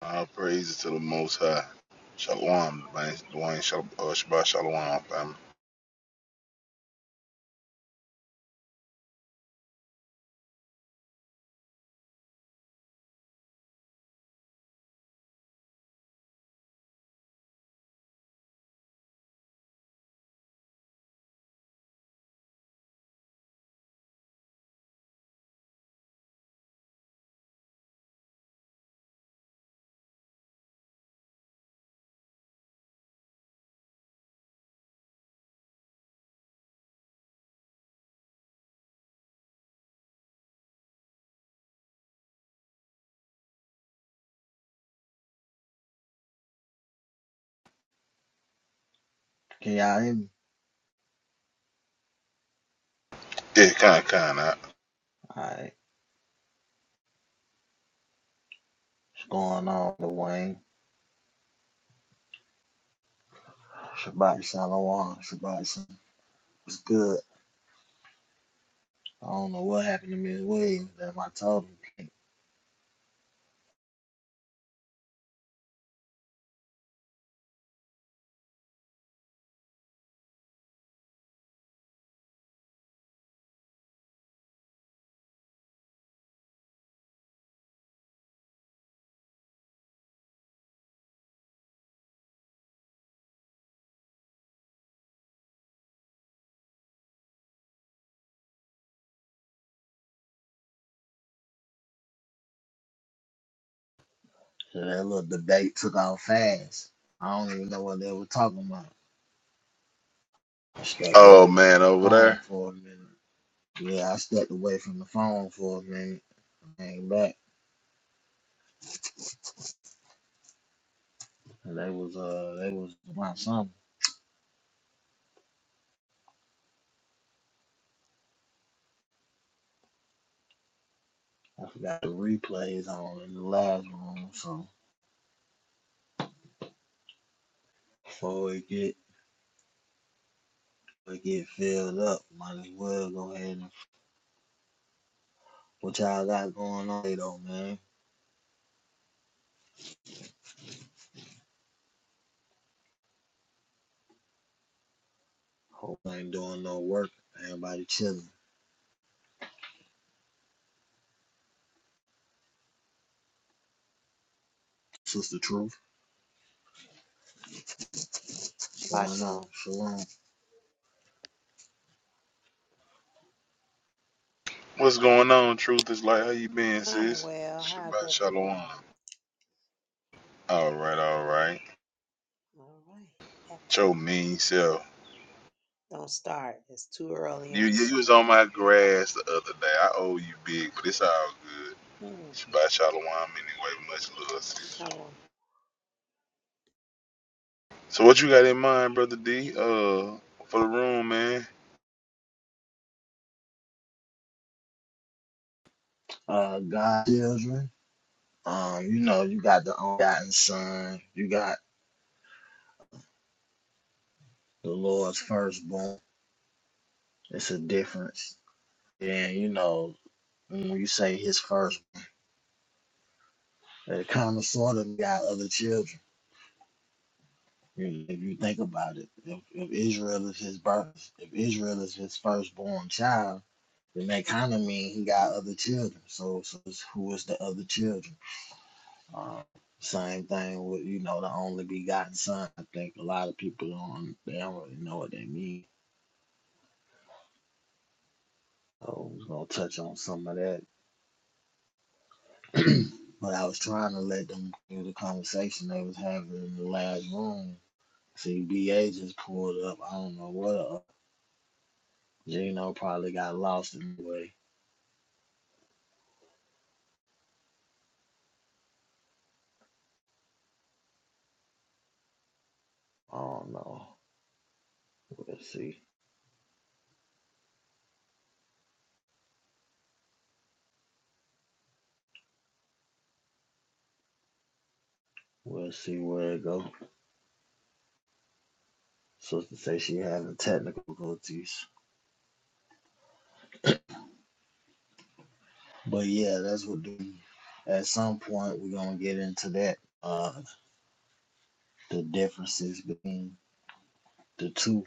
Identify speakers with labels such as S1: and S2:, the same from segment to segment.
S1: All praises to the Most High. Shalom, Dwayne, Dwayne Shal- uh, Shalom, family.
S2: Can y'all hear me?
S1: Yeah, kind of, kind of.
S2: Alright. What's going on, the Wayne? Shabbat Shalom. Shabbat Shalom. It's good. I don't know what happened to Miss Williams. That's my told him. So that little debate took off fast. I don't even know what they were talking about. I stepped
S1: Oh,
S2: away from
S1: man,
S2: my
S1: over
S2: phone
S1: there.
S2: for a minute. Yeah, I stepped away from the phone for a minute. and Came back. And they was uh they was about something. I forgot the replays on in the last room, so before it get before it get filled up, might as well go ahead and What y'all got going on today, though, man? Hope I ain't doing no work. Everybody chilling. Sister Truth, what's
S3: Shabbat
S2: going on?
S3: shalom.
S2: Shalom.
S1: What's going on, Truth is like, how you been,
S3: I'm
S1: sis?
S3: well. How's
S1: Shabbat Shalom.
S3: everybody?
S1: All right, all right.
S3: All right.
S1: Cho
S3: Excellent.
S1: mean self.
S3: Don't start. It's too early
S1: You,
S3: on the
S1: you, you
S3: side.
S1: was on my grass the other day. I owe you big, but it's all good.
S3: Mm.
S1: Shabbat Shalom, anyway. Much love, sis.
S3: Shalom.
S1: So what you got in mind, Brother D, uh, for the room, man?
S2: Uh, God, children. Um, you know, you got the ungotten son. You got the Lord's firstborn. It's a difference. And you know, when you say his first, it kind of sort of got other children. You- If you think about it, if, if Israel is his birth, if Israel is his firstborn child Then that kind of mean he got other children. So, so who is the other children? Uh, same thing with you know the only begotten son. I think a lot of people don't they don't really know what they mean. So I was gonna touch on some of that, but I was trying to let them hear the conversation they was having in the last room. See, BA just pulled up. I don't know what up. Gino probably got lost in the way. I don't know. We'll see. We'll see where it goes. So to say she had the technical difficulties. But yeah, that's what the, at some point we're gonna get into that. Uh the differences between the two.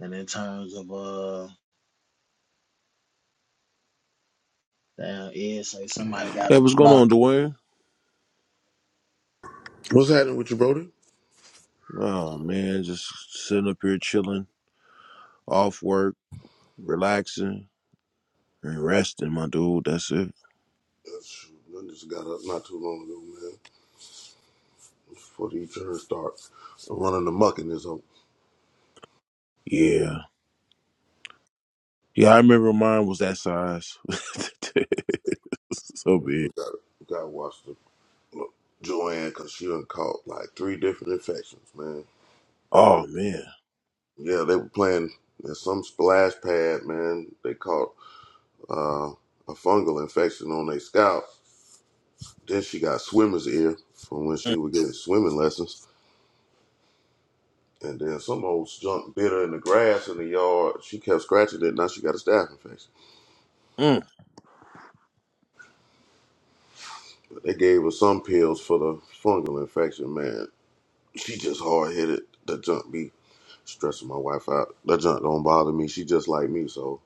S2: And in terms of uh damn Ed say somebody got
S4: Hey,
S2: them
S4: what's going
S2: blocked.
S4: on, Dwayne?
S5: What's happening with you, brother?
S4: Oh man, just sitting up here chilling, off work, relaxing, and resting, my dude. That's it.
S5: Uh, shoot, I just got up not too long ago, man. Before the turn starts running amok in this home,
S4: Yeah. Yeah, I remember mine was that size. so
S5: we
S4: big.
S5: got we got to watch the look, Joanne because she done caught like three different infections, man.
S4: Oh man.
S5: Yeah, they were playing in some splash pad, man. They caught uh, a fungal infection on their scalp. Then she got swimmer's ear from when
S4: Mm,
S5: she was getting swimming lessons. And then some old junk bit her in the grass in the yard. She kept scratching it. Now she got a staph infection.
S4: mm,
S5: They gave her some pills for the fungal infection, man. She just hard headed. That junk be stressing my wife out. That junk don't bother me. She just like me, so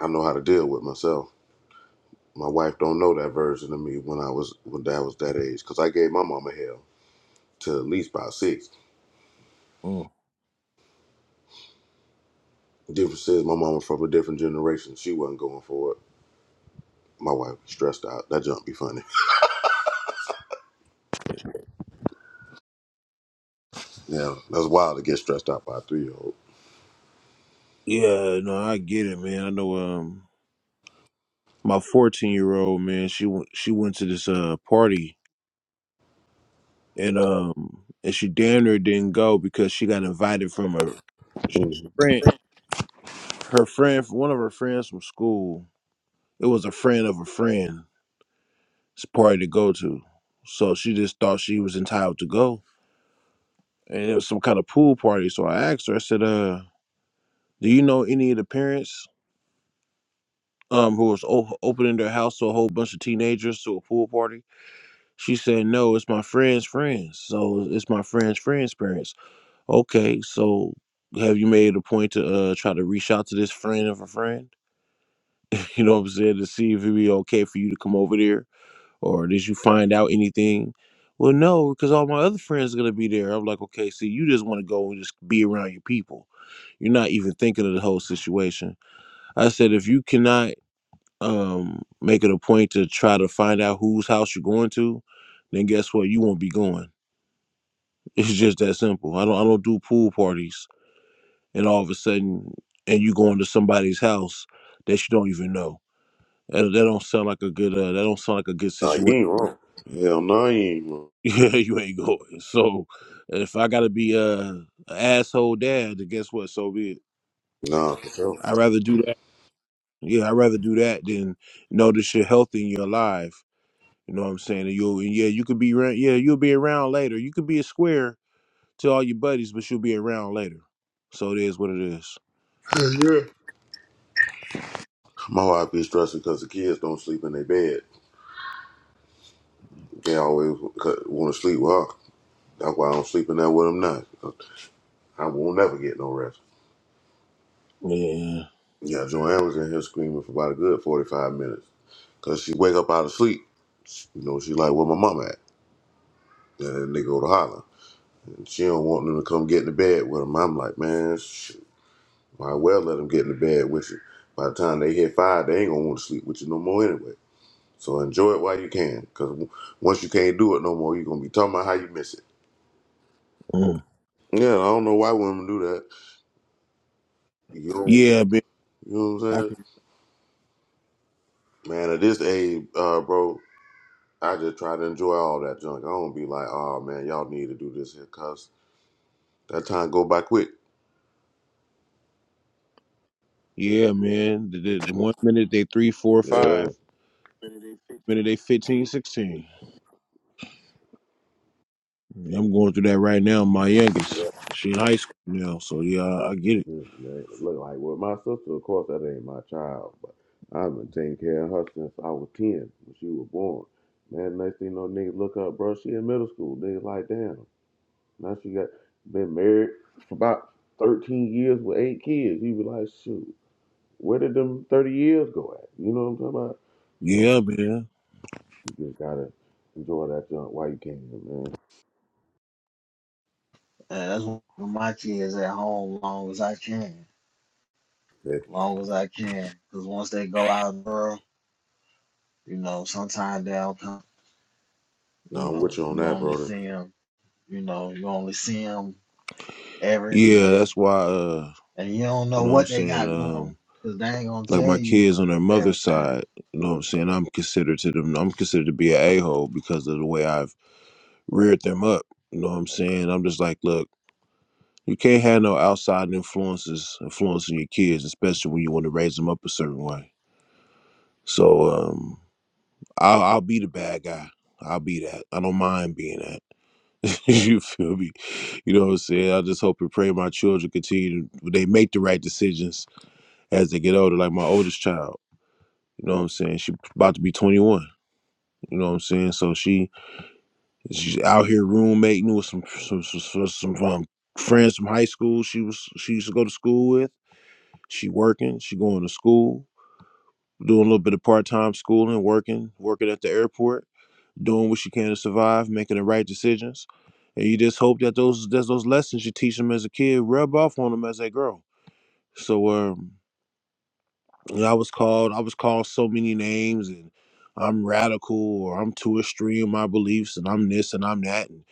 S5: I know how to deal with myself. My wife don't know that version of me when I was when I was that age, cause I gave my mama hell to at least about six.
S4: mm.
S5: The difference is my mama from a different generation. She wasn't going for it. My wife stressed out. That junk be funny. Yeah, that's wild to get stressed out by a three year old.
S4: Yeah, no, I get it, man. I know um my 14 year old man, she went she went to this uh party and um and she damn near didn't go because she got invited from her friend her friend, one of her friends from school, it was a friend of a friend's party to go to. So she just thought she was entitled to go. And it was some kind of pool party. So I asked her, I said, uh, do you know any of the parents um, who was o- opening their house to a whole bunch of teenagers to a pool party? She said, no, it's my friend's friends. So it's my friend's friend's parents. Okay, so have you made a point to uh, try to reach out to this friend of a friend? you know what I'm saying? To see if it'd be okay for you to come over there or did you find out anything? Well, no, because all my other friends are gonna be there. I'm like, okay, see, you just want to go and just be around your people. You're not even thinking of the whole situation. I said, if you cannot um, make it a point to try to find out whose house you're going to, then guess what? You won't be going. It's just that simple. I don't. I don't do pool parties, and all of a sudden, and you going to somebody's house that you don't even know. That, that don't sound like a good. Uh, that don't sound like a good
S5: Nah, you
S4: situation
S5: ain't wrong. Hell no, you ain't wrong.
S4: Yeah, you ain't going. So if I gotta be a, a asshole dad, then guess what? So be it.
S5: Nah, for sure.
S4: I'd rather do that. Yeah, I'd rather do that than know that you're healthy and you're alive. You know what I'm saying? And you and yeah, you could be around yeah, you'll be around later. You could be a square to all your buddies, but you'll be around later. So it is what it is.
S5: Hell Yeah. My wife be stressing because the kids don't sleep in their bed. They always want to sleep with her. That's why I don't sleep in there with them now. I won't never get no rest.
S4: Yeah.
S5: Yeah, Joanne was in here screaming for about a good 45 minutes. Because she wake up out of sleep. You know, she like, where my mama at? And then they go to holler. And she don't want them to come get in the bed with them. I'm like, man, shoot, might well let them get in the bed with you. By the time they hit five, they ain't going to want to sleep with you no more anyway. So enjoy it while you can. Because once you can't do it no more, you are going to be talking about how you miss it.
S4: Mm.
S5: Yeah, I don't know why women do that. You don't,
S4: Yeah, man.
S5: you know what I'm
S4: I
S5: saying?
S4: could,
S5: Man, at this age, uh, bro, I just try to enjoy all that junk. I don't be like, oh man, y'all need to do this here, cause that time go by quick.
S4: yeah, man. The, the, the one minute they three, four,
S5: Yeah.
S4: five,
S5: Yeah.
S4: minute they 15, 16. Yeah, I'm going through that right now. My youngest, she in high school now, so yeah, I I get it.
S5: Yeah, man. Look like with my sister, of course, that ain't my child, but I've been taking care of her since I was ten when she was born. Man, next thing you know, niggas look up, bro. She in middle school. They like, damn. Now she got been married for about thirteen years with eight kids. You be like, shoot. Where did them 30 years go at? You know what I'm talking about? So
S4: Yeah, man.
S5: you just gotta enjoy that junk while you can, man.
S2: Uh, that's why my kids at home long as I can.
S5: Yeah.
S2: Long as I can. Cause once they go out in the world, you know, sometimes they'll come you
S5: No, I'm
S2: know,
S5: with you on
S2: you
S5: that,
S2: only
S5: brother.
S2: see them, you know, you only see them every
S4: Yeah,
S2: day.
S4: that's why. Uh,
S2: and you don't
S4: you
S2: know
S4: know what I'm
S2: what they
S4: saying?
S2: got going
S4: Um,
S2: because they ain't gonna
S4: like
S2: tell
S4: my
S2: you
S4: kids on their mother's
S2: everything.
S4: side, you know what I'm saying? I'm considered to them. I'm considered to be an a hole because of the way I've reared them up. You know what I'm saying? I'm just like, look, you can't have no outside influences influencing your kids, especially when you want to raise them up a certain way. So, um, I'll, I'll be the bad guy. I'll be that. I don't mind being that. you feel me? You know what I'm saying? I just hope and pray my children continue to, they make the right decisions as they get older, like my oldest child. You know what I'm saying? She about to be 21. You know what I'm saying? So she she's out here roommating with some some some, some, some um, friends from high school. She was she used to go to school with. She working. She going to school, doing a little bit of part time schooling, working, working at the airport doing what you can to survive, making the right decisions, and you just hope that those that those lessons you teach them as a kid rub off on them as they grow. So um, and I was called I was called so many names, and I'm radical or I'm too extreme in my beliefs, and I'm this and I'm that, and,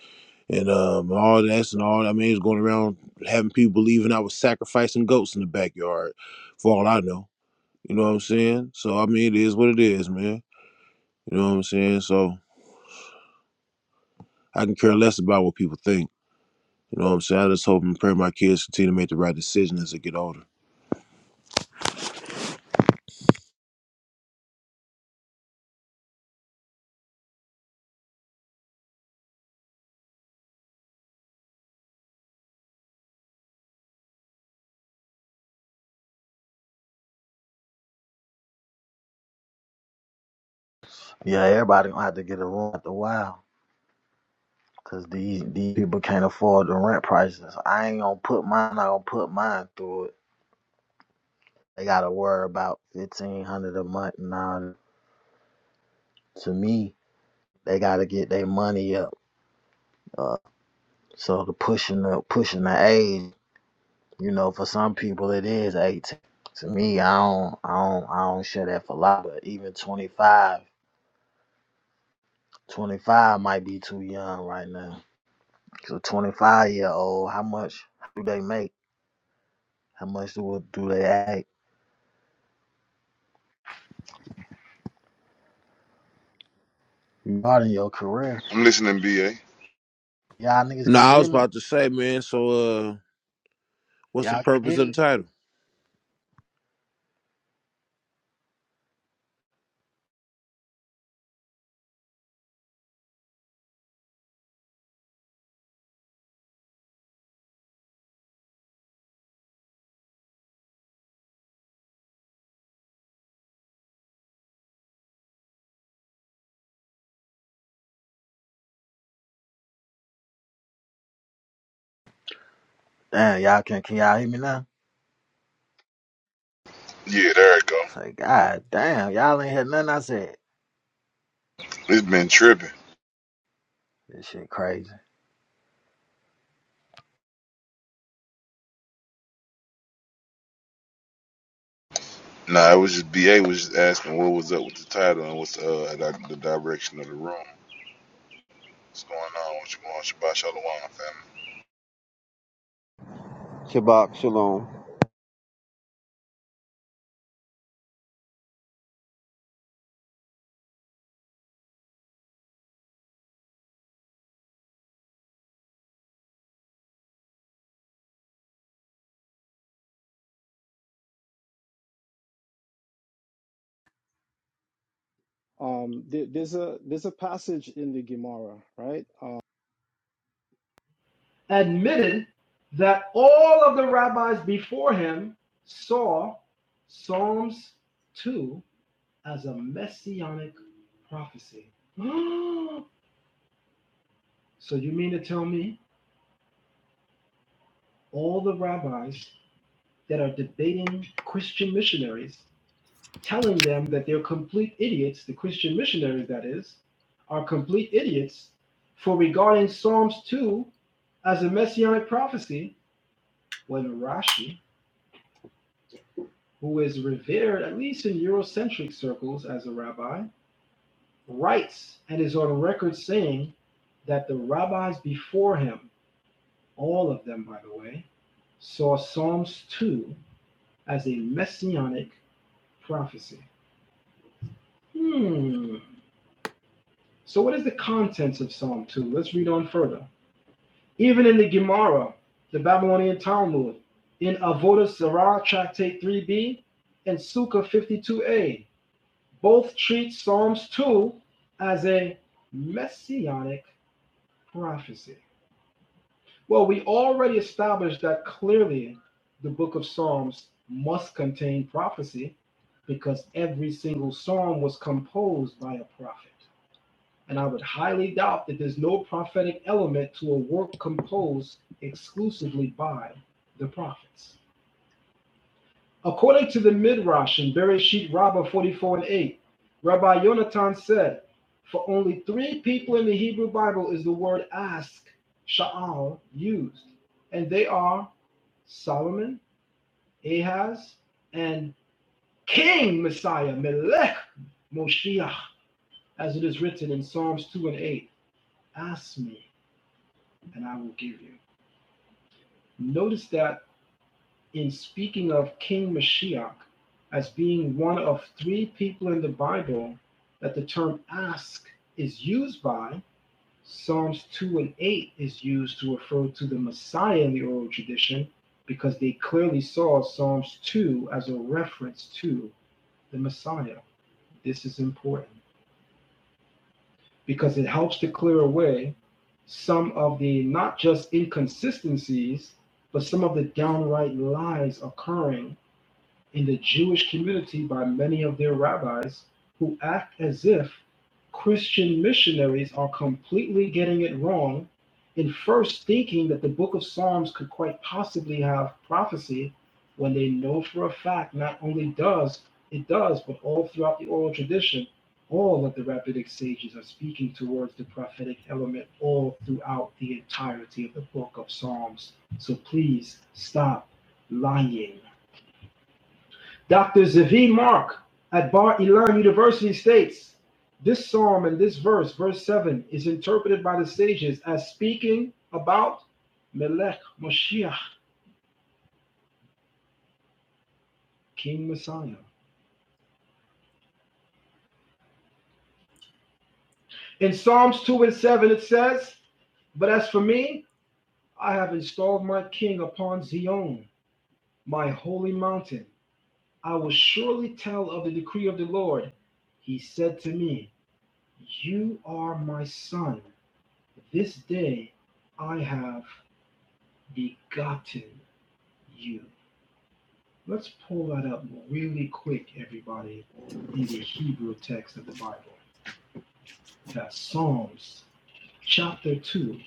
S4: and um all this and all. I mean, it's going around having people believing I was sacrificing goats in the backyard, for all I know. You know what I'm saying? So I mean, it is what it is, man. You know what I'm saying? So I can care less about what people think. You know what I'm saying? I just hope and pray my kids continue to make the right decision as they get older.
S2: Yeah, everybody gonna have to get a room after a while because these these people can't afford the rent prices. I ain't gonna put mine. I gonna put mine through it. They gotta worry about fifteen hundred a month now. To me, they gotta get their money up. Uh, so the pushing the pushing the age, you know, for some people it is eighteen. To me, I don't, I don't, I don't share that for a lot, but even twenty five. 25 might be too young right now. So 25 year old, how much do they make? How much do do they act? Regarding your career,
S1: I'm listening, B.A.
S2: y'all niggas
S4: No,
S2: can't
S4: I
S2: hear
S4: was
S2: me.
S4: about to say, man, so uh what's the
S2: Y'all can't
S4: purpose
S2: hear
S4: of the
S2: me.
S4: title?
S2: Damn, y'all can can y'all hear me now?
S1: Yeah, there it go.
S2: I say, God damn, y'all ain't heard nothing I said.
S1: It's been tripping.
S2: This shit crazy.
S1: Nah, it was just BA was just asking what was up with the title and what's uh the, the direction of the room. What's going on? What you going? Shabbat shalom, family.
S6: Shabbat Shalom.
S7: Um, there, there's a there's a passage in the Gemara, right? Um, admitted that all of the rabbis before him saw Psalms 2 as a messianic prophecy. so you mean to tell me all the rabbis that are debating Christian missionaries telling them that they're complete idiots, the Christian missionaries, that is, are complete idiots for regarding Psalms 2 as a messianic prophecy when Rashi, who is revered at least in Eurocentric circles as a rabbi, writes and is on record saying that the rabbis before him, all of them, by the way, saw Psalms 2 as a messianic prophecy. Hmm. So, what is the contents of Psalm 2? Let's read on further. Even in the Gemara, the Babylonian Talmud, in Avodah Zarah Tractate 3b, and Sukkah 52a, both treat Psalms 2 as a messianic prophecy. Well, we already established that clearly the book of Psalms must contain prophecy because every single psalm was composed by a prophet. and I would highly doubt that there's no prophetic element to a work composed exclusively by the prophets. According to the Midrash in Bereshit Rabbah 44 and 8, Rabbi Yonatan said, For only three people in the Hebrew Bible is the word ask, sha'al, used, and they are Solomon, Ahaz, and King Messiah, Melech Moshiach, as it is written in Psalms 2 and 8. Ask me, and I will give you. Notice that in speaking of King Mashiach as being one of three people in the Bible that the term ask is used by, Psalms 2 and 8 is used to refer to the Messiah in the oral tradition because they clearly saw Psalms 2 as a reference to the Messiah. This is important. because it helps to clear away some of the not just inconsistencies, but some of the downright lies occurring in the Jewish community by many of their rabbis who act as if Christian missionaries are completely getting it wrong in first thinking that the book of Psalms could quite possibly have prophecy when they know for a fact not only does it does, but all throughout the oral tradition, all of the rabbinic sages are speaking towards the prophetic element all throughout the entirety of the book of Psalms. So please stop lying Dr. Zavi Mark at Bar Ilan University states this psalm and this verse, verse 7, is interpreted by the sages as speaking about Melech Moshiach, King Messiah. In Psalms 2 and 7, it says, But as for me, I have installed my king upon Zion, my holy mountain. I will surely tell of the decree of the Lord. He said to me, You are my son. This day I have begotten you. Let's pull that up really quick, everybody, in the Hebrew text of the Bible. That's Psalms chapter 2.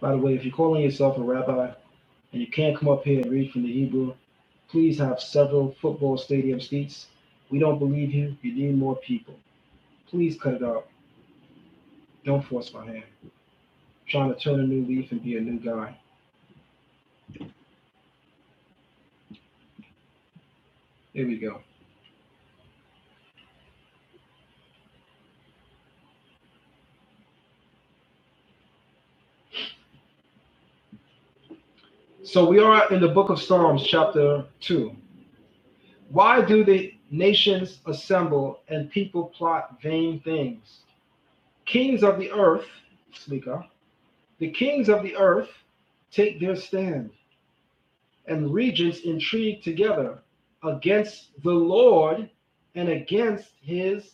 S7: By the way, if you're calling yourself a rabbi and you can't come up here and read from the Hebrew, please have several football stadium seats. We don't believe you. You need more people. Please cut it out. Don't force my hand. I'm trying to turn a new leaf and be a new guy. There we go. So we are in the book of Psalms, chapter 2. Why do the nations assemble and people plot vain things? Kings of the earth, Slika, the kings of the earth take their stand, and regents intrigue together against the Lord and against his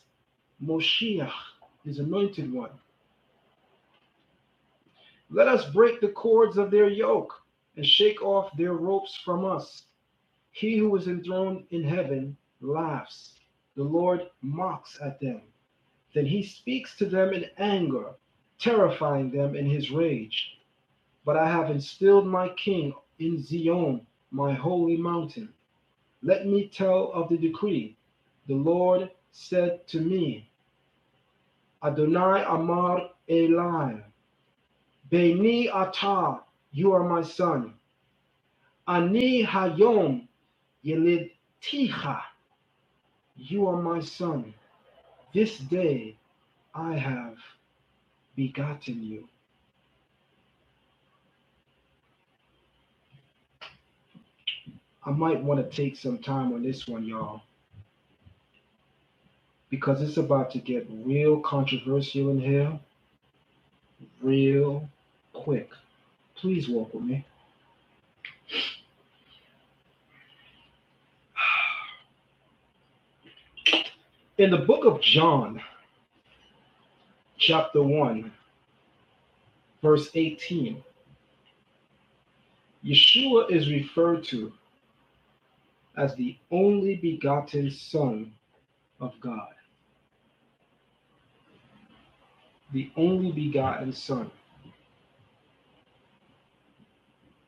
S7: Moshiach, his anointed one. Let us break the cords of their yoke and shake off their ropes from us. He who is enthroned in heaven laughs. The Lord mocks at them. Then he speaks to them in anger, terrifying them in his rage. But I have instilled my king in Zion, my holy mountain. Let me tell of the decree. The Lord said to me, Adonai Amar Eli, Beni Atah, you are my son. Ani Hayom Yelidticha, you are my son. This day I have begotten you. I might want to take some time on this one, y'all, because it's about to get real controversial in here, real quick. Please walk with me. In the book of John, chapter 1, verse 18, Yeshua is referred to as the only begotten Son of God. The only begotten Son.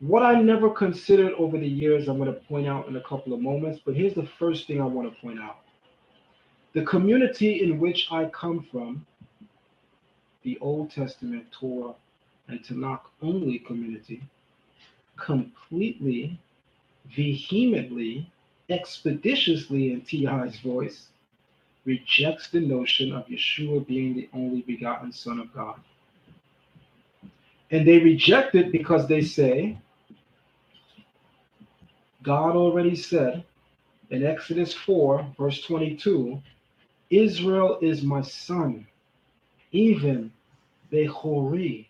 S7: What I never considered over the years, I'm going to point out in a couple of moments, but here's the first thing I want to point out. The community in which I come from the Old Testament Torah and Tanakh only community completely, vehemently, expeditiously in T.I.'s voice rejects the notion of Yeshua being the only begotten Son of God. And they reject it because they say, God already said in Exodus 4, verse 22, Israel is my son, even Bechori,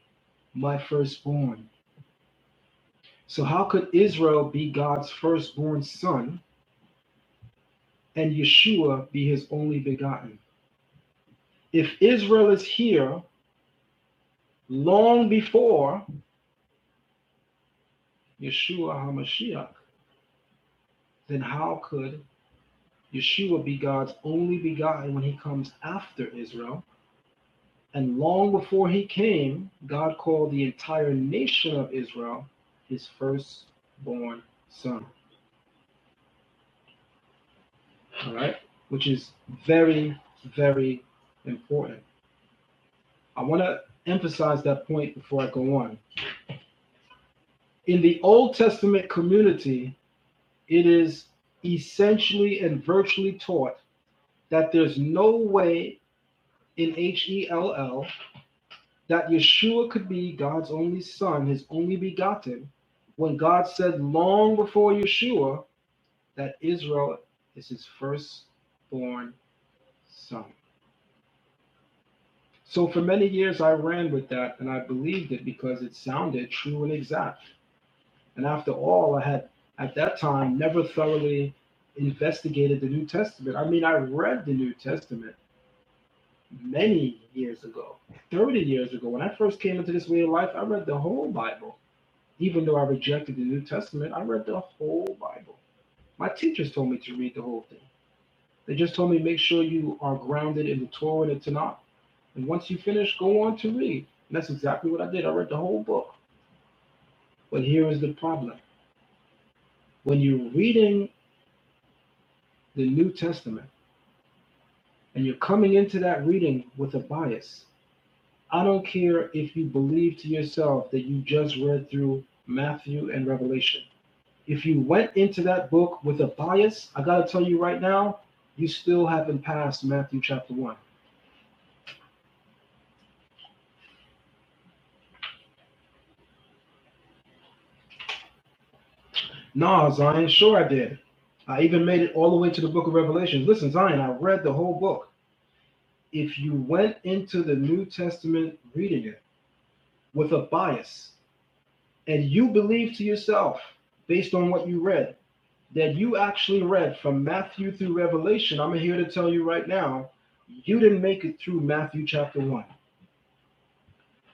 S7: my firstborn. So, how could Israel be God's firstborn son and Yeshua be his only begotten. If Israel is here long before Yeshua HaMashiach, then how could Yeshua be God's only begotten when he comes after Israel? And long before he came, God called the entire nation of Israel his firstborn son. All right? Which is very, very important. I want to emphasize that point before I go on. In the Old Testament community, it is essentially and virtually taught that there's no way in H E L L that Yeshua could be God's only son, his only begotten, when God said long before Yeshua that Israel is his firstborn son. So for many years I ran with that and I believed it because it sounded true and exact. And after all, I had at that time never thoroughly investigated the New Testament. I mean, I read the New Testament many years ago, 30 years ago, when I first came into this way of life, I read the whole Bible. Even though I rejected the New Testament, I read the whole Bible. My teachers told me to read the whole thing. They just told me make sure you are grounded in the Torah and the Tanakh. And once you finish, go on to read. And that's exactly what I did. I read the whole book. But here is the problem. When you're reading the New Testament and you're coming into that reading with a bias, I don't care if you believe to yourself that you just read through Matthew and Revelation. If you went into that book with a bias, I gotta tell you right now, you still haven't passed Matthew chapter one. Nah, Zion, sure I did. I even made it all the way to the book of Revelation. Listen, Zion, I read the whole book. If you went into the New Testament reading it with a bias and you believe to yourself based on what you read that you actually read from Matthew through Revelation, I'm here to tell you right now, you didn't make it through Matthew chapter 1.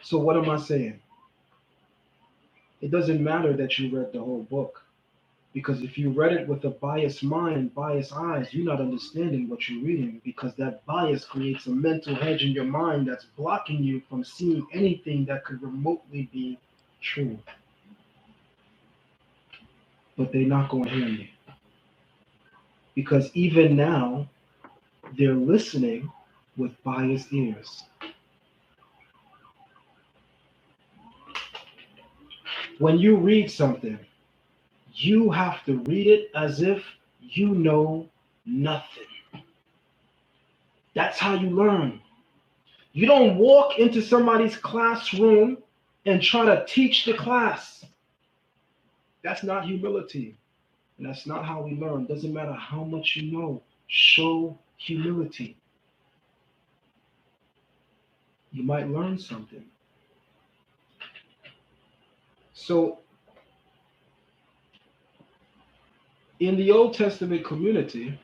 S7: So what am I saying? It doesn't matter that you read the whole book because if you read it with a biased mind, biased eyes, you're not understanding what you're reading because that bias creates a mental hedge in your mind that's blocking you from seeing anything that could remotely be true. But they're not going to hear me because even now they're listening with biased ears. when you read something, you have to read it as if you know nothing. That's how you learn. You don't walk into somebody's classroom and try to teach the class. That's not humility. And that's not how we learn. Doesn't matter how much you know, show humility. You might learn something. So, in the Old Testament community,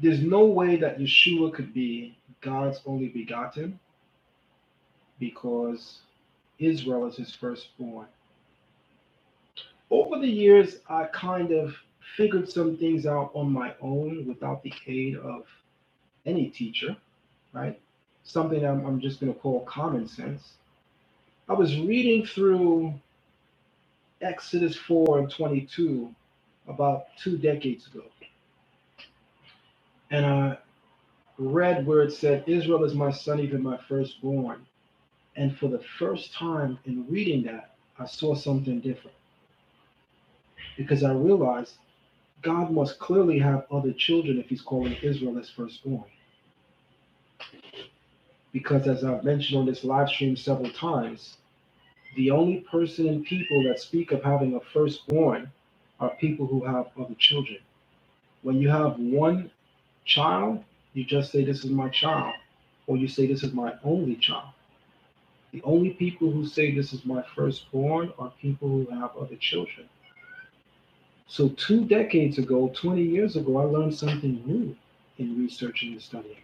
S7: there's no way that Yeshua could be God's only begotten because Israel is his firstborn. Over the years, I kind of figured some things out on my own without the aid of any teacher, right? Something I'm, I'm just going to call common sense. I was reading through Exodus 4 and 22 about two decades ago, and I read where it said, Israel is my son, even my firstborn. And for the first time in reading that, I saw something different because I realized God must clearly have other children if he's calling Israel as firstborn. Because as I've mentioned on this live stream several times, the only person and people that speak of having a firstborn are people who have other children. When you have one child, you just say, This is my child, or you say, This is my only child. The only people who say, This is my firstborn are people who have other children. So, two decades ago, 20 years ago, I learned something new in researching and studying.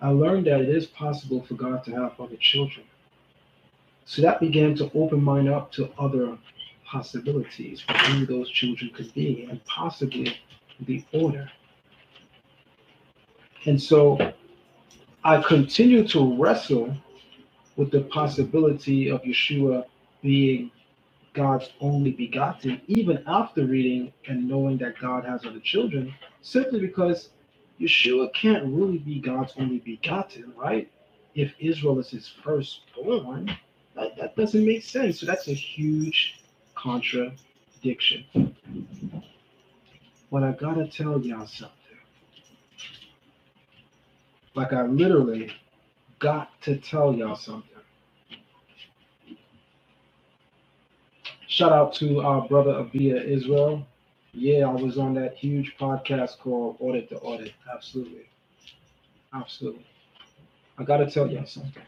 S7: I learned that it is possible for God to have other children. So that began to open mine up to other possibilities for who those children could be and possibly the order. And so I continue to wrestle with the possibility of Yeshua being God's only begotten, even after reading and knowing that God has other children, simply because Yeshua can't really be God's only begotten, right? If Israel is his firstborn, that, that doesn't make sense. So that's a huge contradiction. But I gotta tell y'all something. Like I literally got to tell y'all something. Shout out to our brother Abia Israel. Yeah, I was on that huge podcast called Audit the Audit. Absolutely. Absolutely. I got to tell you something.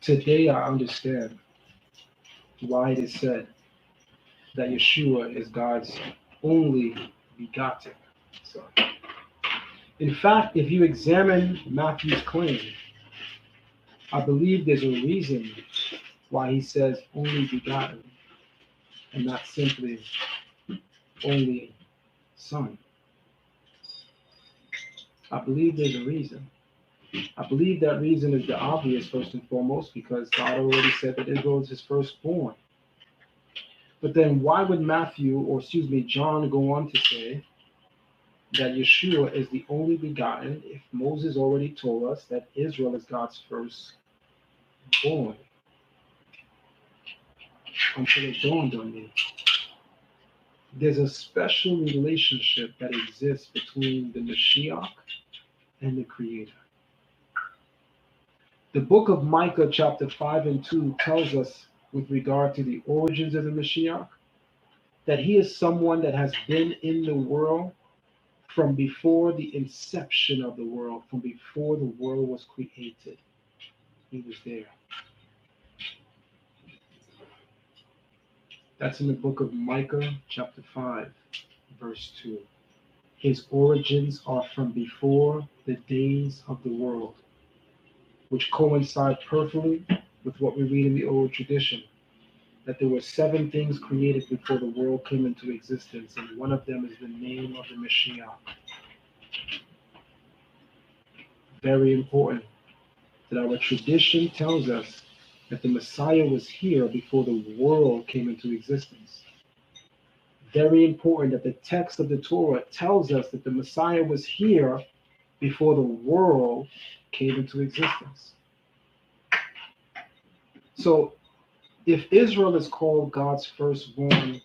S7: Today, I understand why it is said that Yeshua is God's only begotten son. In fact, if you examine Matthew's claim, I believe there's a reason why he says only begotten and not simply only son. I believe there's a reason. I believe that reason is the obvious, first and foremost, because God already said that Israel is his firstborn. But then why would Matthew, or excuse me, John, go on to say that Yeshua is the only begotten if Moses already told us that Israel is God's firstborn until it dawned on me. There's a special relationship that exists between the Mashiach and the Creator. The book of Micah, chapter 5 and 2, tells us with regard to the origins of the Mashiach that he is someone that has been in the world from before the inception of the world, from before the world was created. He was there. That's in the book of Micah, chapter 5, verse 2. His origins are from before the days of the world, which coincide perfectly with what we read in the old tradition that there were seven things created before the world came into existence, and one of them is the name of the Messiah. Very important that our tradition tells us that the Messiah was here before the world came into existence. very important that the text of the Torah tells us that the Messiah was here before the world came into existence. So if Israel is called God's firstborn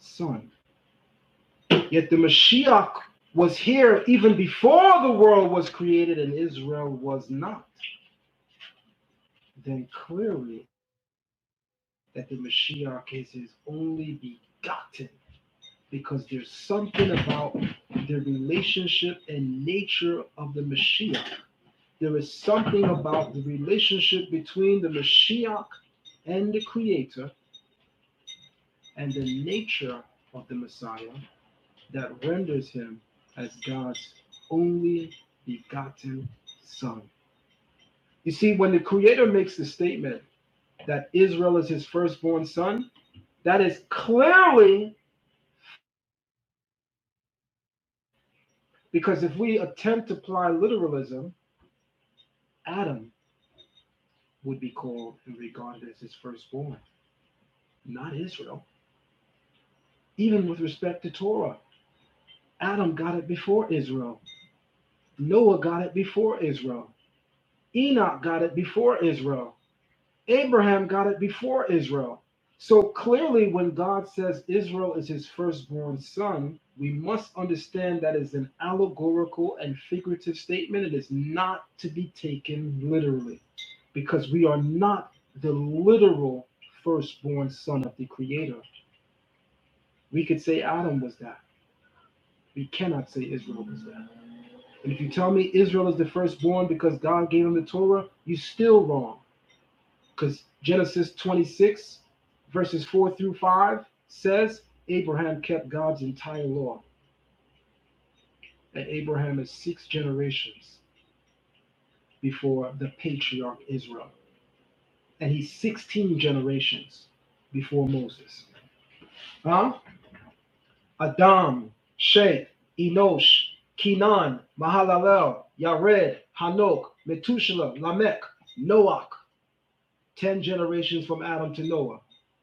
S7: son, yet the Mashiach was here even before the world was created and Israel was not, then clearly that the Mashiach is his only begotten because there's something about the relationship and nature of the Mashiach there is something about the relationship between the Mashiach and the Creator and the nature of the Messiah that renders him as God's only begotten Son. You see, when the Creator makes the statement that Israel is his firstborn son, that is clearly because if we attempt to apply literalism, Adam would be called and regarded as his firstborn, not Israel, even with respect to Torah. Adam got it before Israel. Noah got it before Israel. Enoch got it before Israel. Abraham got it before Israel. So clearly, when God says Israel is his firstborn son, we must understand that is an allegorical and figurative statement. It is not to be taken literally because we are not the literal firstborn son of the Creator. We could say Adam was that. We cannot say Israel was that. And if you tell me Israel is the firstborn because God gave him the Torah, you're still wrong. Because Genesis 26, verses 4 through 5 says Abraham kept God's entire law. And Abraham is six generations before the patriarch Israel. And he's 16 generations before Moses. Huh? Adam, Shem, Enosh, Kenan, Mahalalel, Yared, Hanok, Methuselah, Lamech, Noach. 10 generations from Adam to Noah.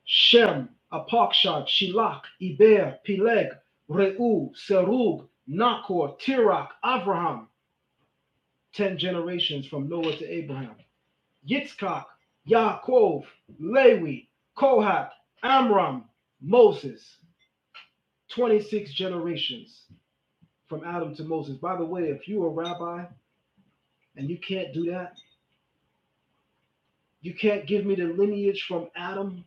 S7: Shem, Apakshad, Shilach, Eber, Peleg, Reu, Serug, Nakor, Tirach, Avraham, 10 generations from Noah to Abraham. Yitzchak, Yaakov, Lewi, Kohath, Amram, Moses, 26 generations from Adam to Moses. By the way, if you're a rabbi and you can't do that, you can't give me the lineage from Adam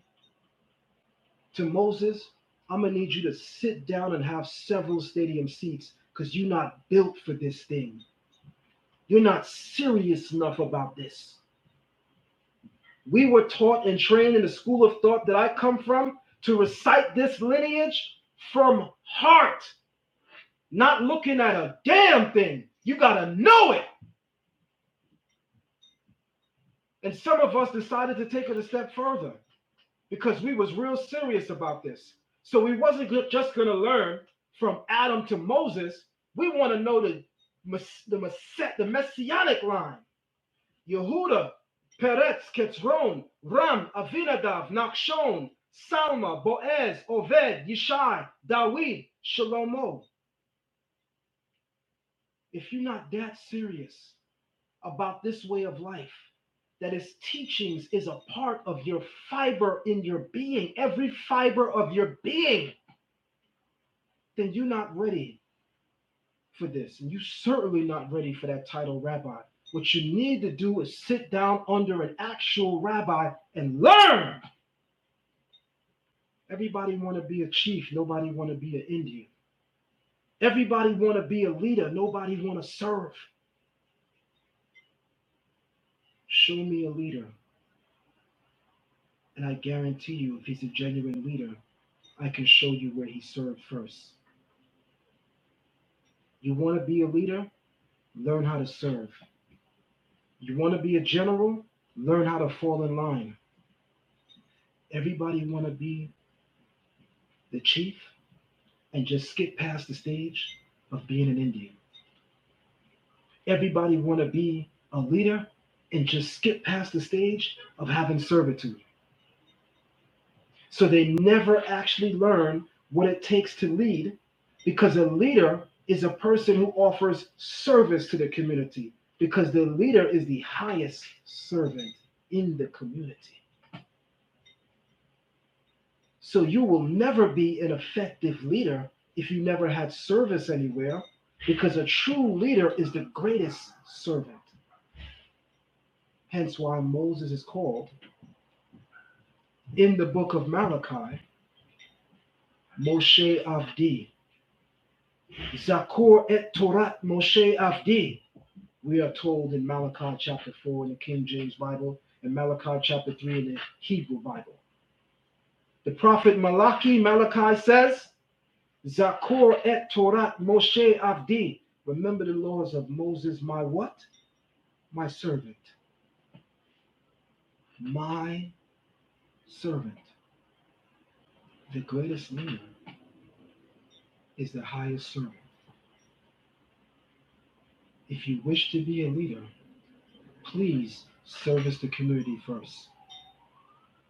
S7: to Moses, I'm gonna need you to sit down and have several stadium seats because you're not built for this thing. You're not serious enough about this. We were taught and trained in the school of thought that I come from to recite this lineage from heart, not looking at a damn thing. You gotta know it. And some of us decided to take it a step further. because we was real serious about this. So we wasn't just going to learn from Adam to Moses. We want to know the the, mess- the messianic line: Yehuda, Peretz, Ketron, Ram, Avinadav, Nachshon, Salma, Boaz, Oved, Yishai, Dawid, Shalomo. If you're not that serious about this way of life, that its teachings is a part of your fiber in your being, every fiber of your being then you're not ready for this. And you're certainly not ready for that title rabbi. What you need to do is sit down under an actual rabbi and learn. Everybody want to be a chief. Nobody want to be an Indian. Everybody want to be a leader. Nobody want to serve. Show me a leader, and I guarantee you, if he's a genuine leader, I can show you where he served first. You want to be a leader? Learn how to serve. You want to be a general? Learn how to fall in line. Everybody want to be the chief and just skip past the stage of being an Indian. Everybody want to be a leader and just skip past the stage of having servitude. So they never actually learn what it takes to lead because a leader is a person who offers service to the community because the leader is the highest servant in the community. So you will never be an effective leader if you never had service anywhere, because a true leader is the greatest servant. Hence why Moses is called in the book of Malachi, Moshe Avdi. Zakor et Torat Moshe Avdi, we are told in Malachi chapter 4 in the King James Bible and Malachi chapter 3 in the Hebrew Bible. The prophet Malachi, Malachi says, Zakor et Torat Moshe Avdi. Remember the laws of Moses, my what? My servant. My servant. The greatest leader is the highest servant. If you wish to be a leader, please service the community first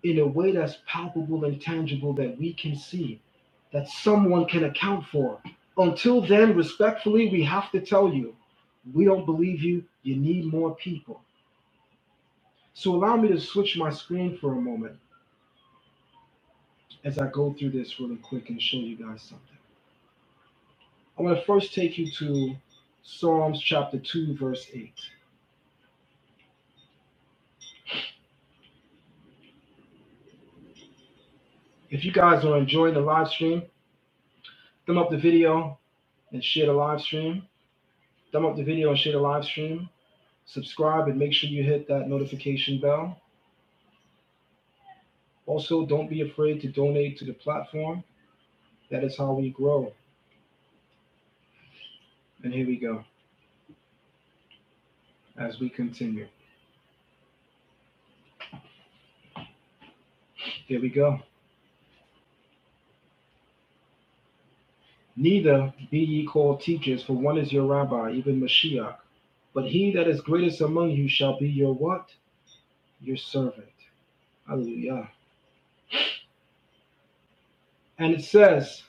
S7: in a way that's palpable and tangible that we can see, that someone can account for. Until then, respectfully, we have to tell you we don't believe you. You need more people. So allow me to switch my screen for a moment as I go through this really quick and show you guys something. I'm going to first take you to Psalms chapter 2, verse 8. If you guys are enjoying the live stream, thumb up the video and share the live stream. Thumb up the video and share the live stream. Subscribe and make sure you hit that notification bell. Also, don't be afraid to donate to the platform. That is how we grow. And here we go as we continue. Here we go. Neither be ye called teachers, for one is your rabbi, even Mashiach. But he that is greatest among you shall be your what? Your servant. Hallelujah. And it says,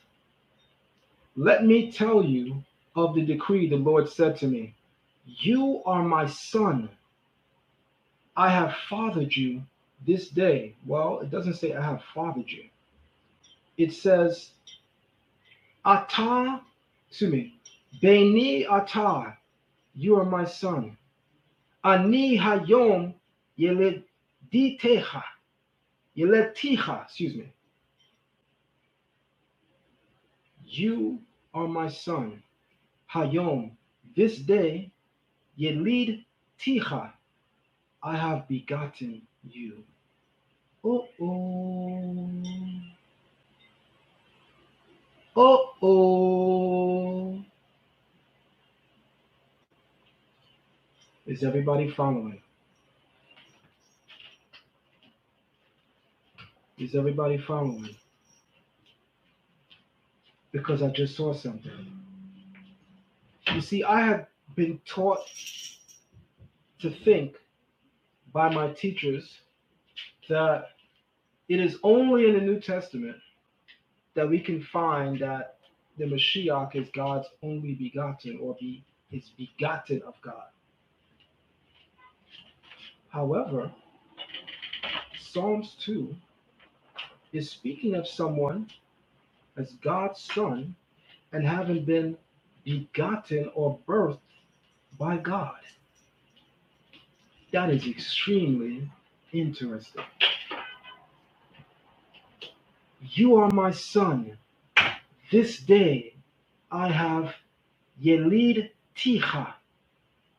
S7: Let me tell you of the decree the Lord said to me, You are my son. I have fathered you this day. Well, it doesn't say I have fathered you. It says, Atah, excuse me, Beni atah. you are my son. Ani hayom yelediteha, yeletiha, excuse me. You are my son. Hayom, this day, yelid tiha, I have begotten you. Oh, oh. Oh, oh. Is everybody following? Is everybody following? Because I just saw something. You see, I had been taught to think by my teachers that It is only in the New Testament that we can find that the Mashiach is God's only begotten or be is begotten of God. However, Psalms 2 is speaking of someone as God's son and having been begotten or birthed by God. That is extremely interesting. You are my son. This day I have Yelid Ticha.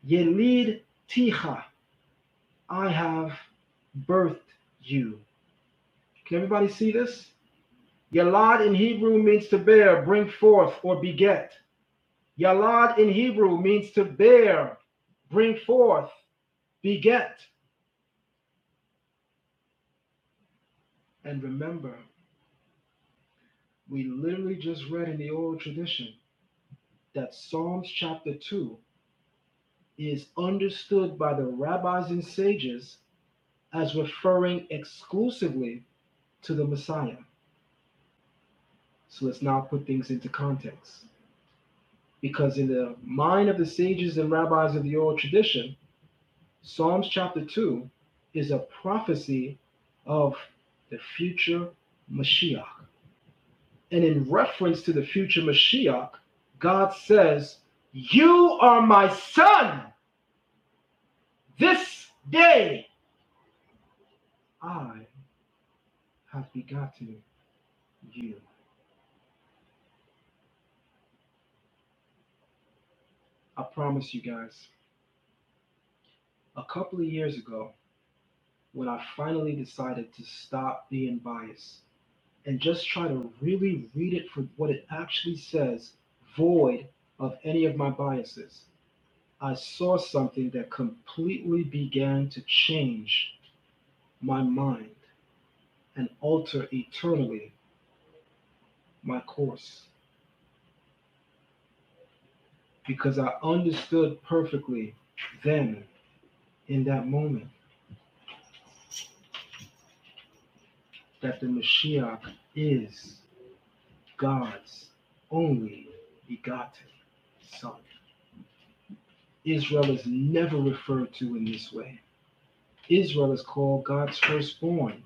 S7: Yelid Ticha. I have birthed you. Can everybody see this? Yalad in Hebrew means to bear, bring forth, or beget. Yalad in Hebrew means to bear, bring forth, beget. And remember, we literally just read in the oral tradition that Psalms chapter 2 is understood by the rabbis and sages as referring exclusively to the Messiah. So let's now put things into context. Because in the mind of the sages and rabbis of the oral tradition, Psalms chapter 2 is a prophecy of the future Mashiach. And in reference to the future Mashiach, God says, You are my son. This day I have begotten you. I promise you guys, a couple of years ago, when I finally decided to stop being biased and just try to really read it for what it actually says, void of any of my biases, I saw something that completely began to change my mind and alter eternally my course because I understood perfectly then in that moment that the Mashiach is God's only begotten Son. Israel is never referred to in this way. Israel is called God's firstborn.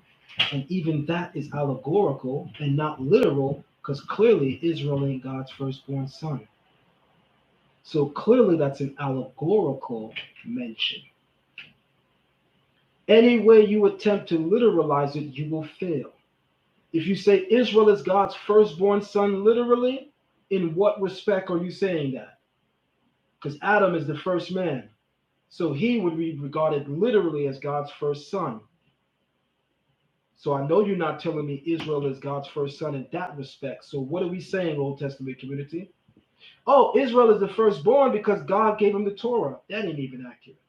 S7: And even that is allegorical and not literal, because clearly Israel ain't God's firstborn son. So clearly that's an allegorical mention. Any way you attempt to literalize it, you will fail. If you say Israel is God's firstborn son literally, in what respect are you saying that? Because Adam is the first man. So he would be regarded literally as God's first son. So I know you're not telling me Israel is God's first son in that respect. So what are we saying, Old Testament community? Oh, Israel is the firstborn because God gave him the Torah. That ain't even accurate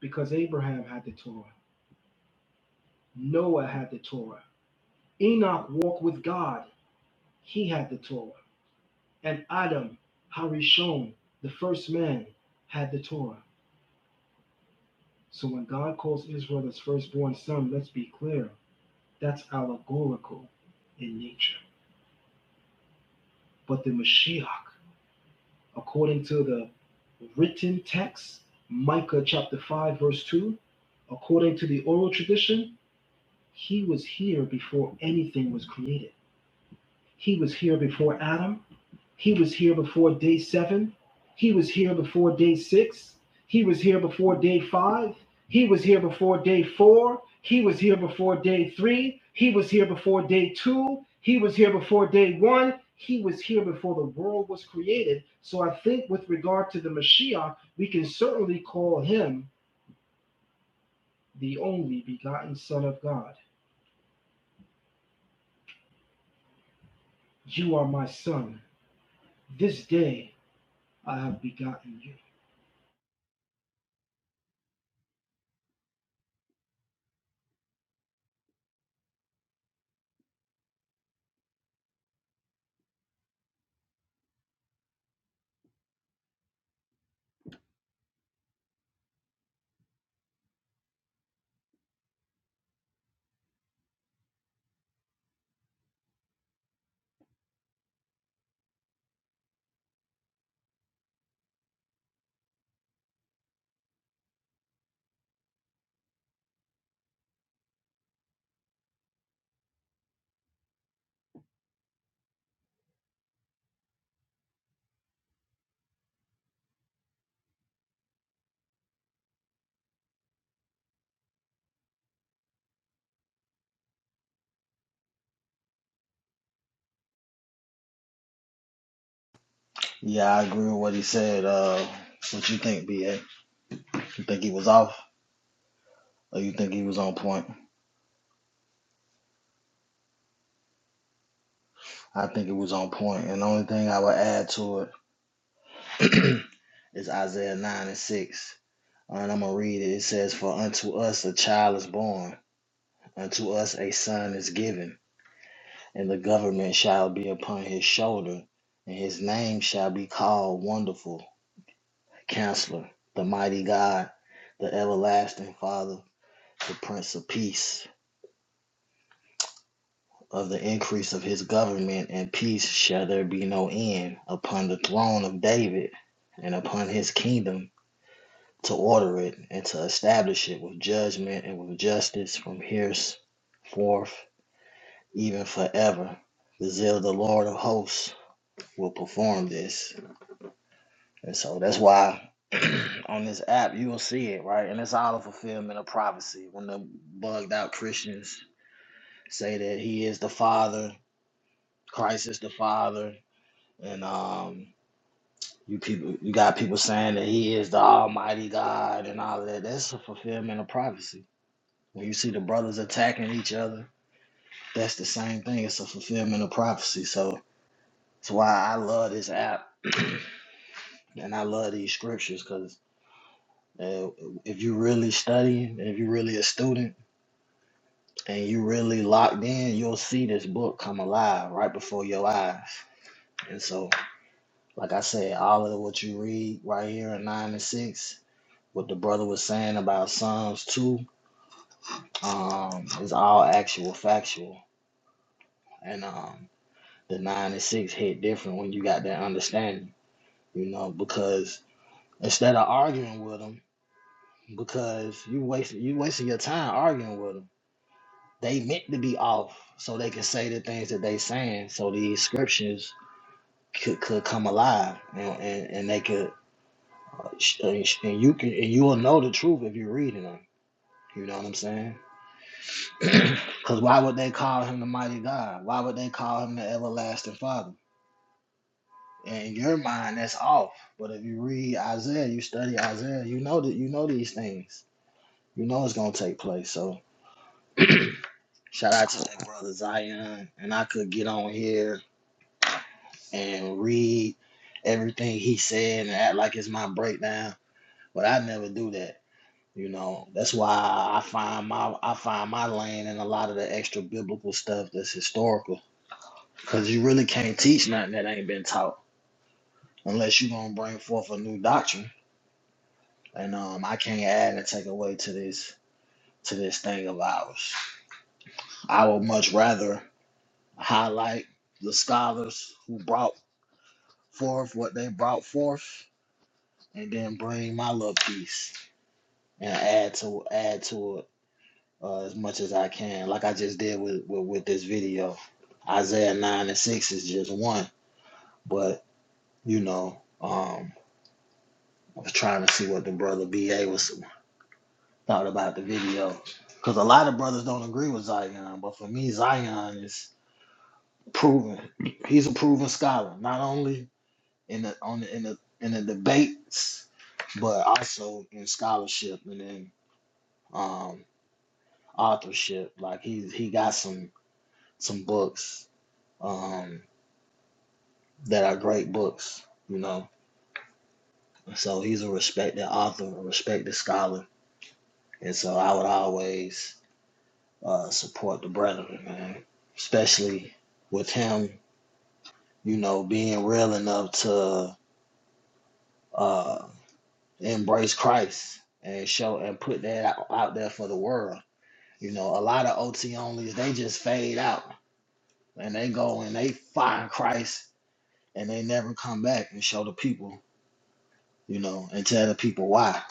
S7: because Abraham had the Torah, Noah had the Torah, Enoch walked with God, he had the Torah, and Adam, Harishon, the first man, had the Torah. So when God calls Israel his firstborn son, let's be clear, that's allegorical in nature. But the Mashiach, according to the written text, Micah chapter 5, verse 2, according to the oral tradition, he was here before anything was created. He was here before Adam. He was here before day seven. He was here before day six. He was here before day five. He was here before day four. He was here before day three. He was here before day two. He was here before day one. He was here before the world was created. So I think, with regard to the Mashiach, we can certainly call him the only begotten Son of God. You are my Son. This day I have begotten you.
S2: Yeah, I agree with what he said. Uh, what you think, BA? You think he was off, or you think he was on point? I think it was on point, point. and the only thing I would add to it is Isaiah nine and six. And I'm going to read it. It says, For unto us a child is born, unto us a son is given, and the government shall be upon his shoulder, and his name shall be called Wonderful Counselor, the Mighty God, the Everlasting Father, the Prince of Peace. Of the increase of his government and peace shall there be no end upon the throne of David and upon his kingdom to order it and to establish it with judgment and with justice from henceforth, even forever. The zeal of the Lord of hosts will perform this. And so that's why on this app you will see it, right? And it's all a fulfillment of prophecy. When the bugged out Christians say that he is the father, Christ is the father, and um you people you got people saying that he is the almighty God and all of that. That's a fulfillment of prophecy When you see the brothers attacking each other, that's the same thing. It's a fulfillment of prophecy. So that's why I love this app and I love these scriptures because uh, if you really studying, if you really a student and you really locked in, you'll see this book come alive right before your eyes. And so, like I said, all of what you read right here in nine and six, what the brother was saying about Psalms two, um, is all actual factual. And um, the nine and six hit different when you got that understanding, you know, because instead of arguing with them, because you wasting you wasting your time arguing with them, they meant to be off so they can say the things that they saying, so these scriptures could, could come alive and, and, and they could uh, sh- and sh- and you can and you will know the truth if you're reading them. You know what I'm saying? Because why would they call him the mighty God? Why would they call him the everlasting Father? in your mind that's off. But if you read Isaiah, you study Isaiah, you know that you know these things. You know it's gonna take place. So shout out to that brother Zion. And I could get on here and read everything he said and act like it's my breakdown. But I never do that. You know, that's why I find my I find my lane in a lot of the extra biblical stuff that's historical. Cause you really can't teach nothing that ain't been taught unless you're gonna bring forth a new doctrine and um, I can't add and take away to this to this thing of ours. I would much rather highlight the scholars who brought forth what they brought forth, and then bring my little piece and add to add to it uh, as much as I can, like I just did with, with with this video. Isaiah nine and six is just one, but you know, um, I was trying to see what the brother BA was. thought about the video because a lot of brothers don't agree with Zion, but for me, Zion is proven. He's a proven scholar, not only in the on the, in the in the debates, but also in scholarship and in um, authorship. Like he he got some some books um, that are great books, you know. So he's a respected author, a respected scholar, and so I would always uh, support the brethren, man. Especially with him, you know, being real enough to uh, embrace Christ and show and put that out, out there for the world. You know, a lot of OT onlys they just fade out and they go and they find Christ and they never come back and show the people, you know, and tell the people why.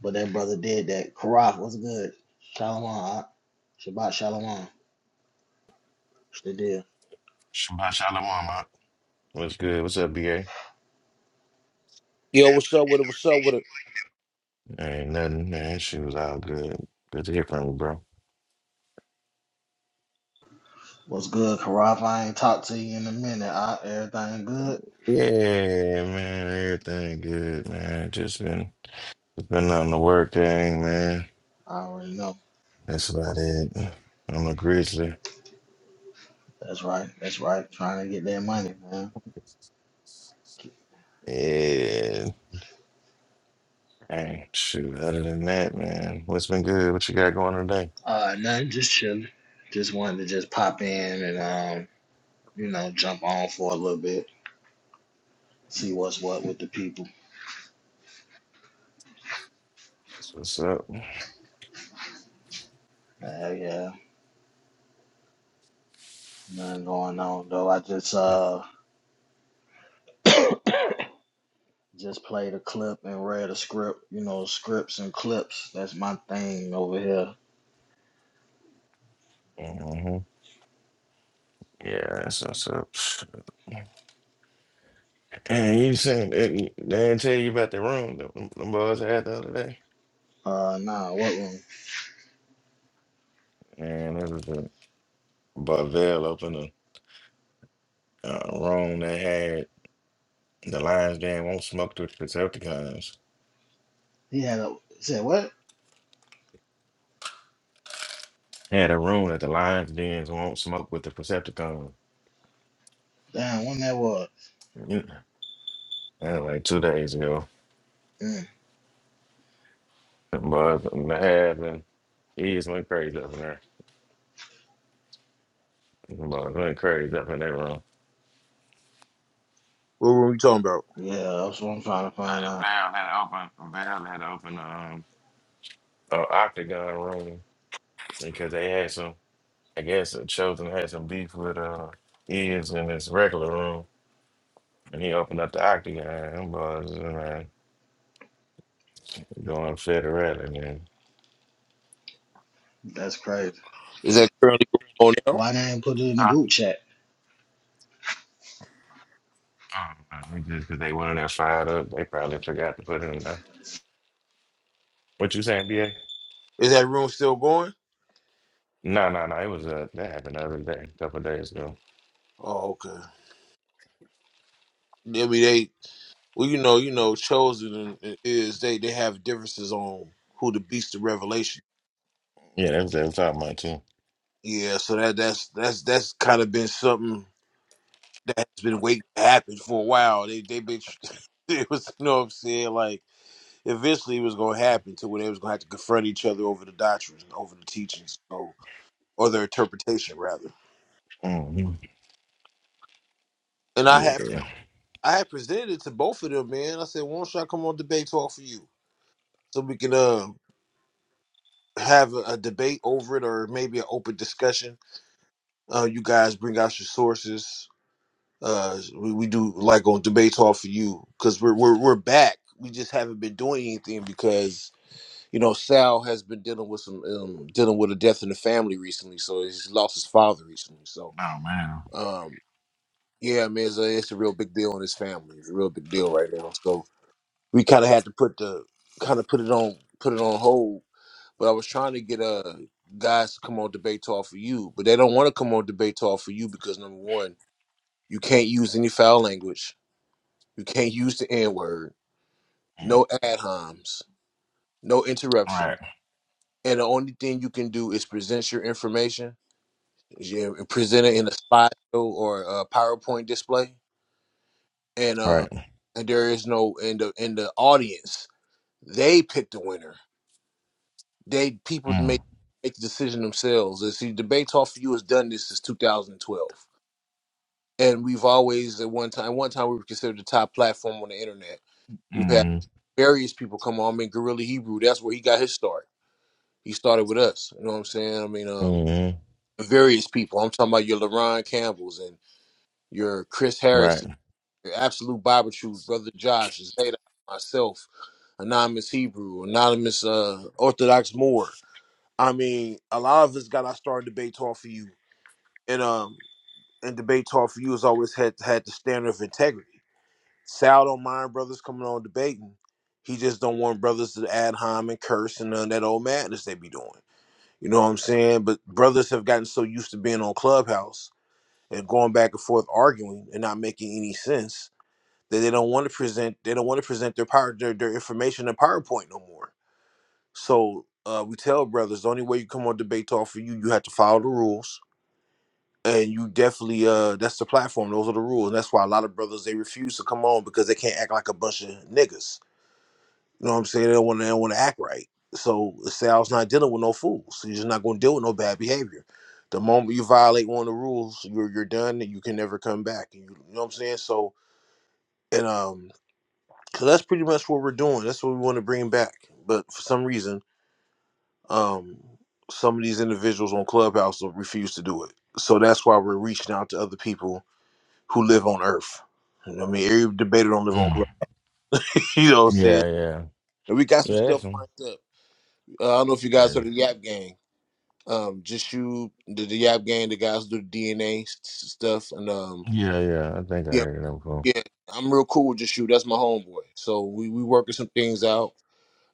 S2: But that brother did that. Karaf was good. Shalom. ah. Shabbat Shalom. What's the deal?
S8: Shabbat shalom, Mark. What's good? What's up, BA?
S4: Yo, what's up with it? What's up with it?
S8: Ain't nothing, man. She was all good. Good to hear from you, bro.
S2: What's good, Karaf? I ain't talked to you in a minute. I, everything good?
S8: Yeah, man. Everything good, man. Just been just been on the work thing, man.
S2: I already know.
S8: That's about it. I'm a grizzly.
S2: That's right. That's right. Trying to get that money, man.
S8: Yeah. Hey, shoot. Other than that, man, what's been good? What you got going today?
S2: Uh, nothing. Just chilling. Just wanted to just pop in and um, you know, jump on for a little bit, see what's what with the people.
S8: That's what's up.
S2: Uh, yeah, nothing going on though. I just uh, just played a clip and read a script. You know, scripts and clips. That's my thing over here.
S8: hmm Yeah, that's what's up. And you saying they they didn't tell you about the room that them them boys had the other day?
S2: Uh, nah, what one?
S8: Man, this is a Bavel opened a uh, room that had the Lions Den won't smoke with the Percepticons.
S2: He had a said what?
S8: Had a room that the Lions Dens won't smoke with the Percepticons.
S2: Damn, when that was.
S8: Mm. That was like two days ago.
S2: Mm.
S8: But the ass and ears went crazy up in there. But went crazy up in that room.
S4: What room you talking about?
S2: Yeah, that's what I'm trying to find
S8: Uh,
S2: out.
S8: Val had to open Val had to open um an octagon room because they had some I guess the chosen had some beef with uh ears in this regular room. And he opened up the octagon. Them boys, uh, man, going federally, man.
S2: That's crazy.
S4: Is that currently going on now?
S2: Why they didn't put it in the
S8: Huh?
S2: group chat?
S8: Mm, man, Just because they went in there fired up, they probably forgot to put it in there. What you saying, BA?
S4: Is that room still going?
S8: No, no, no. It was uh, that happened the other day, a couple of days ago.
S4: Oh, okay. I mean they well, you know, you know, chosen is they they have differences on who the beast of revelation.
S8: Yeah, that was, that was talking about too.
S4: Yeah, so that that's that's that's kind of been something that has been waiting to happen for a while. They they been it was you know what I'm saying like eventually it was going to happen to where they was going to have to confront each other over the doctrines and over the teachings so, or their interpretation rather
S8: mm
S4: and i
S8: Yeah,
S4: had
S8: yeah.
S4: i had presented it to both of them man i said why don't y'all come on debate talk for you so we can uh, have a, a debate over it or maybe an open discussion uh, you guys bring out your sources uh, we, we do like on debate talk for you because we're, we're, we're back we just haven't been doing anything because." you know, Sal has been dealing with some um, dealing with a death in the family recently, so he's lost his father recently. So,
S8: Oh man.
S4: um, yeah, I mean, it's a, it's a real big deal in his family. It's a real big deal right now. So we kind of had to put the kind of put it on put it on hold. But I was trying to get uh guys to come on debate talk for you, but they don't want to come on debate talk for you because number one, you can't use any foul language. You can't use the N word.
S8: Mm.
S4: No ad homs. No interruption.
S8: Right.
S4: And the only thing you can do is present your information yeah, presented in a slideshow or a PowerPoint display, and uh,
S8: Right.
S4: and there is no in the in the audience. They pick the winner. They people
S8: Mm.
S4: make make the decision themselves. And see, debates off for you has done this since 2012, and we've always at one time one time we were considered the top platform on the internet. We've had
S8: Mm.
S4: various people come on. I mean, Gorilla Hebrew, that's where he got his start. He started with us. You know what I'm saying? I mean, um,
S8: Mm.
S4: various people. I'm talking about your LaRon Campbells and your Chris Harris
S8: Right.
S4: The Absolute Bible Truth, Brother Josh, Zeta, myself, Anonymous Hebrew, Anonymous uh, Orthodox Moor. I mean, a lot of us got our start in debate talk for you. And um and debate talk for you has always had had the standard of integrity. Sal don't mind brothers coming on debating. He just don't want brothers to add harm and curse and none of that old madness they be doing. You know what I'm saying? But brothers have gotten so used to being on Clubhouse and going back and forth arguing and not making any sense that they don't want to present they don't want to present their power their, their information in PowerPoint no more. So uh, we tell brothers the only way you come on debate talk for you you have to follow the rules and you definitely uh that's the platform those are the rules and that's why a lot of brothers they refuse to come on because they can't act like a bunch of niggas. You know what I'm saying? They don't want to they don't want to act right. So Sal's not dealing with no fools. You're just not going to deal with no bad behavior. The moment you violate one of the rules, you're you're done and you can never come back. And you, you know what I'm saying? So and um Cause that's pretty much what we're doing. That's what we want to bring back. But for some reason, um, some of these individuals on Clubhouse will refuse to do it. So that's why we're reaching out to other people who live on Earth. You know what I mean, every debater don't live on
S8: Mm.
S4: Club. you know what I'm saying?
S8: Yeah, yeah.
S4: And we got some
S8: Yeah, that's
S4: stuff
S8: him.
S4: lined up. Uh, I don't know if you guys
S8: Yeah.
S4: heard of the Yap Gang. Um, just you, the, the Yap Gang, the guys who do the DNA stuff, and um,
S8: yeah, yeah. I think I
S4: yeah,
S8: heard it before.
S4: yeah, I'm real cool with just you. That's my homeboy. So we we working some things out.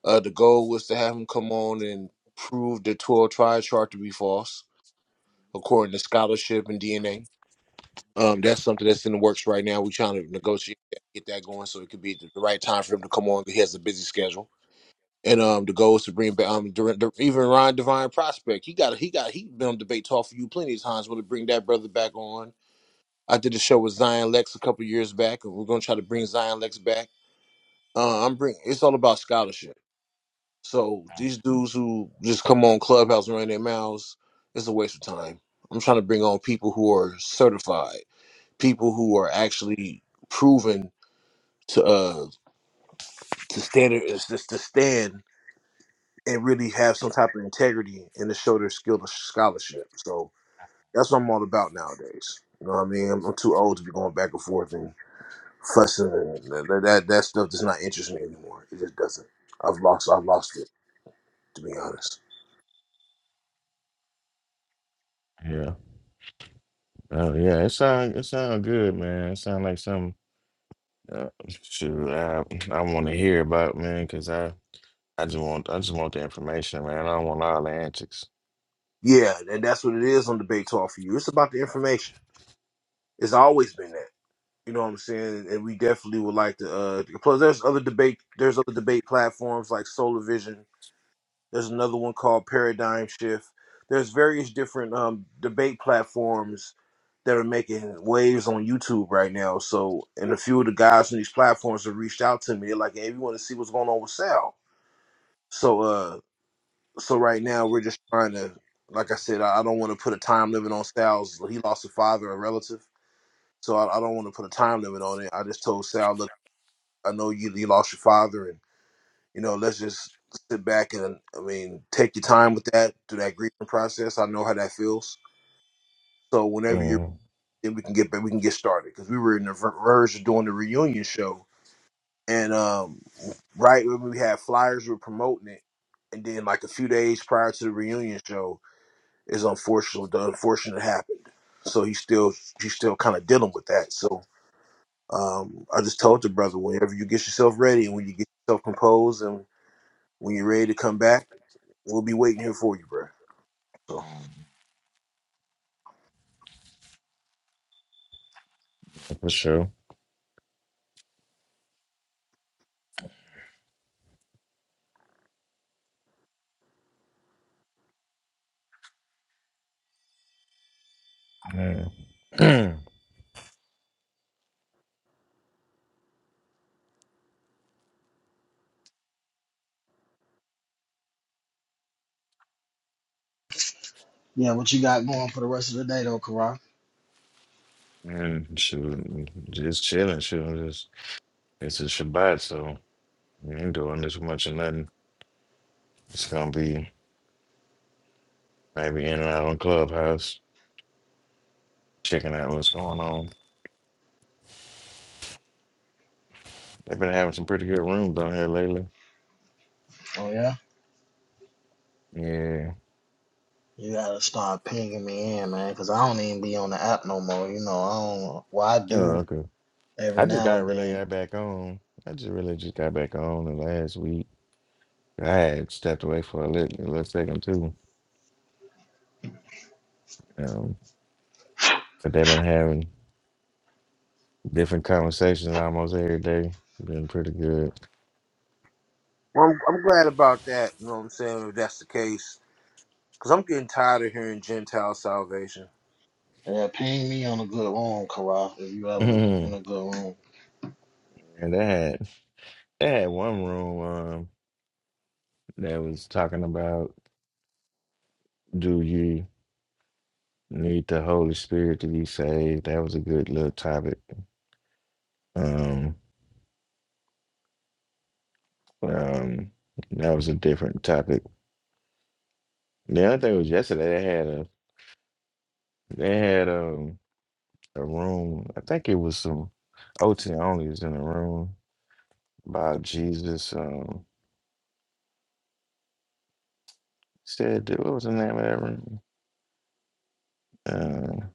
S4: Uh, the goal was to have him come on and prove the 12 triad chart to be false, according to scholarship and DNA. Um, that's something that's in the works right now. We're trying to negotiate, that, get that going, so it could be the right time for him to come on. He has a busy schedule, and um, the goal is to bring back um, Dur- Dur- even Ron Divine Prospect. He got, he got, he been on debate talk for you plenty of times. Want to bring that brother back on? I did a show with Zion Lex a couple years back, and we're gonna try to bring Zion Lex back. Uh, I'm bring. It's all about scholarship. So these dudes who just come on Clubhouse and run their mouths, it's a waste of time. I'm trying to bring on people who are certified, people who are actually proven to uh to stand is just to stand and really have some type of integrity and to show their skill to scholarship. So that's what I'm all about nowadays. You know what I mean? I'm, I'm too old to be going back and forth and fussing and that that, that stuff does not interest me anymore. It just doesn't. I've lost I've lost it to be honest.
S8: Yeah. Oh yeah, it sound it sound good, man. It sound like something uh, shoot, I I want to hear about, man, because I I just want I just want the information, man. I don't want all the antics.
S4: Yeah, and that's what it is on debate talk for you. It's about the information. It's always been that. You know what I'm saying? And we definitely would like to. Uh, plus, there's other debate. There's other debate platforms like Solar Vision. There's another one called Paradigm Shift. There's various different um, debate platforms that are making waves on YouTube right now. So, and a few of the guys on these platforms have reached out to me. They're like, "Hey, we want to see what's going on with Sal." So, uh, so right now we're just trying to like i said i, I don't want to put a time limit on sal's he lost a father a relative so i, I don't want to put a time limit on it i just told sal look i know you, you lost your father and you know let's just sit back and i mean take your time with that through that grieving process i know how that feels so whenever you're
S8: Mm,
S4: then we can get back we can get started because we were in the ver- verge of doing the reunion show and um right when we had flyers we were promoting it and then like a few days prior to the reunion show is unfortunate. The unfortunate happened, so he's still he's still kind of dealing with that. So um, I just told the brother, whenever you get yourself ready and when you get yourself composed and when you're ready to come back, we'll be waiting here for you, bro. So
S8: for sure. Yeah.
S2: Yeah, what you got going for the rest of the day though, Karan?
S8: and shoot, just chilling, shoot. Just it's a Shabbat, so we ain't doing this much of nothing. It's gonna be maybe in and out on Clubhouse, checking out what's going on. They've been having some pretty good rooms down here lately.
S2: Oh yeah.
S8: Yeah.
S2: You gotta start pinging me in, man, cause I don't even be on the app no more. You know, I don't. Well, I
S8: Oh,
S2: do
S8: okay.
S2: every
S8: I just
S2: now
S8: got
S2: and
S8: really
S2: then.
S8: got back on. I just really just got back on the last week. I had stepped away for a little, a little second too. Um, but they've been having different conversations almost every day. Been pretty good.
S4: well, I'm, I'm glad about that. You know what I'm saying? If that's the case, because I'm getting tired of hearing Gentile salvation.
S2: Yeah, ping me on a good room, Karan, if you ever in
S8: and
S2: a good room.
S8: they had they had one room um that was talking about do you need the Holy Spirit to be saved? That was a good little topic. Um, um, that was a different topic. The other thing was yesterday they had a they had um the room. I think it was some OT only was in the room by Jesus. Um, said that- what was the name of that room? Uh,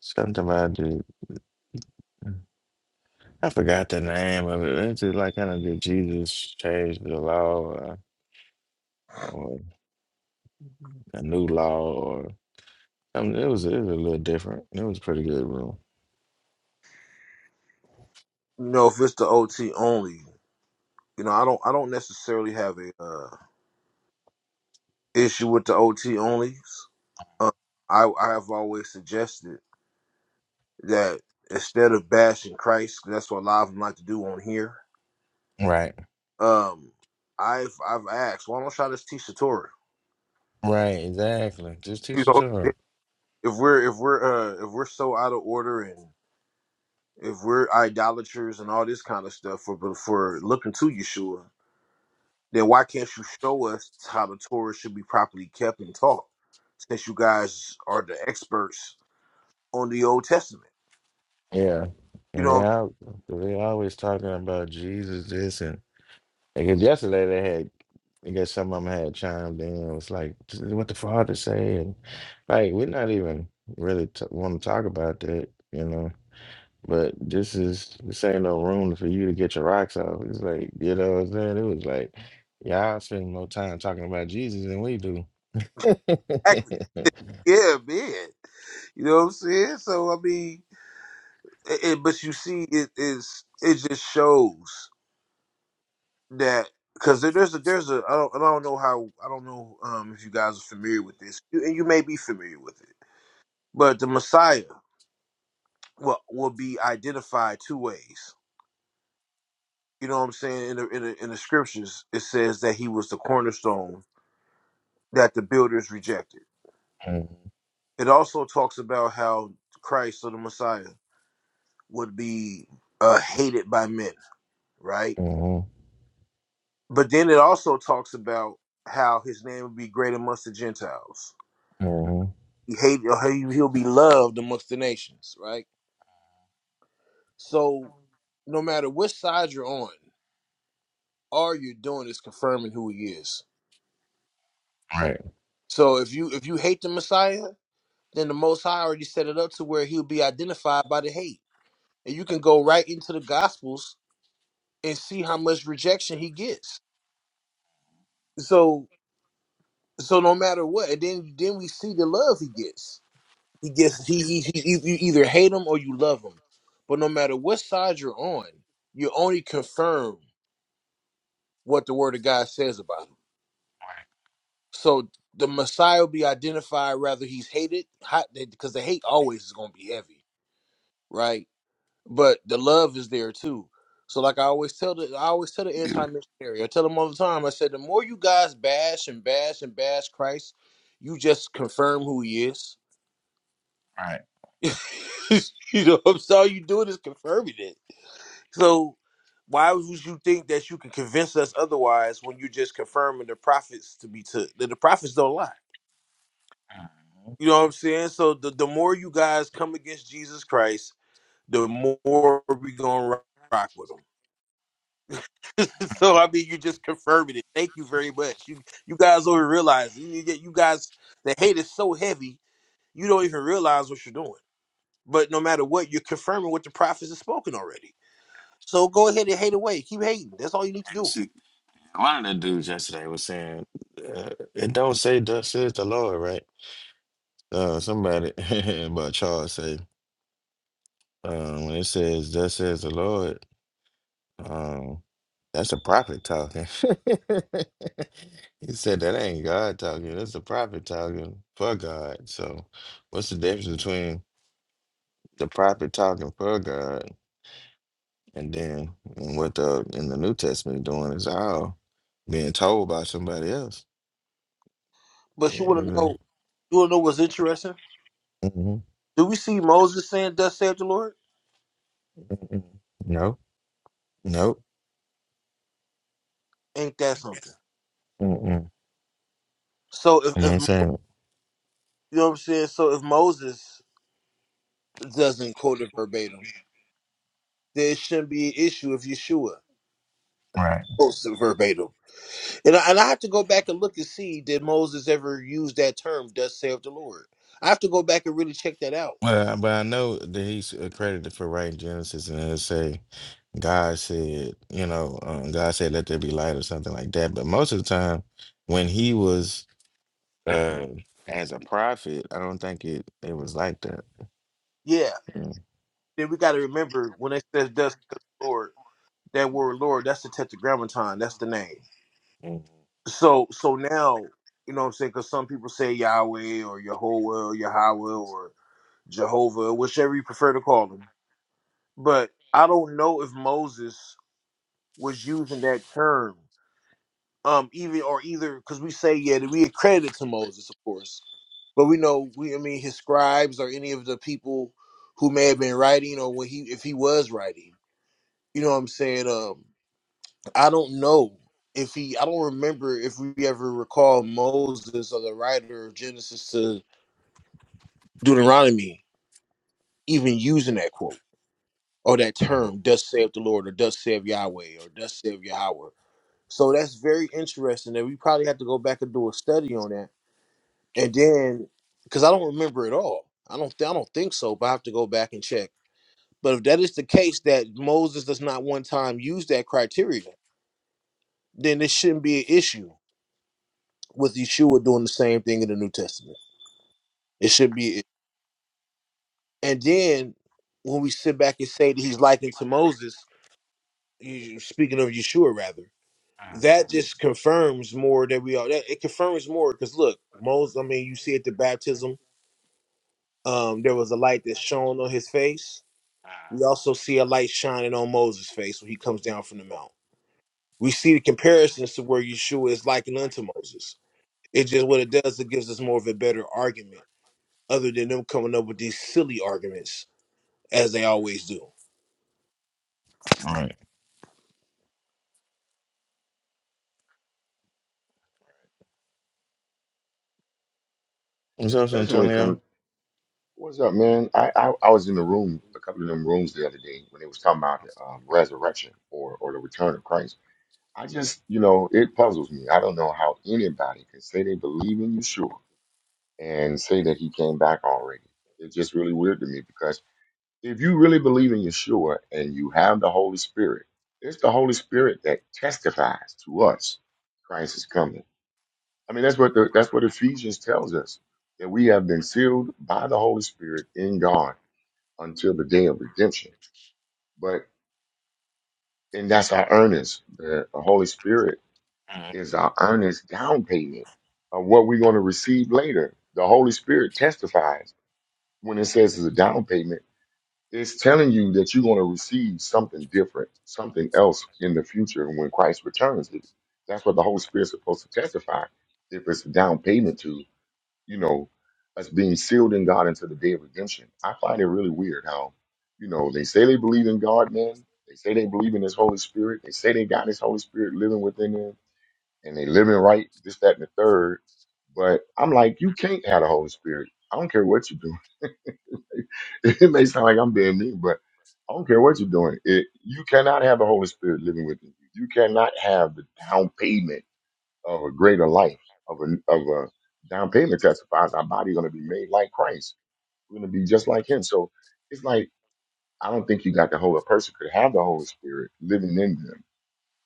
S8: something about the I forgot the name of it. It's just like kind of did Jesus change the law uh, or a new law or I it was it was a little different. It was a pretty good room.
S4: You know, if it's the OT only, you know, I don't I don't necessarily have a uh, issue with the OT onlys. Uh, I I have always suggested. that instead of bashing Christ, 'cause that's what a lot of them like to do on here.
S8: Right,
S4: Um, I've I've asked, why don't y'all just teach the Torah?
S8: right, exactly. Just
S4: You
S8: teaching
S4: know,
S8: to her.
S4: if we're if we're uh, if we're so out of order and if we're idolaters and all this kind of stuff for for looking to Yeshua, then why can't you show us how the Torah should be properly kept and taught? Since you guys are the experts on the Old Testament,
S8: Yeah,
S4: you
S8: and
S4: know,
S8: they
S4: what
S8: out they always talking about Jesus this Because yesterday they had, I guess some of them had chimed in. It was like, "This is what the father say, and like we're not even really t- want to talk about that, you know. But this is this ain't no room for you to get your rocks off. It's like you know what I'm saying. It was like y'all spend more time talking about Jesus than we do.
S4: I'm- yeah, man. You know what I'm saying? So I mean, it, it- but you see, it is it just shows that because there's a there's a I don't I don't know how I don't know um if you guys are familiar with this you, and you may be familiar with it, but the Messiah will will be identified two ways. You know what I'm saying? In the in the, in the scriptures, it says that he was the cornerstone that the builders rejected. It also talks about how Christ or the Messiah would be uh, hated by men, right?
S8: mm-hmm,
S4: But then it also talks about how his name will be great amongst the Gentiles.
S8: hmm
S4: He hate, or he- he'll be loved amongst the nations, right? So, no matter which side you're on, all you're doing is confirming who he is.
S8: Right.
S4: So if you if you hate the Messiah, then the Most High already set it up to where he'll be identified by the hate, and you can go right into the Gospels and see how much rejection he gets. So so no matter what, and then then we see the love he gets He
S8: Right.
S4: gets he, he, he he- you either hate him or you love him. But no matter what side you're on, you only confirm what the word of God says about him. So the Messiah will be identified rather he's hated hot because the hate always is going to be heavy, right? But the love is there too. So like I always tell the I always tell the anti-missionary, I tell them all the time. I said the more you guys bash and bash and bash Christ, you just confirm who he is.
S8: Right.
S4: you know, so all you doing is confirming it So why would you think that you can convince us otherwise when you're just confirming the prophets to be took? That the prophets don't lie. You know what I'm saying? So the, the more you guys come against Jesus Christ, the more we gonna rock, rock with him. so I mean, you just confirming it. Thank you very much. You you guys don't even realize you, you get- you guys the hate is so heavy you don't even realize what you're doing. But no matter what, you're confirming what the prophets have spoken already. So go ahead and hate away. Keep hating. That's all you need to do.
S8: Mhm. One of the dudes yesterday was saying, uh, "It don't say thus says the Lord, right?" Uh, somebody about Charles say, um, "When it says thus says the Lord, um, that's a prophet talking." he said, "That ain't God talking. That's a prophet talking for God." So, what's the difference between the prophet talking for God and then and what the in the New Testament doing is all being told by somebody else?
S4: But you want to
S8: Yeah.
S4: know. You wanna know what's interesting? Do we see Moses saying, "Thus saith the Lord"?
S8: Mm-mm. Nope. Nope.
S4: Ain't that something?
S8: Mm-mm.
S4: So if,
S8: You
S4: if
S8: ain't
S4: you
S8: saying
S4: know what I'm saying, so if Moses doesn't
S8: it.
S4: quote it verbatim, there shouldn't be an issue if Yeshua
S8: Right.
S4: quotes it verbatim. And I, and I have to go back and look and see did Moses ever use that term, "Thus saith the Lord." I have to go back and really check that out.
S8: Well, but I know that he's accredited for writing Genesis, and it say God said, you know, um, God said, "Let there be light" or something like that. But most of the time, when he was uh, as a prophet, I don't think it it was like that.
S4: Yeah.
S8: Mm.
S4: Then we got to remember when it says "Thus saith the Lord," that word "Lord" that's the Tetragrammaton, that's the name.
S8: Mm.
S4: So so now, you know what I'm saying? Because some people say Yahweh or Yehovah or Yahweh or Jehovah, whichever you prefer to call him. But I don't know if Moses was using that term, um, even or either because we say yeah, that we accredit to Moses, of course, but we know we I mean his scribes or any of the people who may have been writing or when he if he was writing, you know what I'm saying? Um, I don't know if he. I don't remember if we ever recall Moses or the writer of Genesis to Deuteronomy even using that quote or that term, "Thus saith the Lord" or "Thus saith Yahweh" or "Thus saith Yahweh." So that's very interesting. That we probably have to go back and do a study on that, and then because I don't remember it all. I don't. Th- I don't think so. But I have to go back and check. But if that is the case, that Moses does not one time use that criteria, then it shouldn't be an issue with Yeshua doing the same thing in the New Testament. It should be. And then when we sit back and say that he's likened to Moses, you, speaking of Yeshua, rather, that just confirms more that we are. That, it confirms more because look, Moses. I mean, you see at the baptism, um, there was a light that shone on his face. We also see a light shining on Moses' face when he comes down from the mount. We see the comparisons to where Yeshua is likened unto Moses. It just what it does. It gives us more of a better argument other than them coming up with these silly arguments as they always do.
S8: All right. What's up,
S9: Especially when it comes,
S8: Antonio?
S9: what's up, man? I, I I was in the room, a couple of them rooms the other day when they was talking about the um, resurrection or or the return of Christ. I just, you know, it puzzles me. I don't know how anybody can say they believe in Yeshua and say that he came back already. It's just really weird to me because if you really believe in Yeshua and you have the Holy Spirit, it's the Holy Spirit that testifies to us Christ is coming. I mean, that's what the that's what Ephesians tells us that we have been sealed by the Holy Spirit in God until the day of redemption. But and that's our earnest. The Holy Spirit is our earnest down payment of what we're going to receive later. The Holy Spirit testifies when it says it's a down payment. It's telling you that you're going to receive something different, something else in the future when Christ returns. That's what the Holy Spirit's supposed to testify if it's a down payment to you know, us being sealed in God until the day of redemption. I find it really weird how, you know, they say they believe in God, man. They say they believe in His Holy Spirit. They say they got His Holy Spirit living within them, and they living right, this, that, and the third. But I'm like, you can't have the Holy Spirit. I don't care what you're doing. it may sound like I'm being mean, but I don't care what you're doing. It, you cannot have the Holy Spirit living within you. You cannot have the down payment of a greater life, of a, of a down payment testifies our body going to be made like Christ. We're going to be just like Him. So it's like I don't think you got the whole. A person could have the Holy Spirit living in them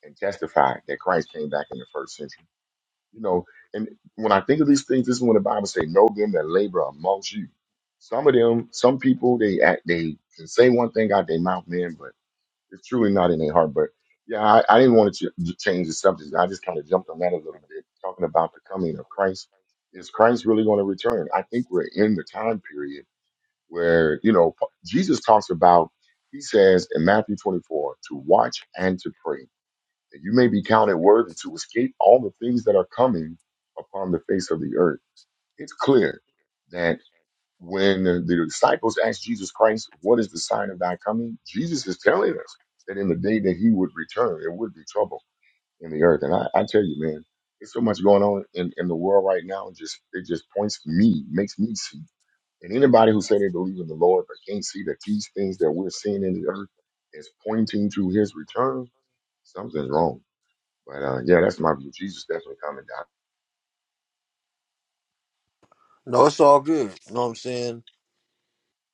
S9: and testify that Christ came back in the first century. You know, and when I think of these things, this is when the Bible say, "Know them that labor amongst you." Some of them, some people, they act, they can say one thing out their mouth, man, but it's truly not in their heart. But yeah, I, I didn't want to ch- change the subject. I just kind of jumped on that a little bit, talking about the coming of Christ. Is Christ really going to return? I think we're in the time period where, you know, Pa- Jesus talks about, he says in Matthew 24, to watch and to pray, that you may be counted worthy to escape all the things that are coming upon the face of the earth. It's clear that when the the disciples asked Jesus Christ, What is the sign of thy coming? Jesus is telling us that in the day that he would return, there would be trouble in the earth. And I, I tell you, man, there's so much going on in, in the world right now. It just it just points to me, makes me see. And anybody who say they believe in the Lord but can't see that these things that we're seeing in the earth is pointing to his return, something's wrong. But uh, yeah, that's my view. Jesus definitely coming down.
S4: No, it's all good. You know what I'm saying?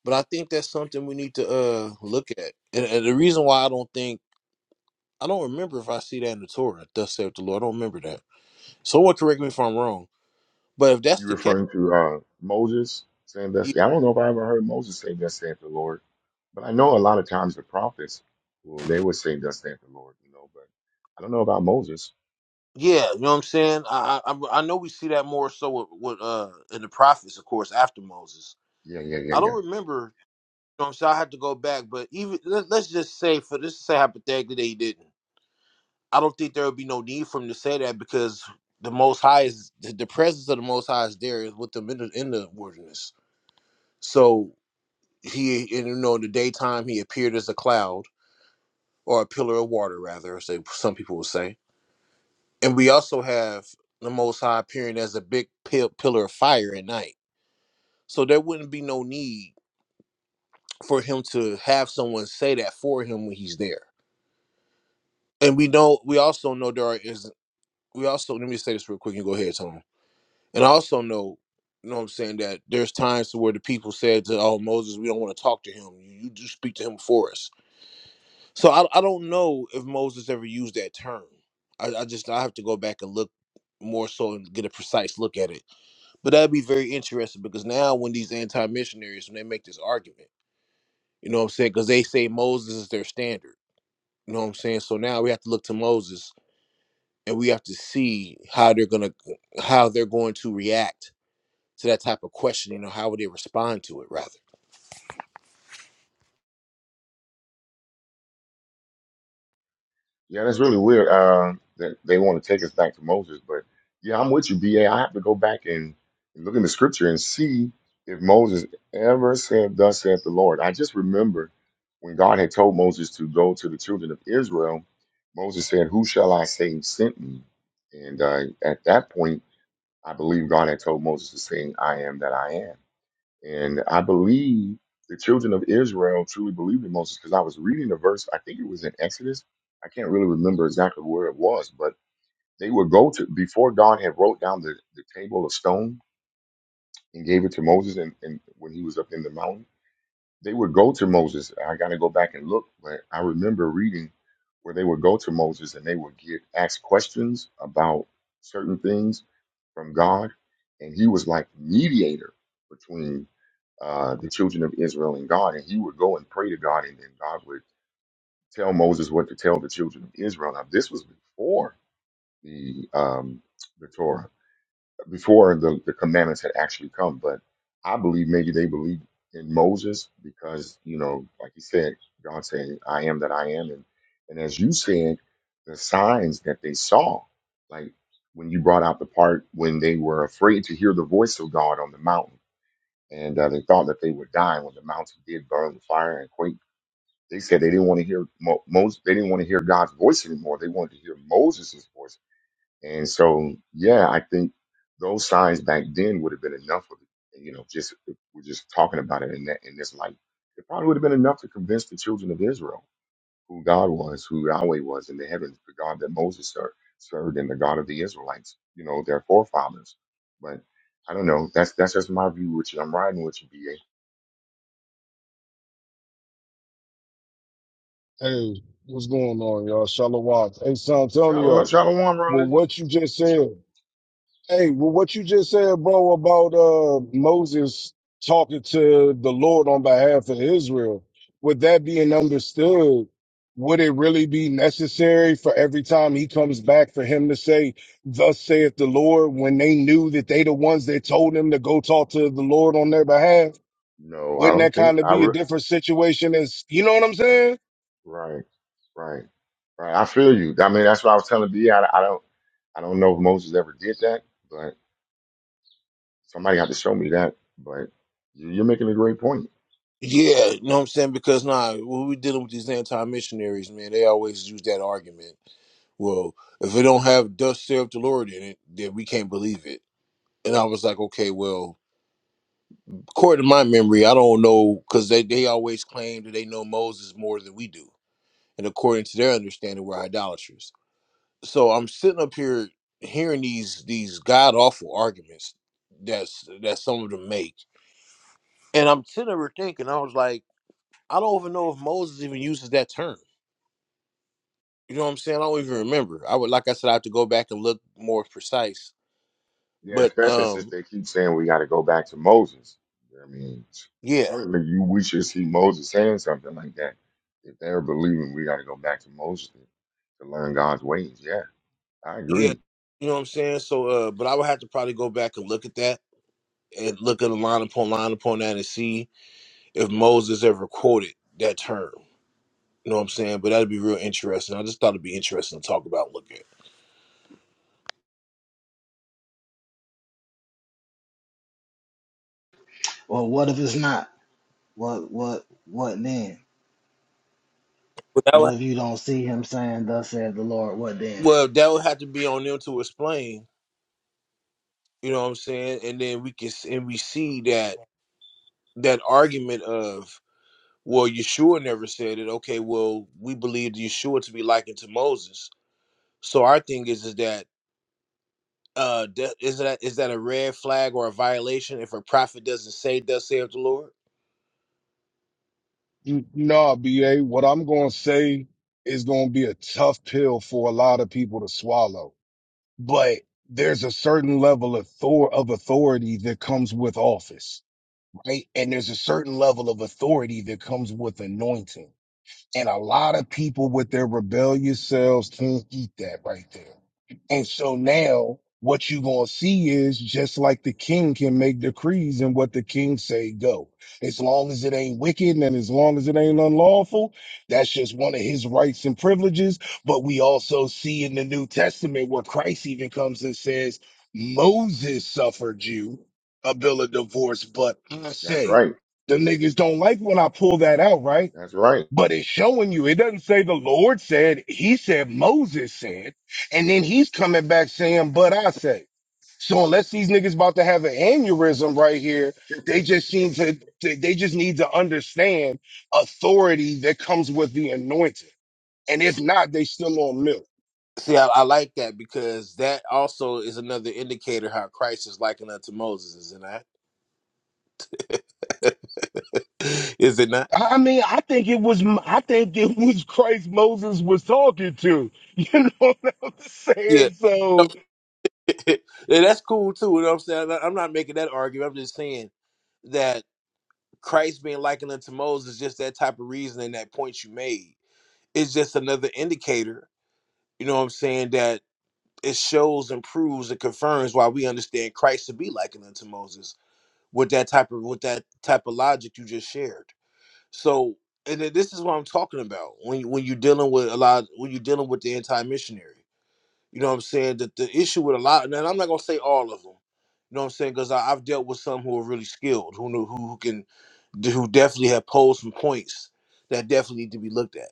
S4: But I think that's something we need to uh look at. And, and the reason why I don't think I don't remember if I see that in the Torah, thus saith the Lord. I don't remember that. Someone correct me if I'm wrong. But if that's
S9: You
S4: the case,
S9: referring to uh, Moses saying
S4: yeah,
S9: thus? Yeah, I don't know if I ever heard Moses say thus saith the Lord, but I know a lot of times the prophets, well, they would say thus saith the Lord, you know. But I don't know about Moses.
S4: yeah you know what I'm saying? I, I I I know we see that more so with, with uh in the prophets, of course, after Moses.
S9: Yeah, yeah, yeah,
S4: I
S9: yeah.
S4: don't remember. You know what I'm saying? I have to go back. But even let, let's just say for this to say hypothetically that he didn't. I don't think there would be no need for him to say that because the Most High is the, the presence of the Most High is there is with them in the, in the wilderness. So he, and, you know, in the daytime he appeared as a cloud or a pillar of water, rather, as they, some people will say. And we also have the Most High appearing as a big pil- pillar of fire at night. So there wouldn't be no need for him to have someone say that for him when he's there. And we know, we also know there is. We also let me say this real quick. and go ahead, Tom And I also know, you know what I'm saying, that there's times to where the people said to, oh, Moses, we don't want to talk to him. You, you just speak to him for us. So I, I don't know if Moses ever used that term. I, I just, I have to go back and look more so and get a precise look at it. But that'd be very interesting because now when these anti-missionaries, when they make this argument, you know what I'm saying, because they say Moses is their standard. You know what I'm saying? So now we have to look to Moses and we have to see how they're gonna how they're going to react to that type of question, you know, how would they respond to it rather?
S9: Yeah, that's really weird. Uh, that they want to take us back to Moses, but yeah, I'm with you, BA. I have to go back and, and look in the scripture and see if Moses ever said, "Thus saith the Lord." I just remember when God had told Moses to go to the children of Israel. Moses said, "Who shall I say sent me?" And uh, at that point, I believe God had told Moses to say, "I am that I am." And I believe the children of Israel truly believed in Moses because I was reading a verse, I think it was in Exodus. I can't really remember exactly where it was, but they would go to, before God had wrote down the, the table of stone and gave it to Moses and, and when he was up in the mountain, they would go to Moses. I got to go back and look, but I remember reading where they would go to Moses and they would get asked questions about certain things from God. And he was like mediator between uh, the children of Israel and God, and he would go and pray to God, and then God would tell Moses what to tell the children of Israel. Now, this was before the um, the Torah, before the, the commandments had actually come. But I believe maybe they believed in Moses because you know, like he said, God saying, "I am that I am," and and as you said, the signs that they saw, like when you brought out the part when they were afraid to hear the voice of God on the mountain and uh, they thought that they were dying when the mountain did burn with fire and quake. They said they didn't want to hear Mo- Moses. They didn't want to hear God's voice anymore. They wanted to hear Moses' voice. And so, yeah, I think those signs back then would have been enough. Of, it. you know, just if we're just talking about it in that in this light. It probably would have been enough to convince the children of Israel who God was, who Yahweh was in the heavens, the God that Moses ser- served, and the God of the Israelites. You know, their forefathers. But I don't know. That's that's just my view, Richard. I'm riding with you,
S10: Hey, what's going on, y'all? Shalom. Hey, San
S9: Shalom,
S10: Antonio.
S9: shalom,
S10: Well,
S9: religious.
S10: what you just said. Hey, well, what you just said, bro, about uh Moses talking to the Lord on behalf of Israel. With that being understood, would it really be necessary for every time he comes back for him to say, "Thus saith the Lord," when they knew that they the ones that told him to go talk to the Lord on their behalf?
S9: No, I
S10: Wouldn't
S9: don't
S10: that
S9: think
S10: kind of
S9: I.
S10: be a
S9: Re-
S10: different situation? As you know what I'm saying?
S9: right, right, right. I feel you. I mean, that's what I was telling B. I, I don't, I don't know if Moses ever did that, but somebody had to show me that. But you- you're making a great point.
S4: Yeah, you know what I'm saying? Because now, nah, when we dealing with these anti missionaries, man, they always use that argument. Well, if it don't have dust serve the Lord in it, then we can't believe it. And I was like, okay, well, according to my memory, I don't know because they, they always claim that they know Moses more than we do. And according to their understanding, we're idolaters. So I'm sitting up here hearing these these god awful arguments that's that some of them make And I'm sitting there thinking, I was like, I don't even know if Moses even uses that term. You know what I'm saying? I don't even remember. I would, like I said, I have to go back and look more precise.
S9: Yeah,
S4: But
S9: especially since
S4: um,
S9: they keep saying we got to go back to Moses. I mean,
S4: yeah,
S9: certainly you, we should see Moses saying something like that. If they're believing we got to go back to Moses to, to learn God's ways, yeah, I
S4: yeah.
S9: agree.
S4: You know what I'm saying? So, uh, but I would have to probably go back and look at that and look at a line upon line upon that and see if Moses ever quoted that term. You know what I'm saying? But that'd be real interesting. I just thought it'd be interesting to talk about, and look at.
S2: Well, what if it's not? What, what, what then?
S4: But that would,
S2: What if you don't see him saying, "Thus said the Lord"? What then?
S4: well, that would have to be on them to explain. You know what I'm saying? And then we can s- and we see that that argument of well yeshua never said it okay well we believe yeshua to be likened to moses so our thing is is that uh that- is that is that a red flag or a violation if a prophet doesn't say thus saith the lord
S10: You- Nah, BA, what I'm going to say is going to be a tough pill for a lot of people to swallow. But there's a certain level of, thor- of authority that comes with office, right? And there's a certain level of authority that comes with anointing. And a lot of people with their rebellious selves can't eat that right there. And so now what you going to see is just like the king can make decrees and what the king say go. As long as it ain't wicked and as long as it ain't unlawful, that's just one of his rights and privileges. But we also see in the New Testament where Christ even comes and says, Moses suffered you a bill of divorce, but I
S9: That's
S10: say,
S9: right.
S10: the niggas don't like when I pull that out, right?
S9: That's right.
S10: but it's showing you. It doesn't say the Lord said, he said, Moses said, and then he's coming back saying, but I say. So unless these niggas about to have an aneurysm right here, they just seem to, they they just need to understand authority that comes with the anointing. And if not, they still on milk.
S4: see i, I like that because that also is another indicator how christ is likened unto moses is it not is it not
S10: I I mean, I think it was, I think it was Christ Moses was talking to. You know what I'm
S4: yeah
S10: saying? So,
S4: yeah, that's cool too. You know what I'm saying? I'm not I'm not making that argument. I'm just saying that Christ being likened unto Moses, just that type of reasoning, that point you made. It's just another indicator, you know what I'm saying, that it shows and proves and confirms why we understand Christ to be likened unto Moses with that type of with that type of logic you just shared. So and then this is what I'm talking about when you, when you're dealing with a lot when you're dealing with the anti-missionary. You know what I'm saying? That the issue with a lot, and I'm not gonna say all of them. You know what I'm saying? Because I've dealt with some who are really skilled, who know who, can, who definitely have posed some points that definitely need to be looked at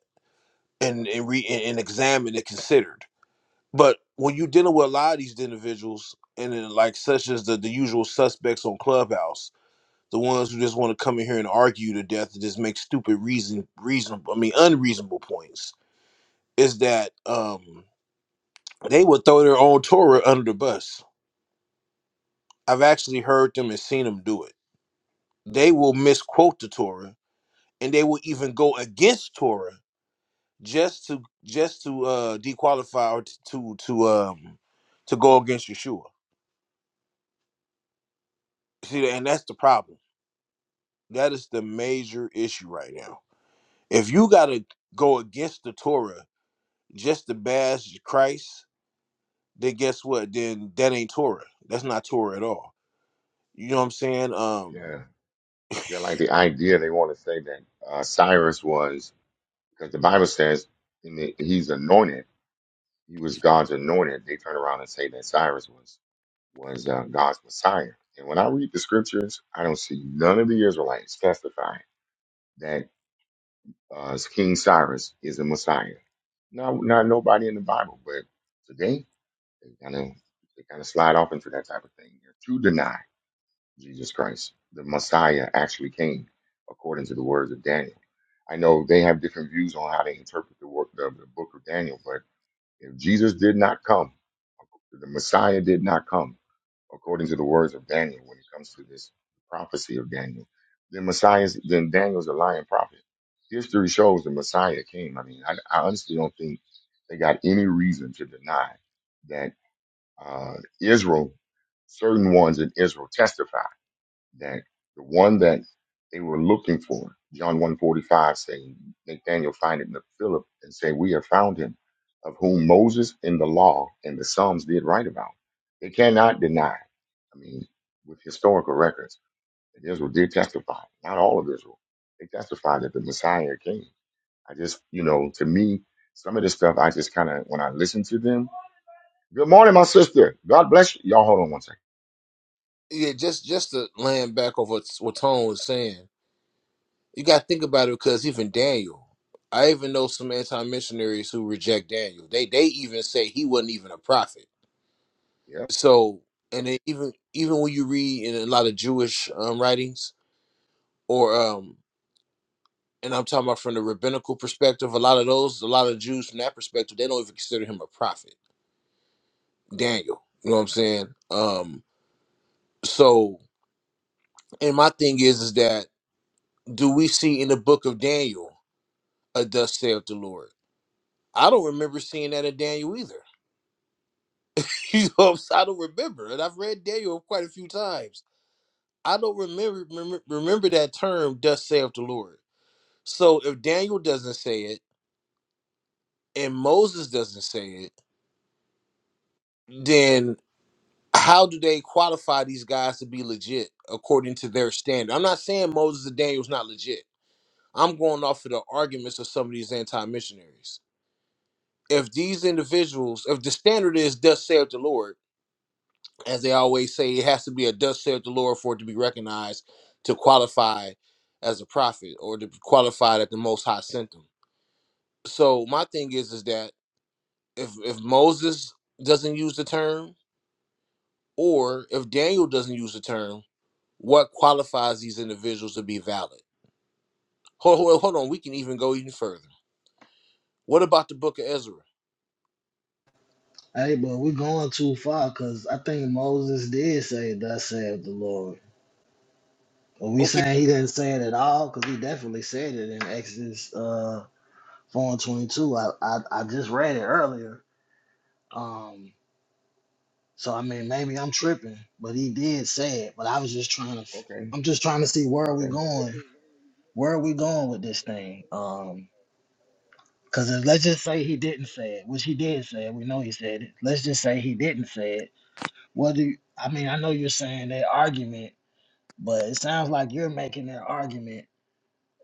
S4: and and re and, and examined and considered. But when you're dealing with a lot of these individuals, and then like such as the the usual suspects on Clubhouse, the ones who just want to come in here and argue to death and just make stupid reason reasonable, I mean unreasonable points, is that um they would throw their own Torah under the bus I've actually heard them and seen them do it. They will misquote the Torah and they will even go against Torah just to just to uh dequalify or t- to to um to go against Yeshua. See, and that's the problem. That is the major issue right now. If you got to go against the Torah just to bash Christ, then guess what? Then that ain't Torah. That's not Torah at all. You know what I'm saying? Um
S9: Yeah. Yeah, like the idea they want to say that uh, Cyrus was, because the Bible says in the, he's anointed. He was God's anointed. They turn around and say that Cyrus was was uh, God's Messiah. And when I read the scriptures, I don't see none of the Israelites testifying that uh, King Cyrus is a Messiah. Not not nobody in the Bible. But today they kind of they kind of slide off into that type of thing. They're too denied. Jesus Christ, the Messiah, actually came, according to the words of Daniel. I know they have different views on how they interpret the work, the, the book of Daniel, but if Jesus did not come, the Messiah did not come, according to the words of Daniel, when it comes to this prophecy of Daniel, then Messiah's, then Daniel's a lying prophet. History shows the Messiah came. I mean, I, I honestly don't think they got any reason to deny that uh, Israel, certain ones in Israel testified that the one that they were looking for, John 145 saying, Nathaniel find it in the Philip and say, We have found him, of whom Moses in the law and the Psalms did write about. They cannot deny, I mean, with historical records, that Israel did testify, not all of Israel. They testified that the Messiah came. I just, you know, to me, some of this stuff, I just kind of, when I listen to them, good morning, my sister. God bless you. Y'all hold on one second.
S4: yeah, just just to land back off what what Tone was saying You got to think about it because even Daniel, I even know some anti-missionaries who reject Daniel. They they even say he wasn't even a prophet.
S9: Yeah.
S4: So and then even even when you read in a lot of Jewish um, writings or um and I'm talking about from the rabbinical perspective, a lot of those, a lot of Jews from that perspective, they don't even consider him a prophet. Daniel, you know what I'm saying? Um, so and my thing is is that do we see in the book of Daniel a thus saith the Lord? I don't remember seeing that in Daniel either. you know, so I don't remember. And I've read Daniel quite a few times. I don't remember remember, remember that term, thus saith the Lord. So if Daniel doesn't say it and Moses doesn't say it, then how do they qualify these guys to be legit according to their standard? I'm not saying Moses and Daniel's not legit. I'm going off of the arguments of some of these anti-missionaries. If these individuals, if the standard is thus saith the Lord, as they always say, it has to be a dust saith the Lord for it to be recognized to qualify as a prophet or to be qualified at the Most High sent them. So my thing is, is that if if Moses doesn't use the term, or if Daniel doesn't use the term, what qualifies these individuals to be valid? Hold, hold, hold on, we can even go even further. What about the Book of Ezra?
S2: Hey, but we going too far because I think Moses did say, Thus saith the Lord. Are we
S4: Okay,
S2: saying he didn't say it at all? Because he definitely said it in Exodus uh, 4 and 22. I, I, I just read it earlier. Um, so, I mean, maybe I'm tripping, but he did say it. But I was just trying to,
S9: Okay.
S2: I'm just trying to see where are we
S9: Okay.
S2: going? Where are we going with this thing? Um, because let's just say he didn't say it, which he did say it. We know he said it. Let's just say he didn't say it. What do you, I mean, I know you're saying that argument But it sounds like you're making their argument,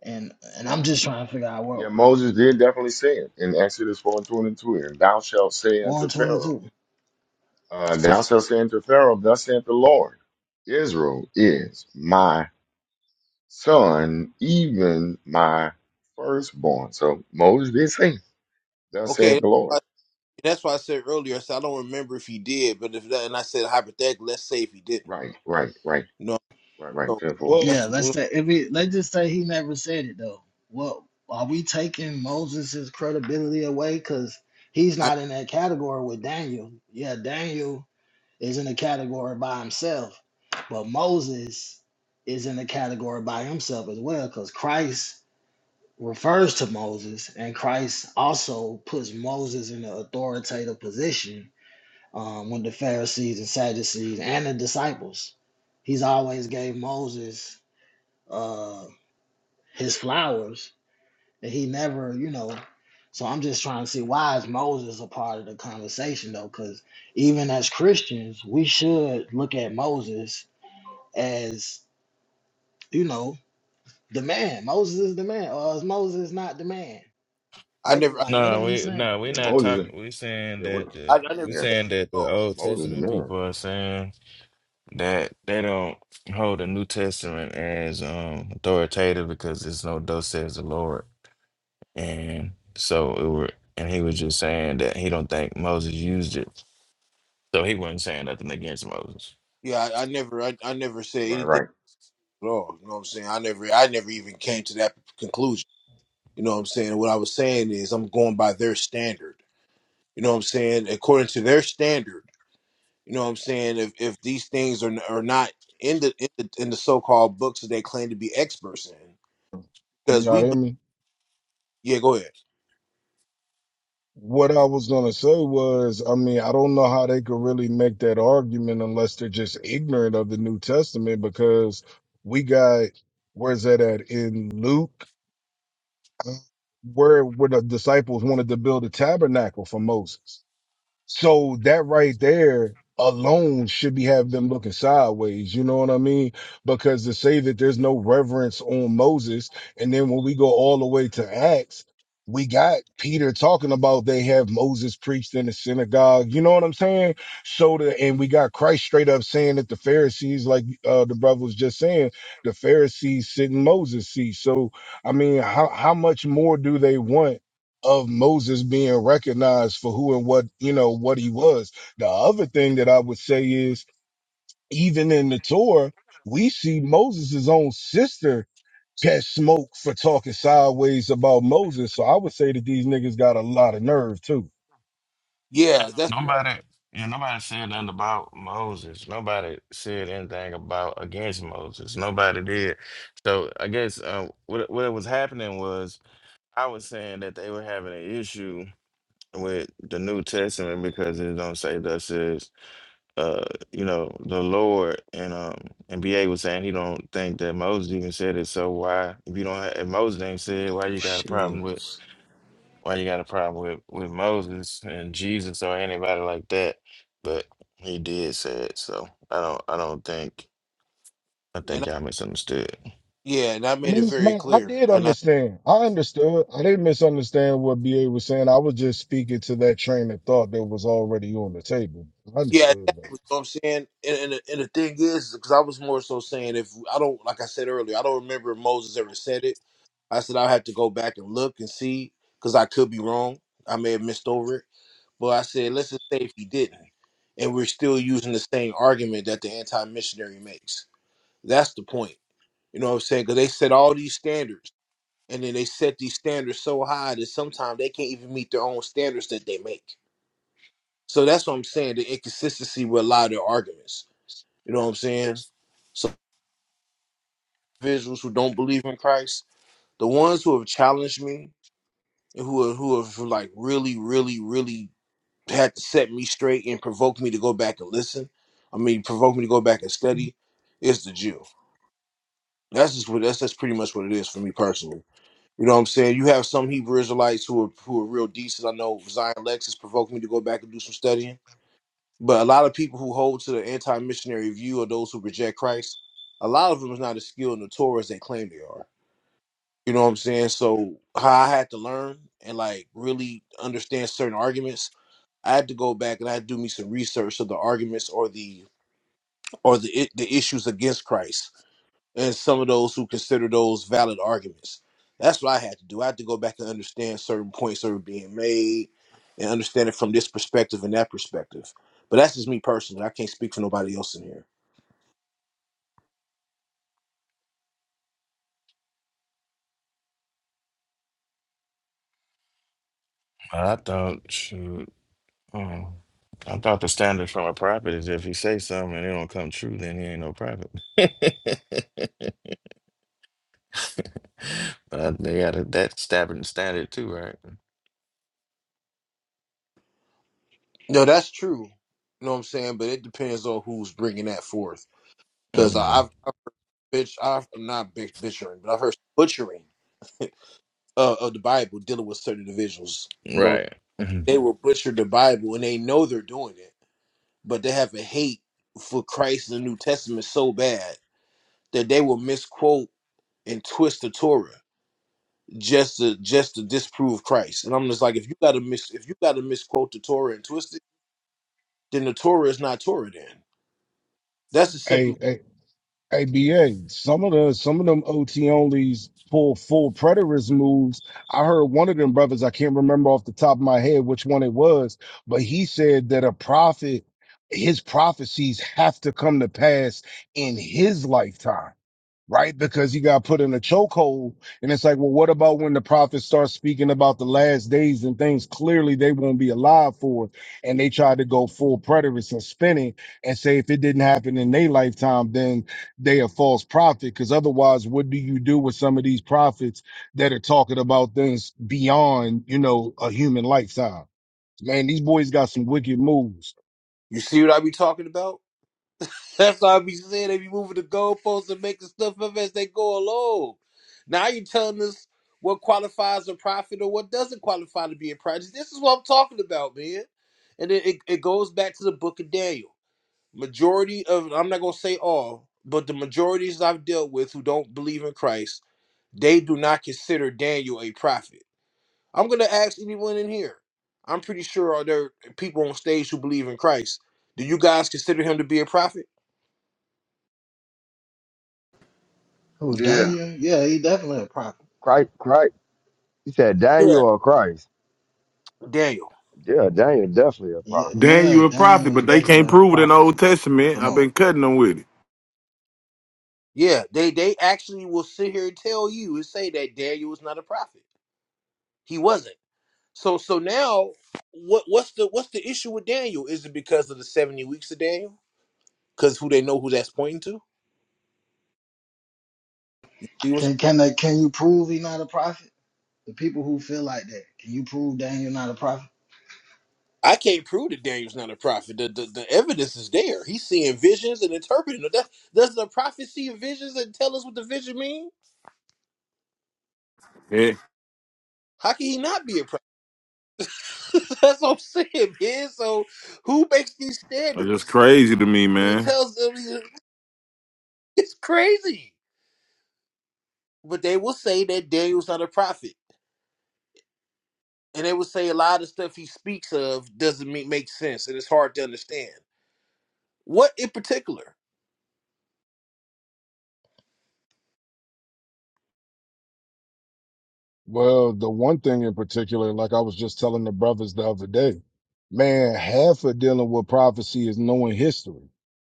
S2: and and I'm just trying to figure out
S9: Yeah,
S2: what
S9: Moses did definitely say it in Exodus 4 and 22. And thou shalt say unto Pharaoh,
S2: 122.
S9: uh, thou shalt say unto Pharaoh, thus saith the Lord, Israel is my son, even my firstborn. So Moses did say, thus
S4: okay,
S9: saith the
S4: uh,
S9: Lord.
S4: that's why I said earlier. I said I don't remember if he did, but if that, and I said hypothetically, let's say if he didn't.
S9: Right, right, right,
S4: You know,
S9: right, right.
S4: so
S9: 10 four.
S10: well,
S2: Yeah,
S4: that's
S2: let's say if it, let's just say he never said it though. What are we taking Moses' credibility away because he's
S4: I
S2: not in that category with Daniel? Yeah, Daniel is in a category by himself, but Moses is in a category by himself as well because Christ refers to Moses, and Christ also puts Moses in an authoritative position um, with the Pharisees and Sadducees and the disciples. He's always gave Moses uh, his flowers, and he never, you know. So I'm just trying to see why is Moses a part of the conversation though? Because even as Christians, we should look at Moses as, you know, the man. Moses is the man, or is Moses not the man?
S4: I
S2: What
S4: never I,
S2: like what
S8: No,
S2: are we
S8: we
S2: saying?
S8: no, we're
S9: Yeah,
S8: not talking.
S9: Moses,
S8: We're saying
S9: yeah, we-
S8: that
S4: I
S8: the
S4: never
S8: we're
S9: yeah,
S8: saying that the
S4: know.
S8: Old
S9: Moses the
S8: Testament
S9: man.
S8: people are saying that they don't hold the New Testament as um authoritative because it's no thus says the Lord, and so it were, and he was just saying that he don't think Moses used it, so he wasn't saying nothing against Moses.
S4: Yeah, I, I never I, I never said
S9: Right, right.
S4: anything at all. You know what I'm saying? I never I never even came to that conclusion. You know what I'm saying? What I was saying is I'm going by their standard. You know what I'm saying? According to their standard. You know what I'm saying? If if these things are are not in the in the, in the so called books that they claim to be experts in,
S10: Can
S4: because we
S10: y'all hear
S4: be-
S10: me?
S4: yeah go ahead
S10: What I was gonna say was, I mean, I don't know how they could really make that argument unless they're just ignorant of the New Testament because we got where's that at in Luke, uh, where where the disciples wanted to build a tabernacle for Moses. So that right there alone should be have them looking sideways. You know what I mean? Because to say that there's no reverence on Moses, and then when we go all the way to Acts, we got Peter talking about they have Moses preached in the synagogue. You know what I'm saying? So the and we got Christ straight up saying that the Pharisees, like uh, the brother was just saying, the Pharisees sit in Moses' seat. So I mean, how how much more do they want? of Moses being recognized for who and what, you know, what he was. The other thing that I would say is even in the Torah, we see Moses' own sister catch smoke for talking sideways about Moses. So I would say that these niggas got a lot of nerve too.
S8: No,
S4: yeah that's
S8: no, nobody. Yeah, nobody said nothing about Moses. Nobody said anything about against Moses. Nobody did. So I guess uh, what what was happening was I was saying that they were having an issue with the New Testament because it don't say thus is uh you know the Lord and um and BA was saying he don't think that Moses even said it so why if you don't have, if Moses ain't said why you got a
S11: Shit.
S8: problem with why you got a problem with with Moses and Jesus or anybody like that but he did say it so I don't I don't think I
S4: and
S8: think
S4: I,
S8: y'all misunderstood
S4: yeah and I made it
S10: Me-
S4: very
S10: Man, I
S4: clear
S10: did understand. I understood. I didn't misunderstand what BA was saying. I was just speaking to that train of thought that was already on the table. I
S4: Yeah, exactly.
S10: understood
S4: You
S10: though.
S4: know what I'm saying? And, and, the- and the thing is, because I was more so saying, if I don't, like I said earlier, I don't remember if Moses ever said it. I said I'll have to go back and look and see, because I could be wrong. I may have missed over it. But I said, let's just say if he didn't, and we're still using the same argument that the anti missionary makes. That's the point. You know what I'm saying? Because they set all these standards, and then they set these standards so high that sometimes they can't even meet their own standards that they make. So that's what I'm saying the inconsistency with a lot of their arguments. You know what I'm saying? So individuals who don't believe in Christ, the ones who have challenged me and who have, who have like really, really, really had to set me straight and provoke me to go back and listen. I mean, provoke me to go back and study. Is the Jew. That's just what that's that's pretty much what it is for me personally. You know what I'm saying? You have some Hebrew Israelites who are who are real decent. I know Zion Lex has provoked me to go back and do some studying. But a lot of people who hold to the anti-missionary view or those who reject Christ, a lot of them is not as skilled in the Torah as they claim they are. You know what I'm saying? So how I had to learn and like really understand certain arguments, I had to go back and I had to do me some research of the arguments or the or the i- the issues against Christ and some of those who consider those valid arguments. That's what I had to do. I had to go back and understand certain points that were being made and understand it from this perspective and that perspective. But that's just me personally. I can't speak for nobody else in here.
S8: I thought shoot Mm. I thought the standard from a prophet is if he say something and it don't come true, then he ain't no prophet. but they got a, that stabbing standard too, right?
S4: No, that's true. You know what I'm saying? But it depends on who's bringing that forth. Because
S8: hmm
S4: I've, I've bitch, I've, I'm not bitch, butchering, but I've heard butchering uh, of the Bible dealing with certain individuals. You know,
S8: Right. Mhm.
S4: they will butcher the Bible and they know they're doing it but they have a hate for Christ and the New Testament so bad that they will misquote and twist the Torah just to just to disprove Christ. And I'm just like, if you gotta mis if you gotta misquote the Torah and twist it, then the Torah is not Torah then. That's just simply
S10: ABA. Some of the some of them OT onlys pull full preterist moves. I heard one of them brothers, I can't remember off the top of my head which one it was, but he said that a prophet, his prophecies have to come to pass in his lifetime right? Because he got put in a chokehold. And it's like, well, what about when the prophet starts speaking about the last days and things clearly they won't be alive for? And they try to go full preterist and spinning and say if it didn't happen in their lifetime, then they a false prophet. Because otherwise, what do you do with some of these prophets that are talking about things beyond, you know, a human lifetime? Man, these boys got some wicked moves.
S4: you see what I be talking about? That's what I be saying. They be moving the goalposts and making stuff up as they go along. Now you telling us what qualifies a prophet or what doesn't qualify to be a prophet. This is what I'm talking about, man. And it, it, it goes back to the book of Daniel. majority of I'm not gonna say all, but the majorities I've dealt with who don't believe in Christ, they do not consider Daniel a prophet. I'm gonna ask anyone in here. I'm pretty sure are there are people on stage who believe in Christ. Do you guys consider him to be a prophet?
S2: Oh,
S12: Yeah.
S2: Daniel? Yeah, he definitely a prophet.
S13: Christ, Christ. He said
S4: Yeah.
S13: Daniel or Christ.
S4: Daniel.
S13: Yeah, Daniel definitely a
S2: Yeah,
S13: prophet.
S1: Daniel
S2: yeah,
S1: you a prophet,
S2: Daniel is
S1: but they can't
S2: definitely a
S1: prove it in the
S2: prophet,
S1: Old
S2: brother.
S1: Testament.
S2: Come
S1: I've
S2: on.
S1: been cutting them with it.
S4: Yeah, they they actually will sit here and tell you and say that Daniel was not a prophet. He wasn't. So so now what what's the what's the issue with Daniel? Is it because of the 70 weeks of Daniel? Because who they know who that's pointing to?
S2: Can can they, can you prove he not a prophet? The people who feel like that, can you prove Daniel not a prophet?
S4: I can't prove that Daniel's not a prophet. The, the, the evidence is there. He's seeing visions and interpreting them. That, does the prophet see visions and tell us what the vision means?
S1: Yeah,
S4: How can he not be a prophet? That's what I'm saying, man. So who makes these
S1: that's just
S4: standards?
S1: crazy to me,
S4: It
S1: man.
S4: tells them it's crazy. But they will say that Daniel's not a prophet. And they will say a lot of stuff he speaks of doesn't make, make sense and it's hard to understand. What in particular?
S10: Well, the one thing in particular, like I was just telling the brothers the other day, man, half of dealing with prophecy is knowing history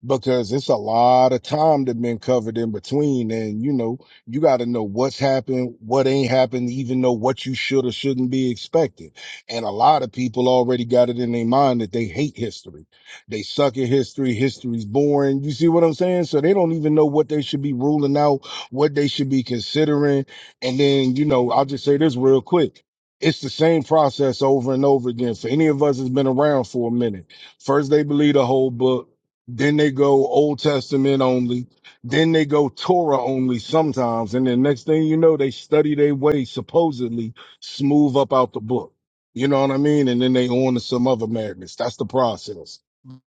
S10: because it's a lot of time that been covered in between. And, you know, you got to know what's happened, what ain't happened, even know what you should or shouldn't be expected. And a lot of people already got it in their mind that they hate history. They suck at history. History's boring. You see what I'm saying? So they don't even know what they should be ruling out, what they should be considering and then, you know, I'll just say this real quick. It's the same process over and over again. For any of us that's been around for a minute, first they believe the whole book, then they go Old Testament only, then they go Torah only sometimes. And then next thing you know, they study their way, supposedly smooth up out the book. You know what I mean? And then they on to some other madness. That's the process.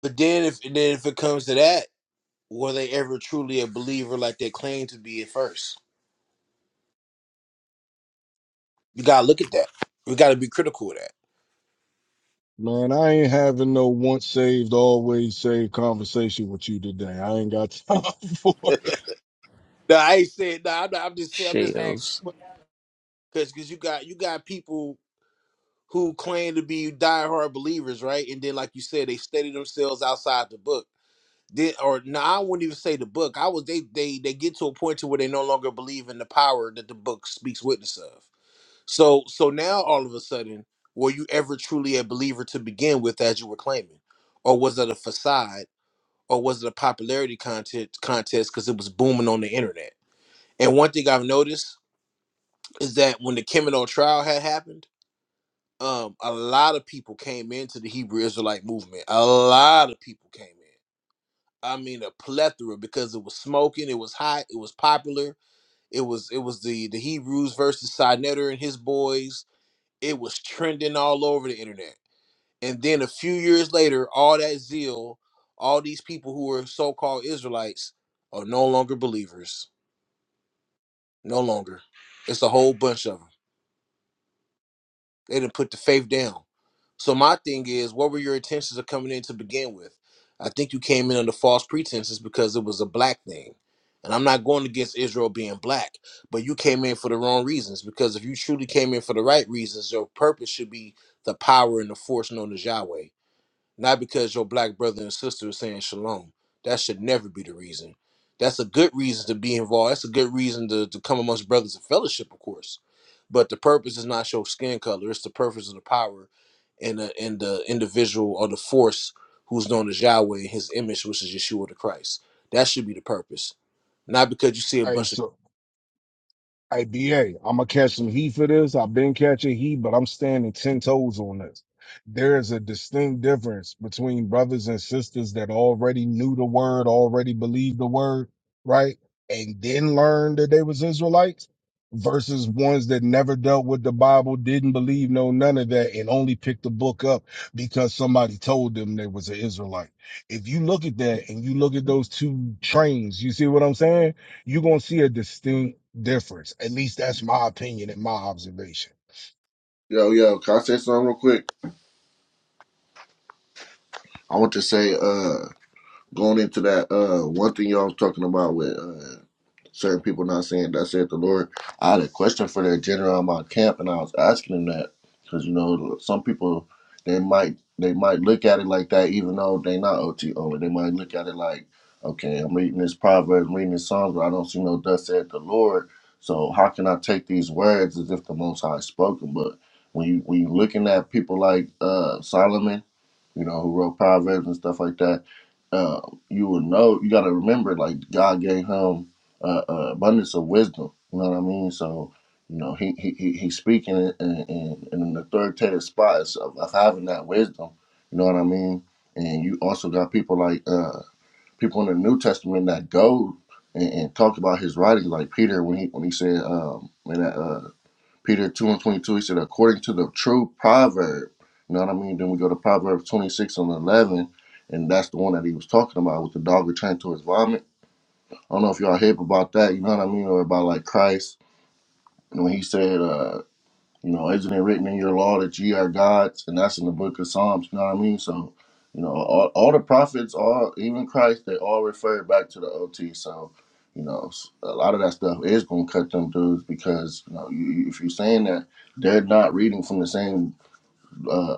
S4: But then if and then if it comes to that, were they ever truly a believer like they claimed to be at first? You gotta look at that. We gotta be critical of that.
S10: Man, I ain't having no once saved, always saved conversation with you today. I ain't got time for it.
S4: No, I ain't saying. No, I'm, not, I'm just saying. I'm just asking
S11: Shells.
S4: because because you got you got people who claim to be diehard believers, right? And then, like you said, they study themselves outside the book. Then, or no, I wouldn't even say the book. I was they they they get to a point to where they no longer believe in the power that the book speaks witness of. So so now all of a sudden, were you ever truly a believer to begin with, as you were claiming? or was it a facade? or was it a popularity contest contest because it was booming on the internet? And one thing I've noticed is that when the Kimono trial had happened, um, a lot of people came into the Hebrew Israelite movement. A lot of people came in. I mean, a plethora because it was smoking, it was hot, it was popular. It was it was the the Hebrews versus Sinetter and his boys. It was trending all over the internet And then a few years later, all that zeal, all these people who were so called Israelites are no longer believers. No longer. It's a whole bunch of them. They didn't put the faith down. So my thing is, what were your intentions of coming in to begin with? I think you came in under false pretenses because it was a black thing. And I'm not going against Israel being black, but you came in for the wrong reasons. Because if you truly came in for the right reasons, your purpose should be the power and the force known as Yahweh. not because your black brother and sister is saying shalom. That should never be the reason. That's a good reason to be involved. That's a good reason to, to come amongst brothers in fellowship, of course. But the purpose is not your skin color. It's the purpose of the power and the, and the individual or the force who's known as Yahweh in his image, which is Yeshua the Christ. That should be the purpose. Not because you see a
S10: All right,
S4: bunch of.
S10: so Hey, BA, I'm gonna catch some heat for this. I've been catching heat, but I'm standing 10 toes on this. There is a distinct difference between brothers and sisters that already knew the word, already believed the word, right? And then learned that they was Israelites versus ones that never dealt with the Bible, didn't believe no none of that, and only picked the book up because somebody told them they was an Israelite. If you look at that and you look at those two trains, you see what I'm saying? You're gonna see a distinct difference. At least that's my opinion and my observation.
S12: Yo, yo, can I say something real quick? I want to say, uh, going into that uh one thing y'all was talking about with uh certain people not saying that said the Lord. I had a question for that general in my camp and I was asking him that because you know some people they might they might look at it like that even though they not OT only. They might look at it like, okay, I'm reading this proverb, I'm reading this song, but I don't see no thus said the Lord. So how can I take these words as if the Most High spoken? But when you when you looking at people like uh Solomon, you know, who wrote proverbs and stuff like that uh, you will know. You got to remember, like God gave him uh, uh, abundance of wisdom. You know what I mean? So you know he he he- he's speaking in in, in in an authoritative spot of, of having that wisdom. You know what I mean? And you also got people like uh, people in the New Testament that go and, and talk about his writings, like Peter when he when he said um, in that. uh, Peter 2 and 22, he said, according to the true proverb. You know what I mean? Then we go to Proverbs 26 and 11, and that's the one that he was talking about with the dog returned to his vomit. I don't know if y'all hip about that, you know what I mean? Or about like Christ. And when he said, uh, you know, isn't it written in your law that ye are gods? And that's in the book of Psalms, you know what I mean? So, you know, all, all the prophets, all even Christ, they all refer back to the OT. So, you know, s- a lot of that stuff is going to cut them dudes because, you know, you, you- if you're saying that they're not reading from the same uh,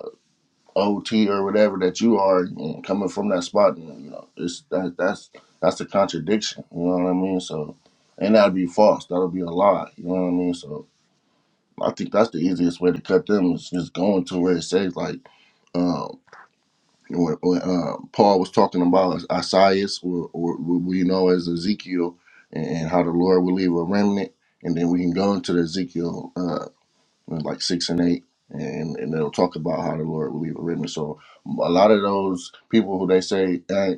S12: OT or whatever that you are and coming from that spot, and, you know, it's that that's that's a contradiction, you know what I mean? So, and that'd be false. That'll be a lie, you know what I mean? So, I think that's the easiest way to cut them is just going to where it says like um, when, when uh, Paul was talking about Isaiah, or, or what we know as Ezekiel, and, and how the Lord will leave a remnant, and then we can go into the Ezekiel uh, like six and eight, and and they'll talk about how the Lord will leave a remnant. So a lot of those people who they say uh,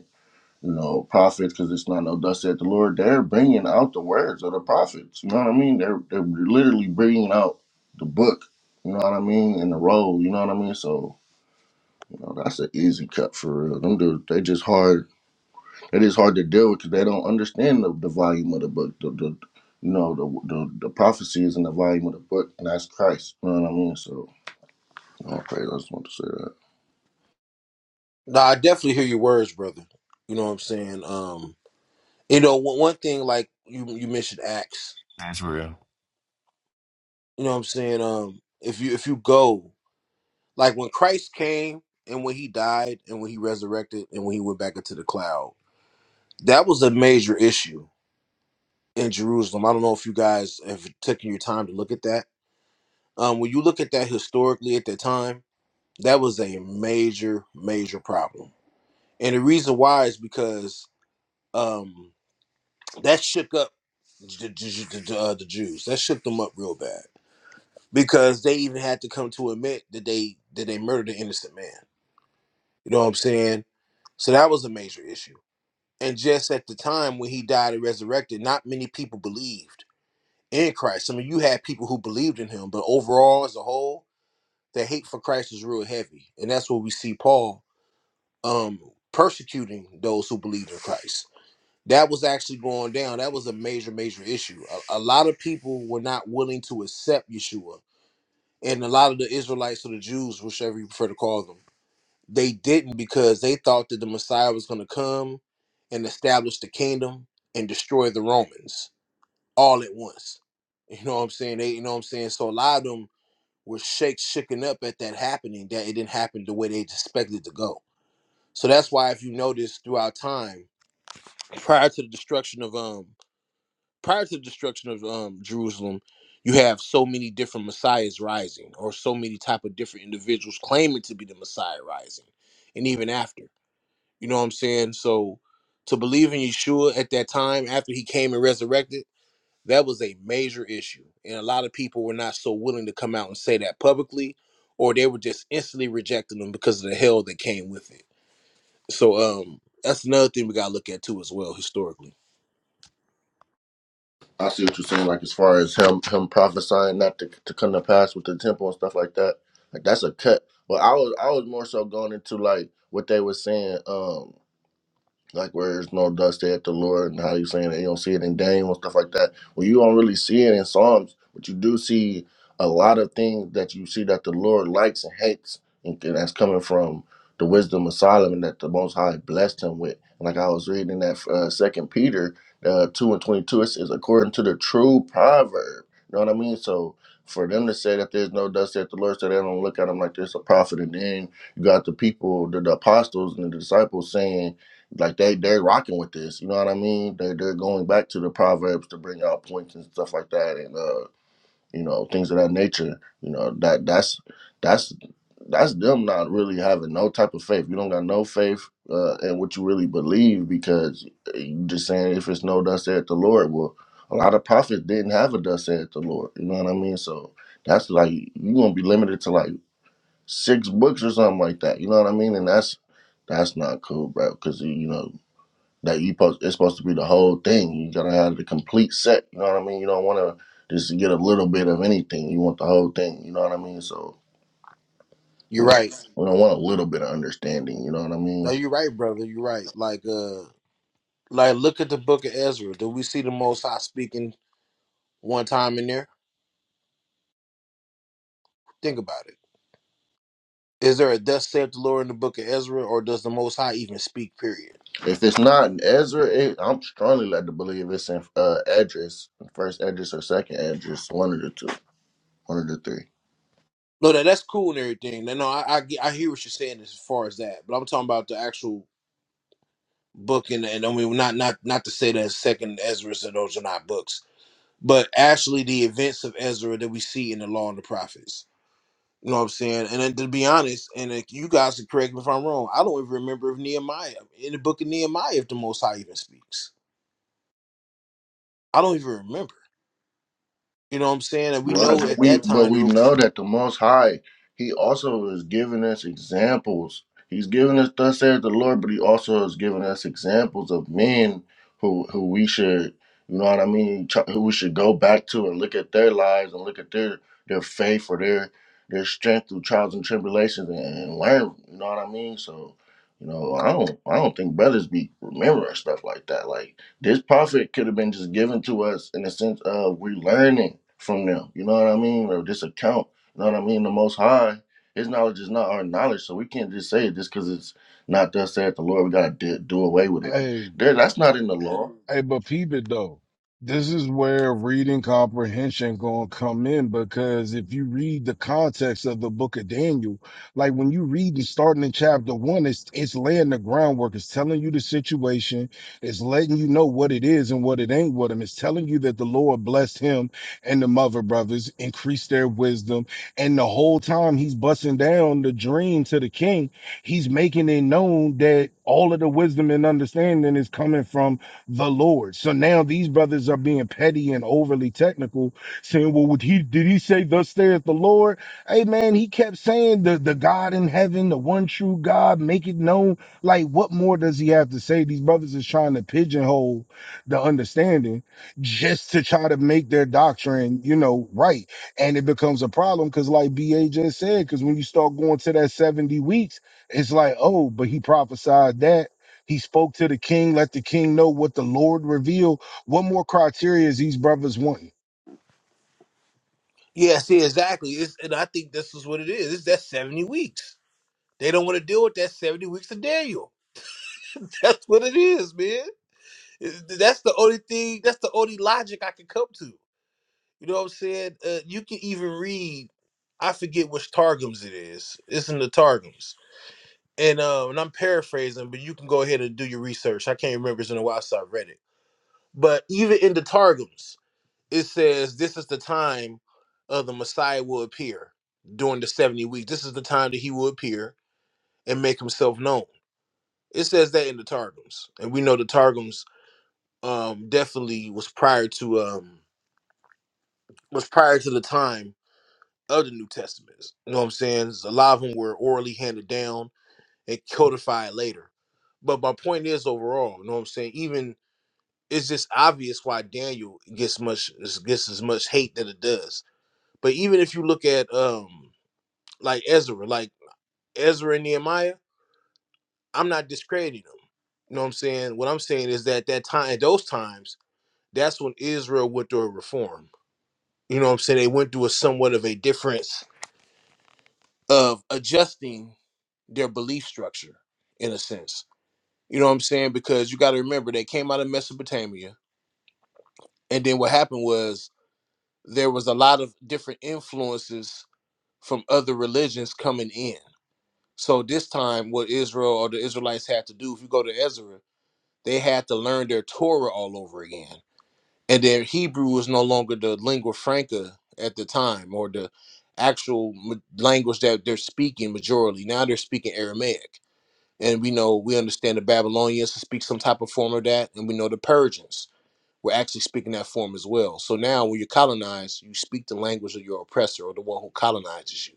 S12: you know, prophets, because it's not no dust at the Lord. They're bringing out the words of the prophets. You know what I mean? They're they're literally bringing out the book. You know what I mean? And the roll. You know what I mean? So you know that's an easy cut for real. Them dudes, they just hard. It is hard to deal with because they don't understand the, the volume of the book. The, the you know the, the the prophecies and the volume of the book, and that's Christ. You know what I mean? So okay, I just want to say that.
S4: No, I definitely hear your words, brother. You know what I'm saying? Um, you know, one one thing like you you mentioned Acts
S8: That's real.
S4: You know what I'm saying? Um, if you if you go like when Christ came and when he died and when he resurrected and when he went back into the cloud, that was a major issue in Jerusalem. I don't know if you guys have taken your time to look at that. Um, when you look at that historically at that time, that was a major major problem, and the reason why is because um that shook up the, the, the, uh, the Jews. That shook them up real bad because they even had to come to admit that they that they murdered an innocent man. You know what I'm saying? So that was a major issue. And just at the time when he died and resurrected, not many people believed in Christ. I mean, you had people who believed in him, but overall, as a whole, the hate for Christ is real heavy. And that's what we see Paul um, persecuting those who believed in Christ. That was actually going down. That was a major, major issue. A, a lot of people were not willing to accept Yeshua. And a lot of the Israelites or the Jews, whichever you prefer to call them, They didn't because they thought that the Messiah was going to come and establish the kingdom and destroy the Romans all at once. You know what I'm saying? They, you know what I'm saying? So a lot of them were shake shaken up at that happening that it didn't happen the way they expected it to go. So that's why if you notice throughout time, prior to the destruction of um prior to the destruction of um Jerusalem, you have so many different messiahs rising or so many type of different individuals claiming to be the messiah rising and even after. You know what I'm saying? So to believe in Yeshua at that time after he came and resurrected, that was a major issue. And a lot of people were not so willing to come out and say that publicly, or they were just instantly rejecting them because of the hell that came with it. So um that's another thing we gotta look at too as well historically.
S12: I see what you're saying, like as far as him him prophesying not to to come to pass with the temple and stuff like that. Like that's a cut. But I was I was more so going into like what they were saying. Um, like where there's no dust at the Lord and how you saying that you don't see it in Daniel and stuff like that. Well, you don't really see it in Psalms, but you do see a lot of things that you see that the Lord likes and hates, and and that's coming from the wisdom of Solomon that the Most High blessed him with. And like I was reading in that uh, Second Peter uh, two and twenty two, it says, "According to the true proverb." You know what I mean? So for them to say that there's no dust at the Lord, so they don't look at him like there's a prophet, and then you got the people, the, the apostles and the disciples saying like they they're rocking with this. You know what I mean? They they're going back to the proverbs to bring out points and stuff like that, and uh, you know things of that nature. You know that that's that's that's them not really having no type of faith. You don't got no faith uh, in what you really believe because uh, you just saying if it's no thus saith the Lord. Well, a lot of prophets didn't have a thus saith the Lord. You know what I mean? So that's like you gonna be limited to like six books or something like that. You know what I mean? And that's that's not cool, bro. Because you know that you post it's supposed to be the whole thing. You gotta have the complete set. You know what I mean? You don't wanna just get a little bit of anything. You want the whole thing, you know what I mean? So,
S4: You're
S12: you know,
S4: right.
S12: we don't want a little bit of understanding, you know what I
S4: No,
S12: mean?
S4: you're right, brother. You're right. Like uh like look at the book of Ezra. Do we see the most high speaking one time in there? Think about it. Is there a thus saith the Lord in the book of Ezra, or does the most high even speak, period?
S12: If it's not in Ezra, it, I'm strongly led to believe it's in uh address, first address or second address, one of the two, one of the three.
S4: No, that that's cool and everything. No, no, I I, get- I hear what you're saying as far as that, but I'm talking about the actual book and and I mean not not not to say that Second Ezra's and those are not books, but actually the events of Ezra that we see in the Law and the Prophets. You know what I'm saying? And then to be honest, and if you guys can correct me if I'm wrong, I don't even remember if Nehemiah in the book of Nehemiah if the Most High even speaks. I don't even remember. You know what I'm saying? And we
S12: Right.
S4: know
S12: But
S4: at
S12: we
S4: that
S12: but
S4: time there
S12: we
S4: were
S12: know that the most high, he also is giving us examples. He's giving us thus says the Lord, but he also is giving us examples of men who who we should you know what I mean, tr- who we should go back to and look at their lives and look at their their faith or their their strength through trials and tribulations and, and learn, you know what I mean? So, you know, I don't I don't think brothers be remembering stuff like that. Like this prophet could have been just given to us in the sense of we're learning from them. You know what I mean? Or this account. You know what I mean? The Most High, His knowledge is not our knowledge, so we can't just say it just because it's not thus said the Lord. We gotta do, do away with it.
S10: Hey.
S12: There, that's not in the law.
S10: Hey, but peep it though. This is where reading comprehension gonna come in because if you read the context of the book of Daniel, like when you read and starting in chapter one, it's it's laying the groundwork. It's telling you the situation. It's letting you know what it is and what it ain't with him. It's telling you that the Lord blessed him and the mother brothers, increased their wisdom. And the whole time he's busting down the dream to the king, he's making it known that all of the wisdom and understanding is coming from the Lord. So now these brothers are being petty and overly technical, saying, Well, would he did he say thus saith the Lord? Hey man, he kept saying the, the God in heaven, the one true God, make it known. Like, what more does he have to say? These brothers is trying to pigeonhole the understanding just to try to make their doctrine, you know, right. And it becomes a problem because, like BA just said, because when you start going to that 70 weeks, it's like, oh, but he prophesied that he spoke to the king, let the king know what the Lord revealed. What more criteria is these brothers wanting?
S4: yeah, see exactly. It's, and I think this is what it is. It's that 70 weeks. They don't want to deal with that 70 weeks of Daniel. That's what it is, man. That's the only thing, that's the only logic I can come to. You know what I'm saying? Uh, you can even read, I forget which Targums it is. It's in the Targums. And, um, and I'm paraphrasing, but you can go ahead and do your research. I can't remember. It's in a while since I read it. But even in the Targums, it says this is the time uh, the Messiah will appear during the 70 weeks. This is the time that he will appear and make himself known. It says that in the Targums, and we know the Targums um, definitely was prior to um, was prior to the time of the New Testaments. You know what I'm saying? A lot of them were orally handed down and codified later. But my point is overall, you know what I'm saying? Even it's just obvious why Daniel gets much gets as much hate that it does. But even if you look at um like Ezra, like Ezra and Nehemiah, I'm not discrediting them. You know what I'm saying? What I'm saying is that that time, those times that's when Israel went through a reform. You know what I'm saying? They went through a somewhat of a difference of adjusting their belief structure in a sense. You know what I'm saying? Because you got to remember they came out of Mesopotamia and then what happened was there was a lot of different influences from other religions coming in. So this time what Israel or the Israelites had to do if you go to Ezra, they had to learn their Torah all over again and their Hebrew was no longer the lingua franca at the time or the actual ma- language that they're speaking majorly. Now they're speaking Aramaic, and we know we understand the Babylonians speak some type of form of that, and we know the Persians were actually speaking that form as well. So now when you colonize, you speak the language of your oppressor or the one who colonizes you.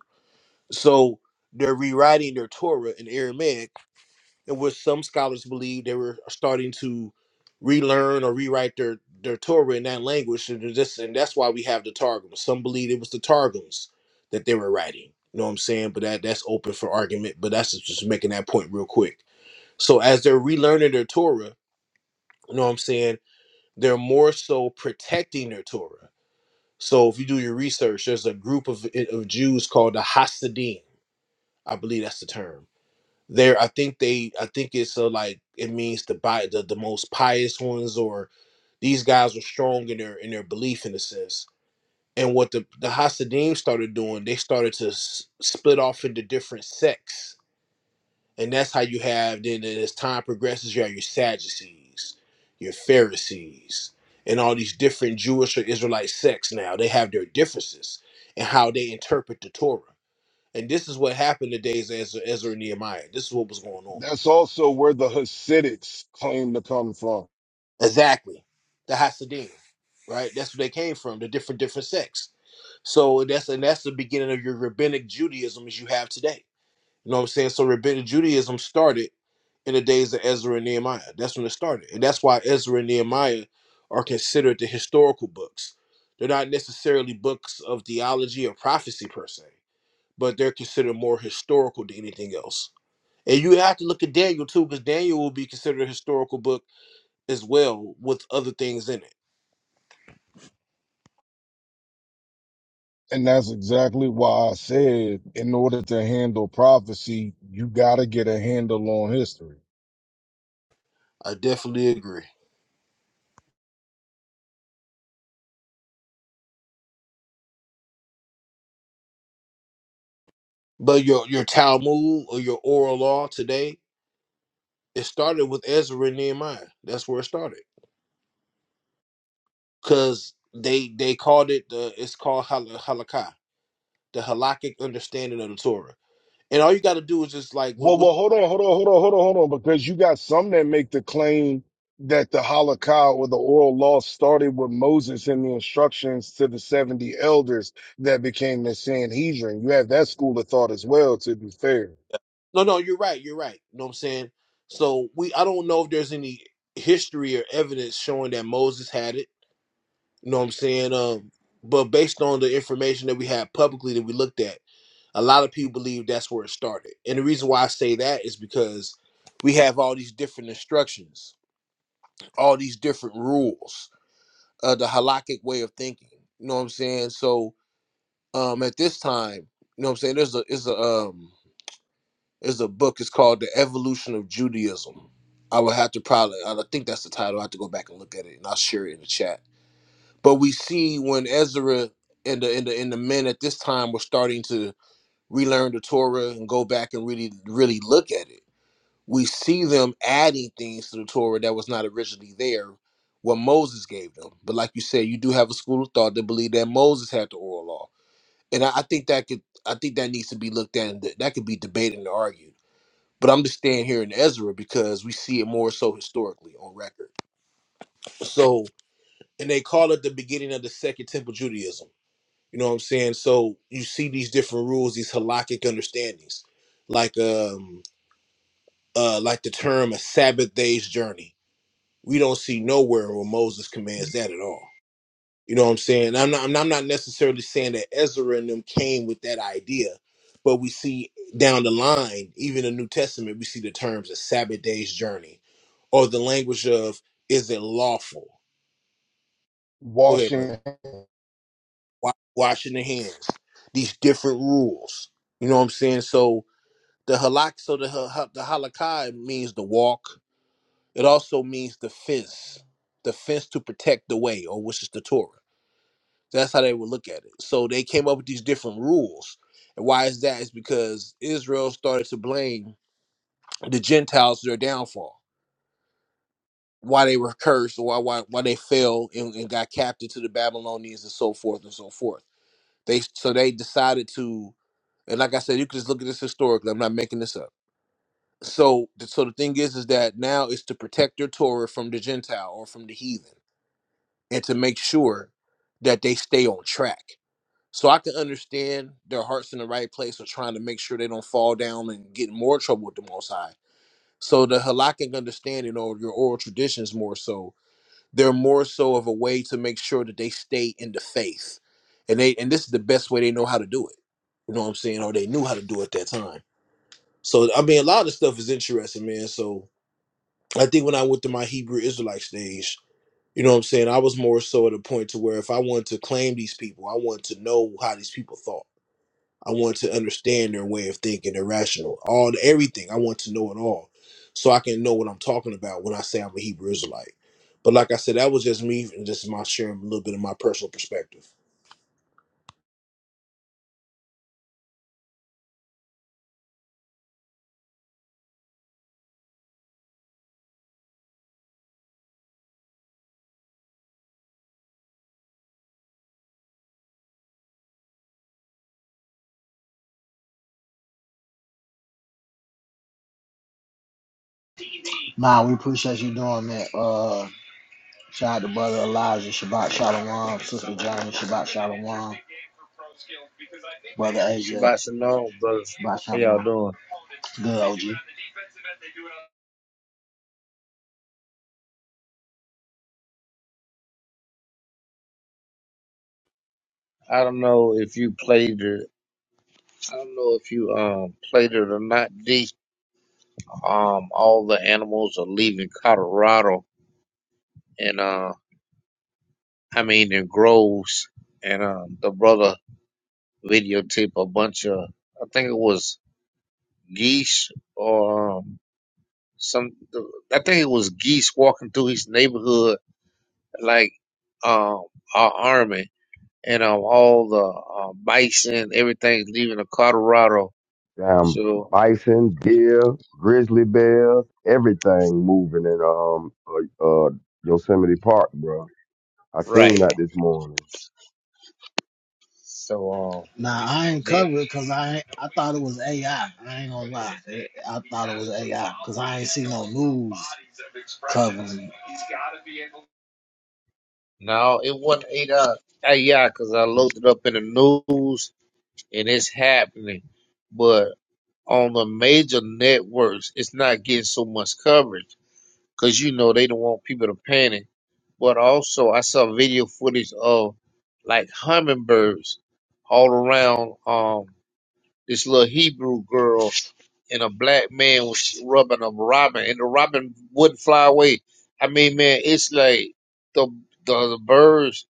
S4: So they're rewriting their Torah in Aramaic in which some scholars believe they were starting to relearn or rewrite their their Torah in that language, and this and that's why we have the Targums. Some believe it was the Targums that they were writing. You know what I'm saying? But that that's open for argument. But that's just just making that point real quick. So as they're relearning their Torah, you know what I'm saying? They're more so protecting their Torah. So if you do your research, there's a group of of Jews called the Hasidim. I believe that's the term there, I think they, I think it's uh, like it means the by the, the most pious ones, or these guys were strong in their in their belief in a sense. And what the the Hasidim started doing, they started to s- split off into different sects, and that's how you have then as time progresses, you have your Sadducees, your Pharisees, and all these different Jewish or Israelite sects. Now they have their differences and how they interpret the Torah. And this is what happened in the days of Ezra, Ezra and Nehemiah. This is what was going on
S10: That's also where the Hasidics claim to come from.
S4: Exactly. The Hasidim, right? That's where they came from, the different different sects. So that's and that's the beginning of your rabbinic Judaism as you have today. You know what I'm saying? So rabbinic Judaism started in the days of Ezra and Nehemiah. That's when it started. And that's why Ezra and Nehemiah are considered the historical books. They're not necessarily books of theology or prophecy per se, but they're considered more historical than anything else. And you have to look at Daniel too, because Daniel will be considered a historical book as well with other things in it.
S10: And that's exactly why I said, in order to handle prophecy, you got to get a handle on history.
S4: I definitely agree. But your your Talmud or your oral law today, it started with Ezra and Nehemiah. That's where it started. Cause they they called it the it's called hal- halakha, the halakhic understanding of the Torah. And all you got to do is just like we,
S10: Well,
S4: we,
S10: well, hold on, hold on, hold on, hold on, hold on, because you got some that make the claim that the Holocaust or the oral law started with Moses and the instructions to the 70 elders that became the Sanhedrin. You have that school of thought as well, to be fair.
S4: no no you're right you're right. You know what I'm saying? So we I don't know if there's any history or evidence showing that Moses had it. You know what I'm saying? Um, but based on the information that we had publicly that we looked at. a lot of people believe that's where it started. And the reason why I say that is because we have all these different instructions, all these different rules, uh, the halakhic way of thinking. You know what I'm saying? So um, at this time, you know what I'm saying? There's a is a um is a book. It's called The Evolution of Judaism. I would have to probably I think that's the title. I have to go back and look at it, and I'll share it in the chat. But we see when Ezra and the and the and the men at this time were starting to relearn the Torah and go back and really really look at it. We see them adding things to the Torah that was not originally there what Moses gave them. But like you said, you do have a school of thought that believe that Moses had the oral law. And I, I think that could I think that needs to be looked at and that, that could be debated and argued. But I'm just staying here in Ezra because we see it more so historically on record. So and they call it the beginning of the second temple Judaism. You know what I'm saying? So you see these different rules, these halakhic understandings. Like um uh, like the term a Sabbath day's journey. We don't see nowhere where Moses commands that at all. You know what I'm saying? I'm not, I'm not I'm not necessarily saying that Ezra and them came with that idea, but we see down the line, even in the New Testament, we see the terms a Sabbath day's journey or the language of is it lawful? Go ahead, brother.
S10: Washington,
S4: Wa- Washing the hands, these different rules. You know what I'm saying? So the halak, so the ha- ha- the halakai means the walk It also means the fence, the fence to protect the way, or which is the Torah. That's how they would look at it. So they came up with these different rules. And why is that? Is because Israel started to blame the Gentiles for their downfall. Why they were cursed, or why why why they fell and, and got captive to the Babylonians and so forth and so forth. They so they decided to, and like I said, you can just look at this historically. I'm not making this up. So so the thing is, is that now it's to protect their Torah from the Gentile or from the heathen and to make sure that they stay on track. So I can understand their hearts in the right place of trying to make sure they don't fall down and get in more trouble with the Most High. So the halakhic understanding or your oral traditions more so, they're more so of a way to make sure that they stay in the faith, and they and this is the best way they know how to do it. You know what I'm saying? Or they knew how to do it at that time. So I mean, a lot of the stuff is interesting, man. So I think when I went to my Hebrew Israelite stage, you know what I'm saying? I was more so at a point to where if I wanted to claim these people, I wanted to know how these people thought. I wanted to understand their way of thinking, their rational, all everything. I want to know it all, so I can know what I'm talking about when I say I'm a Hebrew Israelite. But like I said, that was just me and just my sharing a little bit of my personal perspective.
S2: Nah, we appreciate you doing that. Uh, shout out to brother Elijah, Shabbat Shalom, sister Johnny, Shabbat Shalom, brother AJ,
S14: Shabbat shalom, brothers.
S2: Shabbat
S14: How y'all
S2: Shalom.
S14: doing?
S2: Good OG.
S14: I don't know if you played it. I don't know if you um played it or not. D. Um, all the animals are leaving Colorado, and uh, I mean in groves, and um, the brother videotaped a bunch of, I think it was geese or um, some, I think it was geese walking through his neighborhood like um, our army. and um, all the uh, bison, everything's leaving the Colorado.
S13: Damn,
S14: So
S13: bison, deer, grizzly bears, everything moving in um uh, uh Yosemite Park, bro. I
S14: right.
S13: seen that this morning.
S14: So um,
S2: Nah, I ain't
S14: that-
S2: covered because I ain't, I thought it was AI. I I ain't gonna lie, It- I thought it was AI because I ain't see no news covering. it.
S14: no, it wasn't eight out. Uh, yeah, because I looked it up in the news, and it's happening. But on the major networks, it's not getting so much coverage because you know they don't want people to panic. But also, I saw video footage of like hummingbirds all around um this little Hebrew girl and a black man was rubbing a robin, and the robin wouldn't fly away. I mean, man, it's like the the, the birds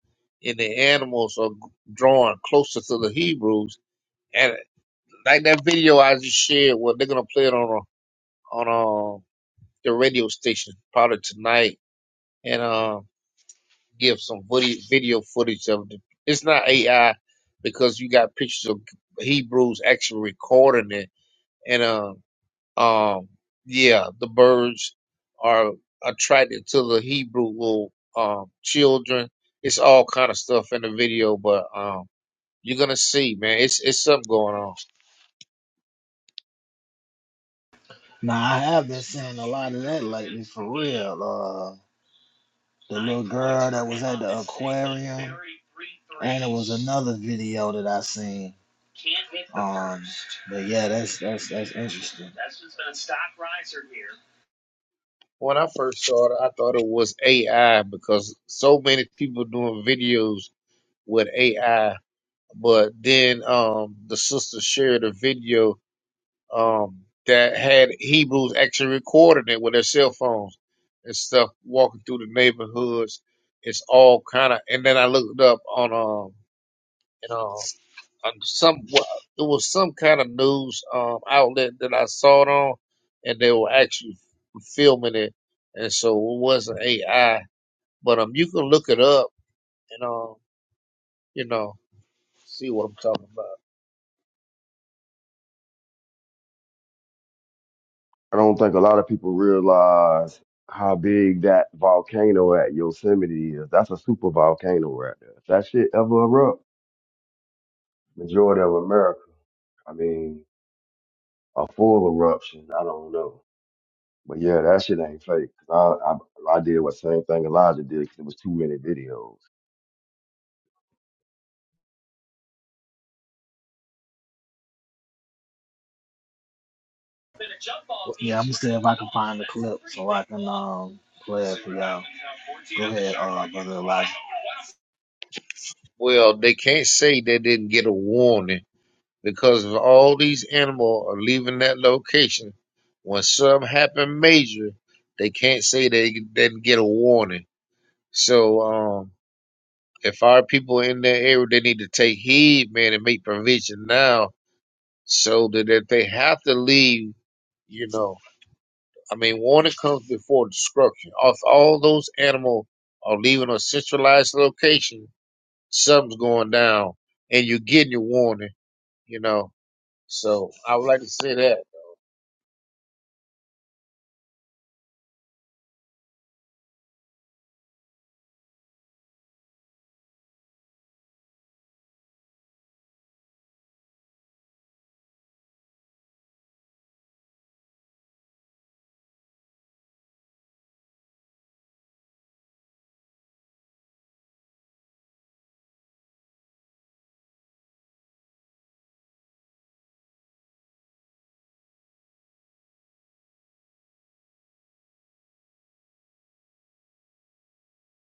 S14: and the animals are drawing closer to the Hebrews, and like that video I just shared, well, they're gonna play it on a, on uh the radio station probably tonight, and uh, give some video video footage of it. It's not AI because you got pictures of Hebrews actually recording it, and uh. Um, yeah, the birds are attracted to the Hebrew little um, children. It's all kind of stuff in the video, but um, you're gonna see, man. It's it's something going on.
S2: Now I have been seeing a lot of that lately for real. Uh, the little girl that was at the aquarium, and it was another video that I seen. Um, but yeah, that's that's that's interesting.
S14: When I first saw it, I thought it was AI because so many people doing videos with AI. But then um, the sister shared a video um, that had Hebrews actually recording it with their cell phones and stuff, walking through the neighborhoods. It's all kind of. And then I looked up on um, you know, on some well, it was some kind of news um outlet that I saw it on, and they were actually filming it, and so it wasn't AI. But um, you can look it up and um, you know, see what I'm talking about.
S13: I don't think a lot of people realize how big that volcano at Yosemite is. That's a super volcano right there. If that shit ever erupt, majority of America. I mean, a full eruption. I don't know. But yeah, that shit ain't fake. 'Cause I, I I did what same thing Elijah did because it was too many videos.
S2: Yeah, I'm gonna see if I can find the clip so I can um play it for y'all. Go ahead, uh, brother Elijah.
S14: Well, they can't say they didn't get a warning because if all these animals are leaving that location, when something happen major, they can't say they didn't get a warning. So um, if our people in that area, they need to take heed, man, and make provision now so that if they have to leave, you know, I mean, warning comes before destruction. If all those animals are leaving a centralized location, something's going down, and you're getting your warning, you know. So I would like to say that.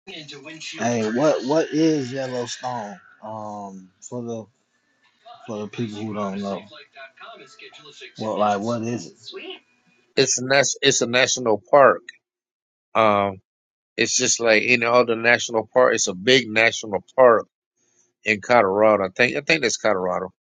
S2: Hey, what what is Yellowstone? Um, for the for the people who don't know. Well, like, what is it?
S14: it's a nas- it's a national park. Um, it's just like any other national park. It's a big national park in Colorado. I think I think that's Colorado.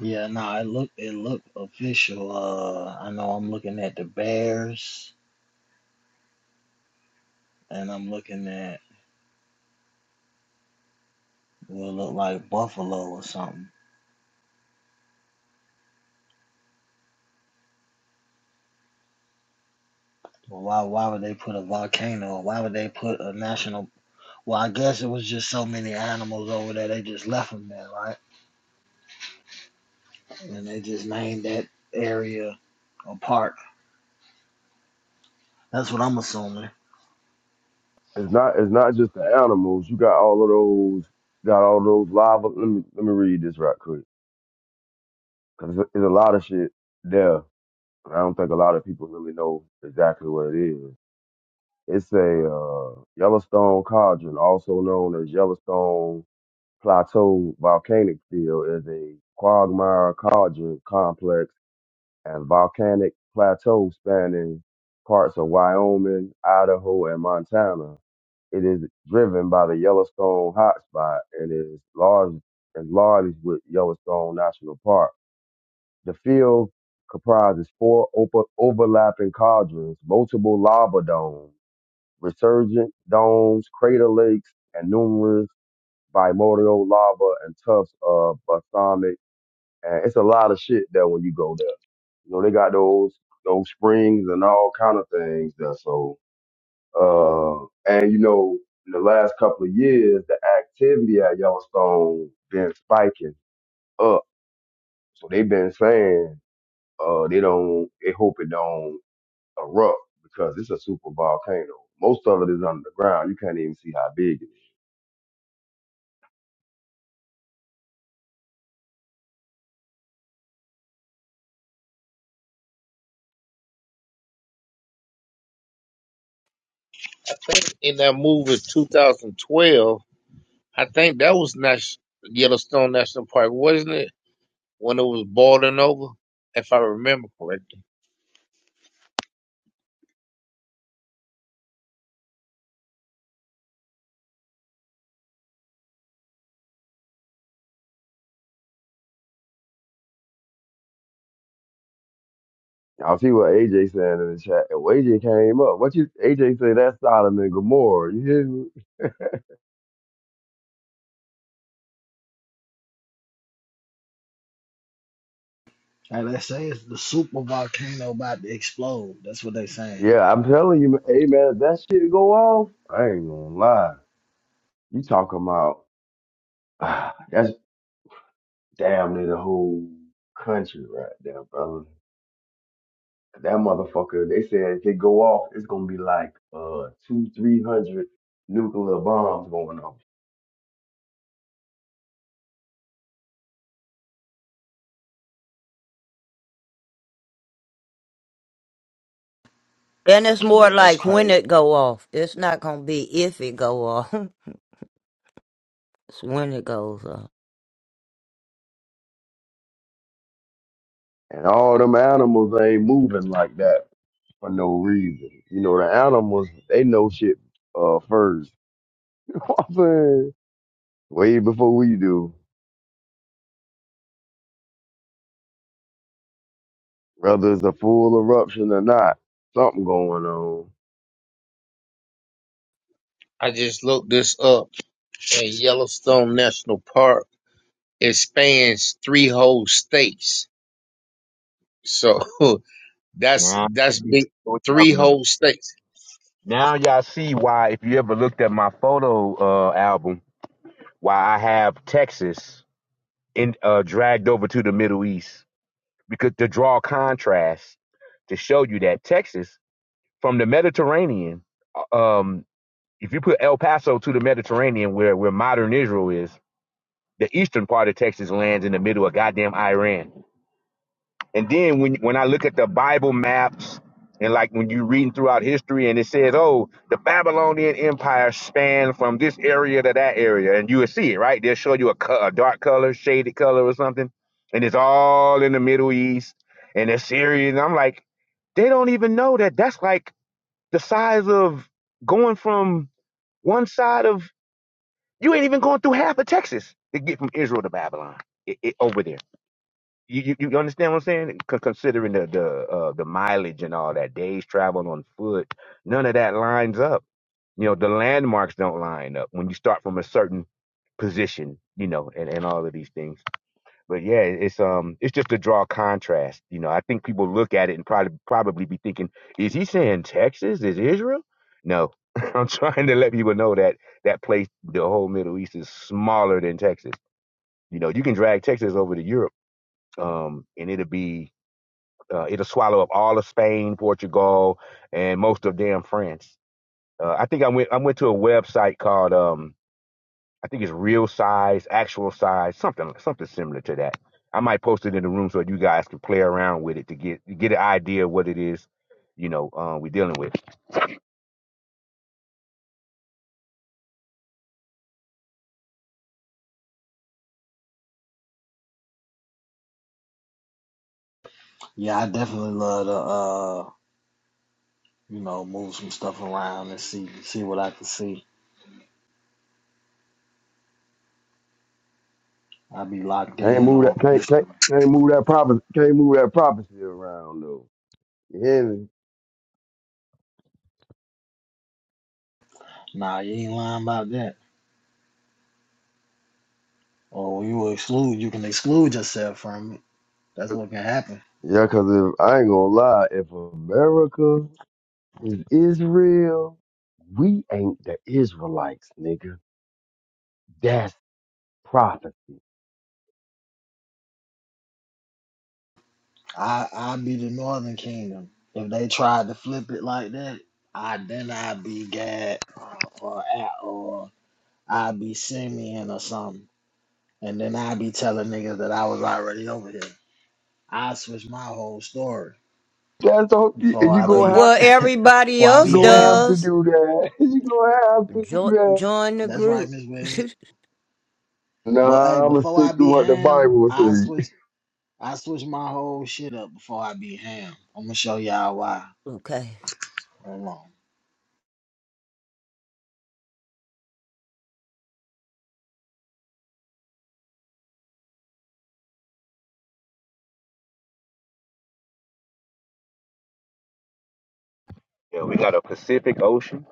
S2: Yeah, no, nah, it look it look official. Uh, I know I'm looking at the Bears, and I'm looking at will look like Buffalo or something. But why why would they put a volcano? Why would they put a national? Well, I guess it was just so many animals over there. They just left them there, right? And they just named that area a park. That's what I'm assuming.
S13: It's not it's not just the animals. You got all of those got all those live. Let me let me read this right quick because it's, it's a lot of shit there. I don't think a lot of people really know exactly what it is. It's a uh, Yellowstone cauldron, also known as Yellowstone Plateau Volcanic Field, is a quagmire cauldron complex and volcanic plateau spanning parts of Wyoming, Idaho, and Montana. It is driven by the Yellowstone hotspot and is large and large with Yellowstone National Park. The field comprises four opa- overlapping cauldrons, multiple lava domes, resurgent domes, crater lakes, and numerous bimodal lava and tufts of balsamic. And it's a lot of shit there when you go there. You know, they got those those springs and all kind of things there. So uh and you know, in the last couple of years the activity at Yellowstone been spiking up. So they've been saying uh they don't they hope it don't erupt because it's a super volcano. Most of it is underground. You can't even see how big it is.
S14: In that movie 2012, I think that was Nas- Yellowstone National Park, wasn't it? When it was boiling over, if I remember correctly.
S13: I see what AJ saying in the chat. And AJ came up. What you AJ say that's Solomon Gomorrah. You hear me?
S2: Like they say, it's the super volcano about to explode. That's what they saying.
S13: Yeah, I'm telling you, hey man, if that shit go off, I ain't gonna lie. You talking about that's damn near the whole country right there, brother. That motherfucker, they said if it go off, it's gonna be like uh two, three hundred nuclear bombs going off.
S15: Then it's more
S2: Yeah, that's
S15: like when
S2: crazy.
S15: it go off. It's not gonna be if it go off. It's when it goes off.
S13: And all them animals ain't moving like that for no reason. You know, the animals, they know shit uh first. You know what I'm saying? Way before we do. Whether it's a full eruption or not, something going on.
S14: I just looked this up, and Yellowstone National Park it spans three whole states. So that's
S16: Now,
S14: that's
S16: you know
S14: big,
S16: what we're
S14: three
S16: talking about.
S14: whole states.
S16: Now y'all see why, if you ever looked at my photo uh, album, why I have Texas in uh, dragged over to the Middle East because to draw contrast to show you that Texas from the Mediterranean, uh, um, if you put El Paso to the Mediterranean, where where modern Israel is, the eastern part of Texas lands in the middle of goddamn Iran. And then when when I look at the Bible maps and like when you're reading throughout history and it says, oh, the Babylonian Empire spanned from this area to that area, and you would see it, right? They'll show you a, co- a dark color, shaded color or something, and it's all in the Middle East and Assyria. And I'm like, they don't even know that that's like the size of going from one side of you ain't even going through half of Texas to get from Israel to Babylon it, it, over there you, you you understand what I'm saying? C- considering the the uh, the mileage and all that, days traveled on foot, none of that lines up. You know, the landmarks don't line up when you start from a certain position, you know, and, and all of these things. But yeah, it's um it's just to draw contrast. You know, I think people look at it and probably probably be thinking, is he saying Texas is Israel? No. I'm trying to let people know that that place, the whole Middle East is smaller than Texas. You know, you can drag Texas over to Europe, um, and it'll be uh, it'll swallow up all of Spain, Portugal, and most of damn France. Uh, I think I went I went to a website called um I think it's real size, actual size, something something similar to that. I might post it in the room so you guys can play around with it to get get an idea of what it is, you know, uh, we're dealing with.
S2: Yeah, I definitely love to uh, you know, move some stuff around and see see what I can see. I be locked
S13: Can't
S2: in
S13: move that
S2: on
S13: can't
S2: history.
S13: can't, can't move that prophecy can't move that prophecy around though. You hear me?
S2: Nah, you ain't lying about that. Or you exclude you can exclude yourself from it. That's what can happen.
S13: Yeah, cause if I ain't gonna lie, if America is Israel, we ain't the Israelites, nigga. That's prophecy.
S2: I I be the Northern Kingdom. If they tried to flip it like that, I then I'd be Gad or A- or I'd be Simeon or something. And then I'd be telling niggas that I was already over here. I switch my whole story.
S13: That's all you
S2: Before
S13: you
S2: I
S15: Uh,
S13: gonna
S2: be,
S13: have
S15: Well,
S13: to do
S15: everybody
S2: well, I
S13: you
S15: else
S2: be
S13: gonna have
S2: ham.
S13: to
S15: does.
S13: do that. You gonna have to do
S15: Join
S13: that.
S15: join the
S2: That's right,
S15: group.
S2: Miss Williams. But hey,
S13: Nah, I'm gonna
S2: before I
S13: stick to
S2: be
S13: what the
S2: ham,
S13: Bible
S2: I
S13: says.
S2: switch, I switch my whole shit up. Before I be ham, I'm gonna show y'all why.
S15: okay.
S2: Hold on,
S16: Yeah, we got a Pacific Ocean.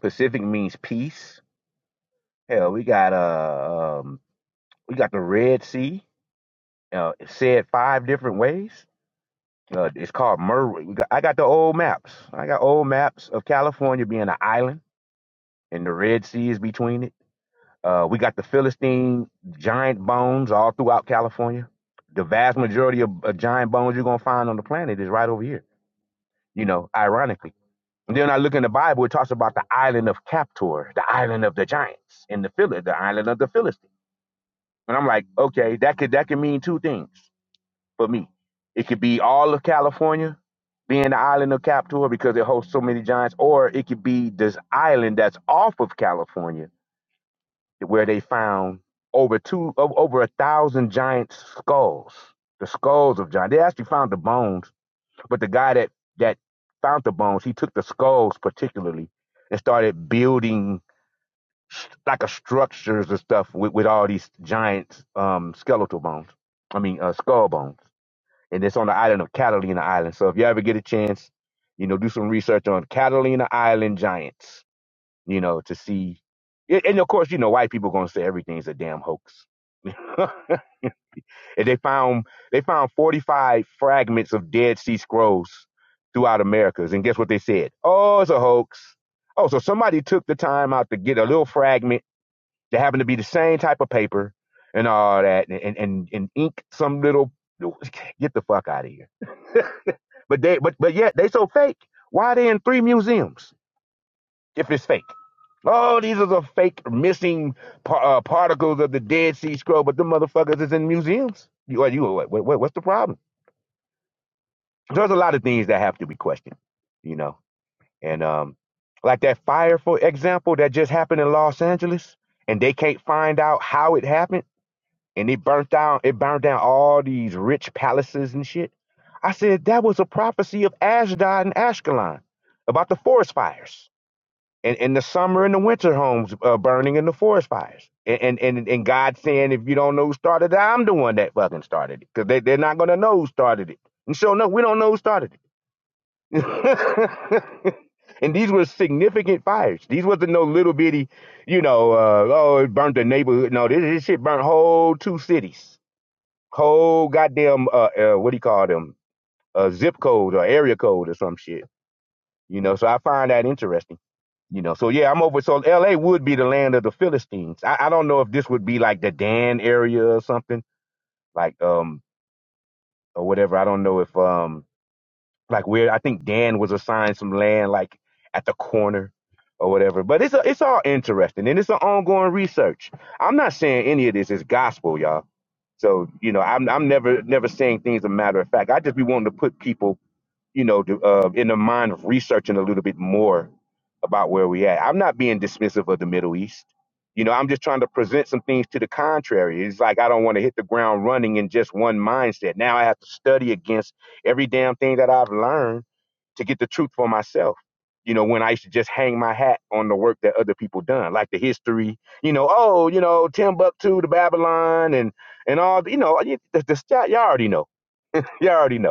S16: Pacific means peace. Hell, we got uh um we got the Red Sea, uh, said five different ways. Uh, it's called Merwin. We got, I got the old maps. I got old maps of California being an island and the Red Sea is between it. Uh, we got the Philistine giant bones all throughout California. The vast majority of, of giant bones you're going to find on the planet is right over here, you know, ironically. And then I look in the Bible, it talks about the island of Captor, the island of the giants, and the Phil- the island of the Philistines. And I'm like, okay, that could that could mean two things. for me. It could be all of California being the island of Capitola because it hosts so many giants, or it could be this island that's off of California where they found over two o- over a thousand giant skulls. The skulls of giants. They actually found the bones, but the guy that that found the bones, he took the skulls particularly and started building s- like a structures and stuff with, with all these giant um, skeletal bones. I mean, uh, skull bones and it's on the island of Catalina Island. So if you ever get a chance, you know, do some research on Catalina Island giants, you know, to see. And and of course, you know, white people gonna say everything's a damn hoax. and they found they found 45 fragments of Dead Sea Scrolls throughout Americas, and guess what they said? Oh, it's a hoax. Oh, so somebody took the time out to get a little fragment that happened to be the same type of paper and all that, and and and, and ink some little. Get the fuck out of here. But they but but yet they so fake. Why are they in three museums if it's fake? Oh, these are the fake missing par- uh, particles of the Dead Sea Scroll, but the motherfuckers is in museums. You, well, you what, what, what's the problem? So There's a lot of things that have to be questioned, you know. And um, like that fire, for example, that just happened in Los Angeles, and they can't find out how it happened and it burnt down it burned down all these rich palaces and shit. I said that was a prophecy of Ashdod and Ashkelon about the forest fires and, and the summer and the winter homes uh, burning in the forest fires. And, and and and God saying, if you don't know who started it, I'm the one that fucking started it because they they're not gonna know who started it. And so no, we don't know who started it. And these were significant fires. These wasn't no little bitty, you know, uh, oh, it burnt the neighborhood. No, this, this shit burnt whole two cities whole goddamn uh, uh what do you call them uh zip code or area code or some shit you know so i find that interesting you know so yeah i'm over so la would be the land of the philistines i, I don't know if this would be like the dan area or something like um or whatever i don't know if um like weird. I think Dan was assigned some land like at the corner or whatever. But it's a, it's all interesting and it's an ongoing research. I'm not saying any of this is gospel, y'all. So you know, I'm I'm never never saying things a matter of fact. I just be wanting to put people you know, to, uh, in the mind of researching a little bit more about where we at. I'm not being dismissive of the Middle East. You know, I'm just trying to present some things to the contrary. It's like I don't want to hit the ground running in just one mindset. Now I have to study against every damn thing that I've learned to get the truth for myself. You know, when I used to just hang my hat on the work that other people done, like the history. You know, oh, you know, Timbuktu to Babylon and and all. You know, you- the, the, y'all already know. Y'all already know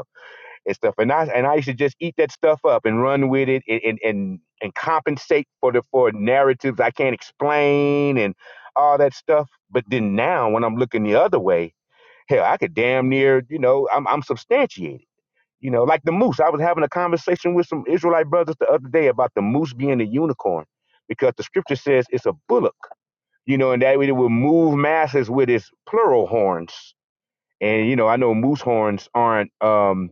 S16: and stuff. And I and I used to just eat that stuff up and run with it and and and, and compensate for the for narratives I can't explain and all that stuff. But then now when I'm looking the other way, hell, I could damn near, you know, I'm I'm substantiated. You know, like the moose. I was having a conversation with some Israelite brothers the other day about the moose being a unicorn because the scripture says it's a bullock, you know, and that it will move masses with its plural horns. And you know, I know moose horns aren't um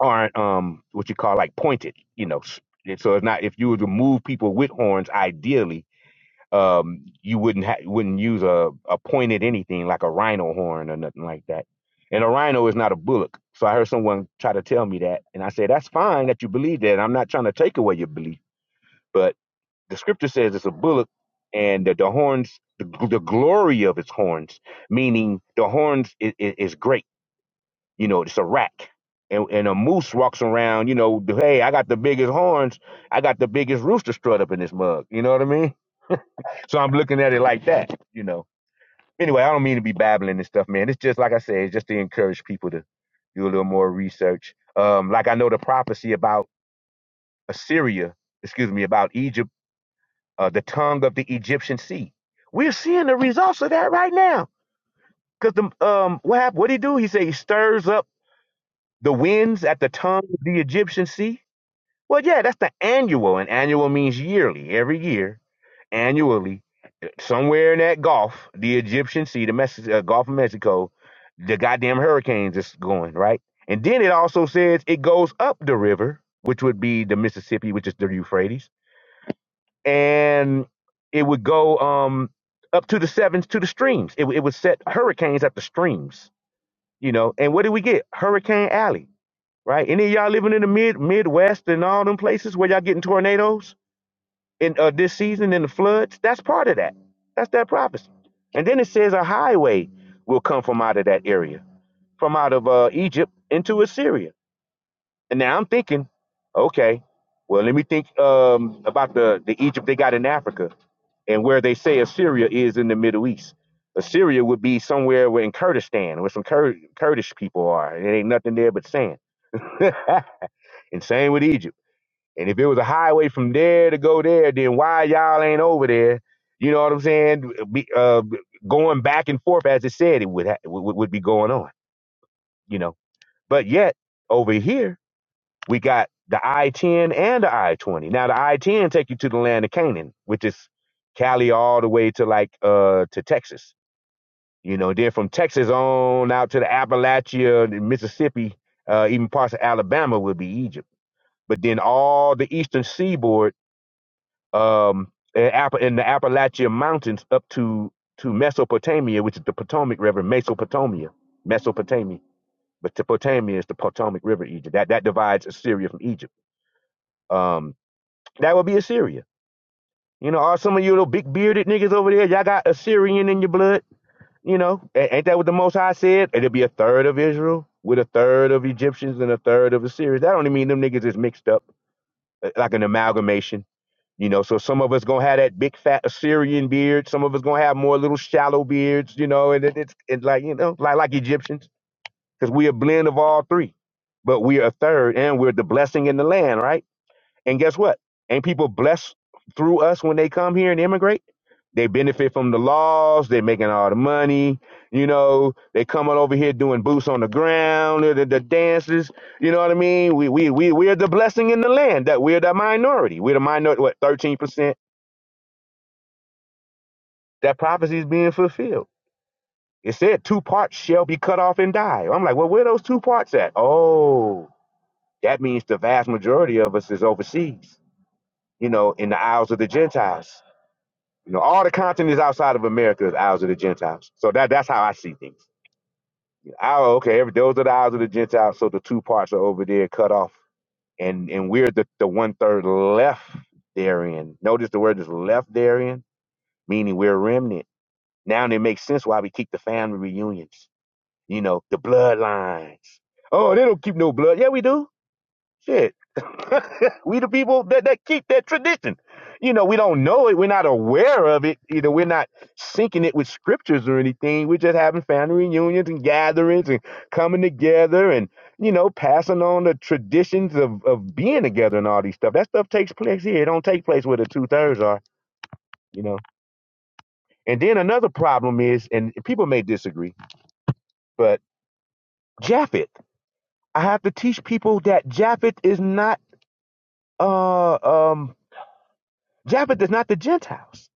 S16: aren't um what you call like pointed, you know. s- So it's not if you were to move people with horns, ideally, um, you wouldn't ha- wouldn't use a a pointed anything like a rhino horn or nothing like that. And a rhino is not a bullock. So I heard someone try to tell me that, and I said that's fine that you believe that. I'm not trying to take away your belief, but the scripture says it's a bullock, and the, the horns, the, the glory of its horns, meaning the horns is, is great you know, it's a rack. And, and a moose walks around, you know, hey, I got the biggest horns. I got the biggest rooster strut up in this mug. You know what I mean? So I'm looking at it like that, you know. Anyway, I don't mean to be babbling and stuff, man. It's just, like I said, it's just to encourage people to do a little more research. Um, like I know the prophecy about Assyria, excuse me, about Egypt, uh, the tongue of the Egyptian sea. We're seeing the results of that right now. Because the um, what happened? What did he do? He said he stirs up the winds at the tongue of the Egyptian sea Well, yeah, that's the annual, and annual means yearly, every year, annually. Somewhere in that Gulf, the Egyptian Sea, the Mex- uh, Gulf of Mexico, the goddamn hurricanes is going right. And then it also says it goes up the river, which would be the Mississippi, which is the Euphrates, and it would go um up to the sevens to the streams. It, would- it would set hurricanes at the streams, you know. And what did we get? Hurricane Alley, right? Any of y'all living in the mid Midwest and all them places where y'all getting tornadoes? in uh, this season in the floods, that's part of that. That's that prophecy. And then it says a highway will come from out of that area, from out of uh, Egypt into Assyria. And now I'm thinking, okay, well let me think um, about the the Egypt they got in Africa and where they say Assyria is in the Middle East. Assyria would be somewhere where in Kurdistan, where some Kur- Kurdish people are. It ain't nothing there but sand. and same with Egypt. And if it was a highway from there to go there, then why y'all ain't over there? You know what I'm saying? Be, uh, going back and forth as it said it would ha- would, would be going on. You know, but yet over here we got the I-10 and the I-20. Now the I-10 take you to the land of Canaan, which is Cali all the way to like uh to Texas. You know, then from Texas on out to the Appalachia, the Mississippi, uh, even parts of Alabama would be Egypt. But then all the eastern seaboard um, in, Appa- in the Appalachian Mountains up to to Mesopotamia, which is the Potomac River, Mesopotamia, Mesopotamia. But the is the Potomac River, Egypt. That that divides Assyria from Egypt. Um, that would be Assyria. You know, are some of you little big bearded niggas over there? Y'all got Assyrian in your blood. You know, A- ain't that what the Most High said? It'll be a third of Israel with a third of Egyptians and a third of Assyrians. That only mean them niggas is mixed up, uh, like an amalgamation You know, so some of us gonna have that big fat Assyrian beard. Some of us gonna have more little shallow beards. You know, and it, it's it's like you know, like like Egyptians, because we're a blend of all three, but we're a third, and we're the blessing in the land, right? And guess what? Ain't people blessed through us when they come here and immigrate? They benefit from the laws. They're making all the money. You know, they coming over here doing boots on the ground, the, the the dances. You know what I mean? We we we we're the blessing in the land. That we're the minority. We're the minority. What thirteen percent? that prophecy is being fulfilled. It said two parts shall be cut off and die. I'm like, well, where are those two parts at? Oh, that means the vast majority of us is overseas, you know, in the Isles of the Gentiles. You know, all the continents outside of America is Isles of the Gentiles. So that that's how I see things. Oh, okay, every, those are the Isles of the Gentiles. So the two parts are over there cut off. And and we're the, the one third left therein. Notice the word is left therein, meaning we're a remnant. Now it makes sense why we keep the family reunions you know, the bloodlines. Oh, they don't keep no blood. Yeah, we do. Shit. we the people that, that keep that tradition. You know, we don't know it. We're not aware of it. You know, we're not syncing it with scriptures or anything. We're just having family reunions and gatherings and coming together and, you know, passing on the traditions of, of being together and all these stuff. That stuff takes place here. It don't take place where the two thirds are, you know. And then another problem is, and people may disagree, but Japhet. I have to teach people that Japheth is not uh um Japheth is not the Gentiles.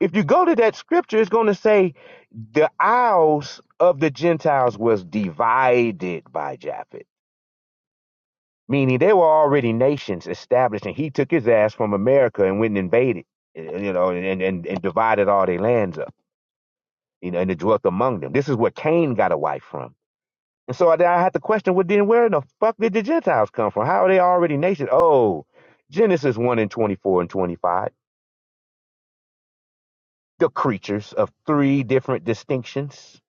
S16: If you go to that scripture, it's going to say the isles of the Gentiles was divided by Japheth, meaning they were already nations established, and he took his ass from America and went and invaded, eh, you know, and and, and divided all their lands up, you know, and it dwelt among them. This is where Cain got a wife from. And so I, I had to question, well, then where in the fuck did the Gentiles come from? How are they already nations? Oh, Genesis 1 and 24 and 25, the creatures of three different distinctions.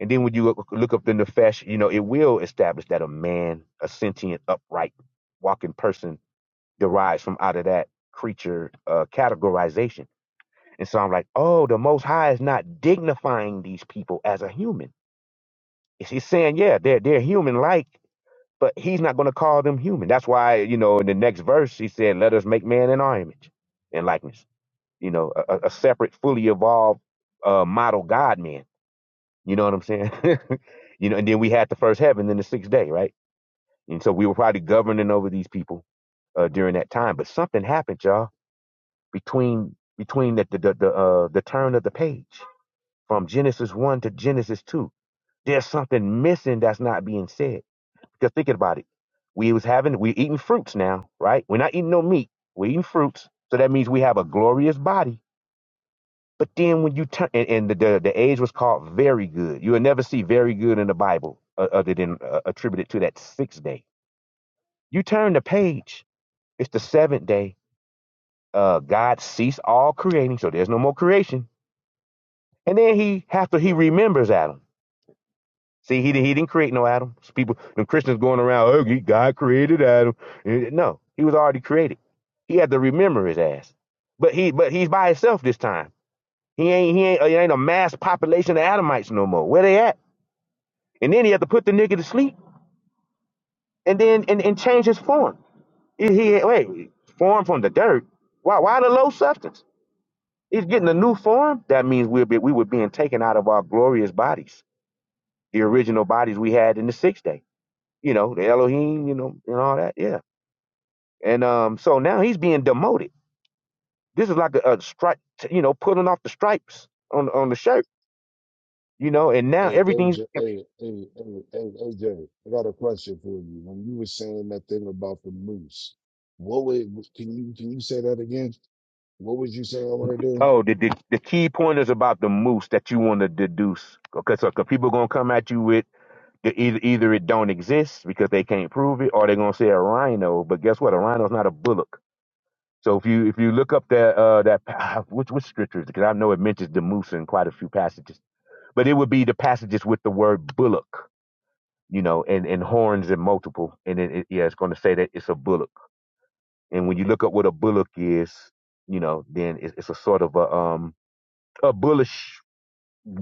S16: And then when you look look up the Nefesh, you know, it will establish that a man, a sentient, upright, walking person derives from out of that creature uh, categorization. And so I'm like, oh, the Most High is not dignifying these people as a human. He's he's saying, yeah, they're, they're human like, But he's not going to call them human. That's why, you know, in the next verse, he said, let us make man in our image and likeness, you know, a, a a separate, fully evolved uh, model God man. You know what I'm saying? you know, and then we had the first heaven, then the sixth day, right? And so we were probably governing over these people uh, during that time. But something happened, y'all, between between the the the, the, uh, the turn of the page from Genesis one to Genesis two. There's something missing that's not being said. Just thinking about it, we was having we eating fruits now, right? We're not eating no meat. We're eating fruits, so that means we have a glorious body. But then when you turn and, and the, the the age was called very good. You will never see very good in the Bible uh, other than uh, attributed to that sixth day. You turn the page. It's the seventh day. Uh, God ceased all creating, so there's no more creation. And then he after he remembers Adam. See, he, he didn't create no Adam. So people, the Christians going around, oh, God created Adam. Eh, eh, No, he was already created. He had to remember his ass. But he, but he's by himself this time. He ain't, he ain't, it ain't a mass population of Adamites no more. Where they at? And then he had to put the nigga to sleep and then and, and change his form. He, he wait, form from the dirt. Why, why the low substance? He's getting a new form. That means we'll be, we were being taken out of our glorious bodies, the original bodies we had in the sixth day. you know, the Elohim, you know, and all that. Yeah. And um, so now he's being demoted. This is like a, a stripe, you know, pulling off the stripes on on the shirt, you know. And now
S10: hey,
S16: everything's
S10: AJ, hey, hey, hey, hey, AJ, I got a question for you. When you were saying that thing about the moose, what would, can you, can you say that again? What was you saying I want to do?
S16: oh, the the, the key point is about the moose that you want to deduce, okay? So 'cause people gonna come at you with the, either either it don't exist because they can't prove it, or they're gonna say a rhino. But guess what? A rhino's not a bullock. So if you if you look up that uh that ah, which which scripture is it? because I know it mentions the moose in quite a few passages, but it would be the passages with the word bullock you know, and, and horns and multiple. And then, it, yeah, it's going to say that it's a bullock. And when you look up what a bullock is, you know, then it's, it's a sort of a, um, a bullish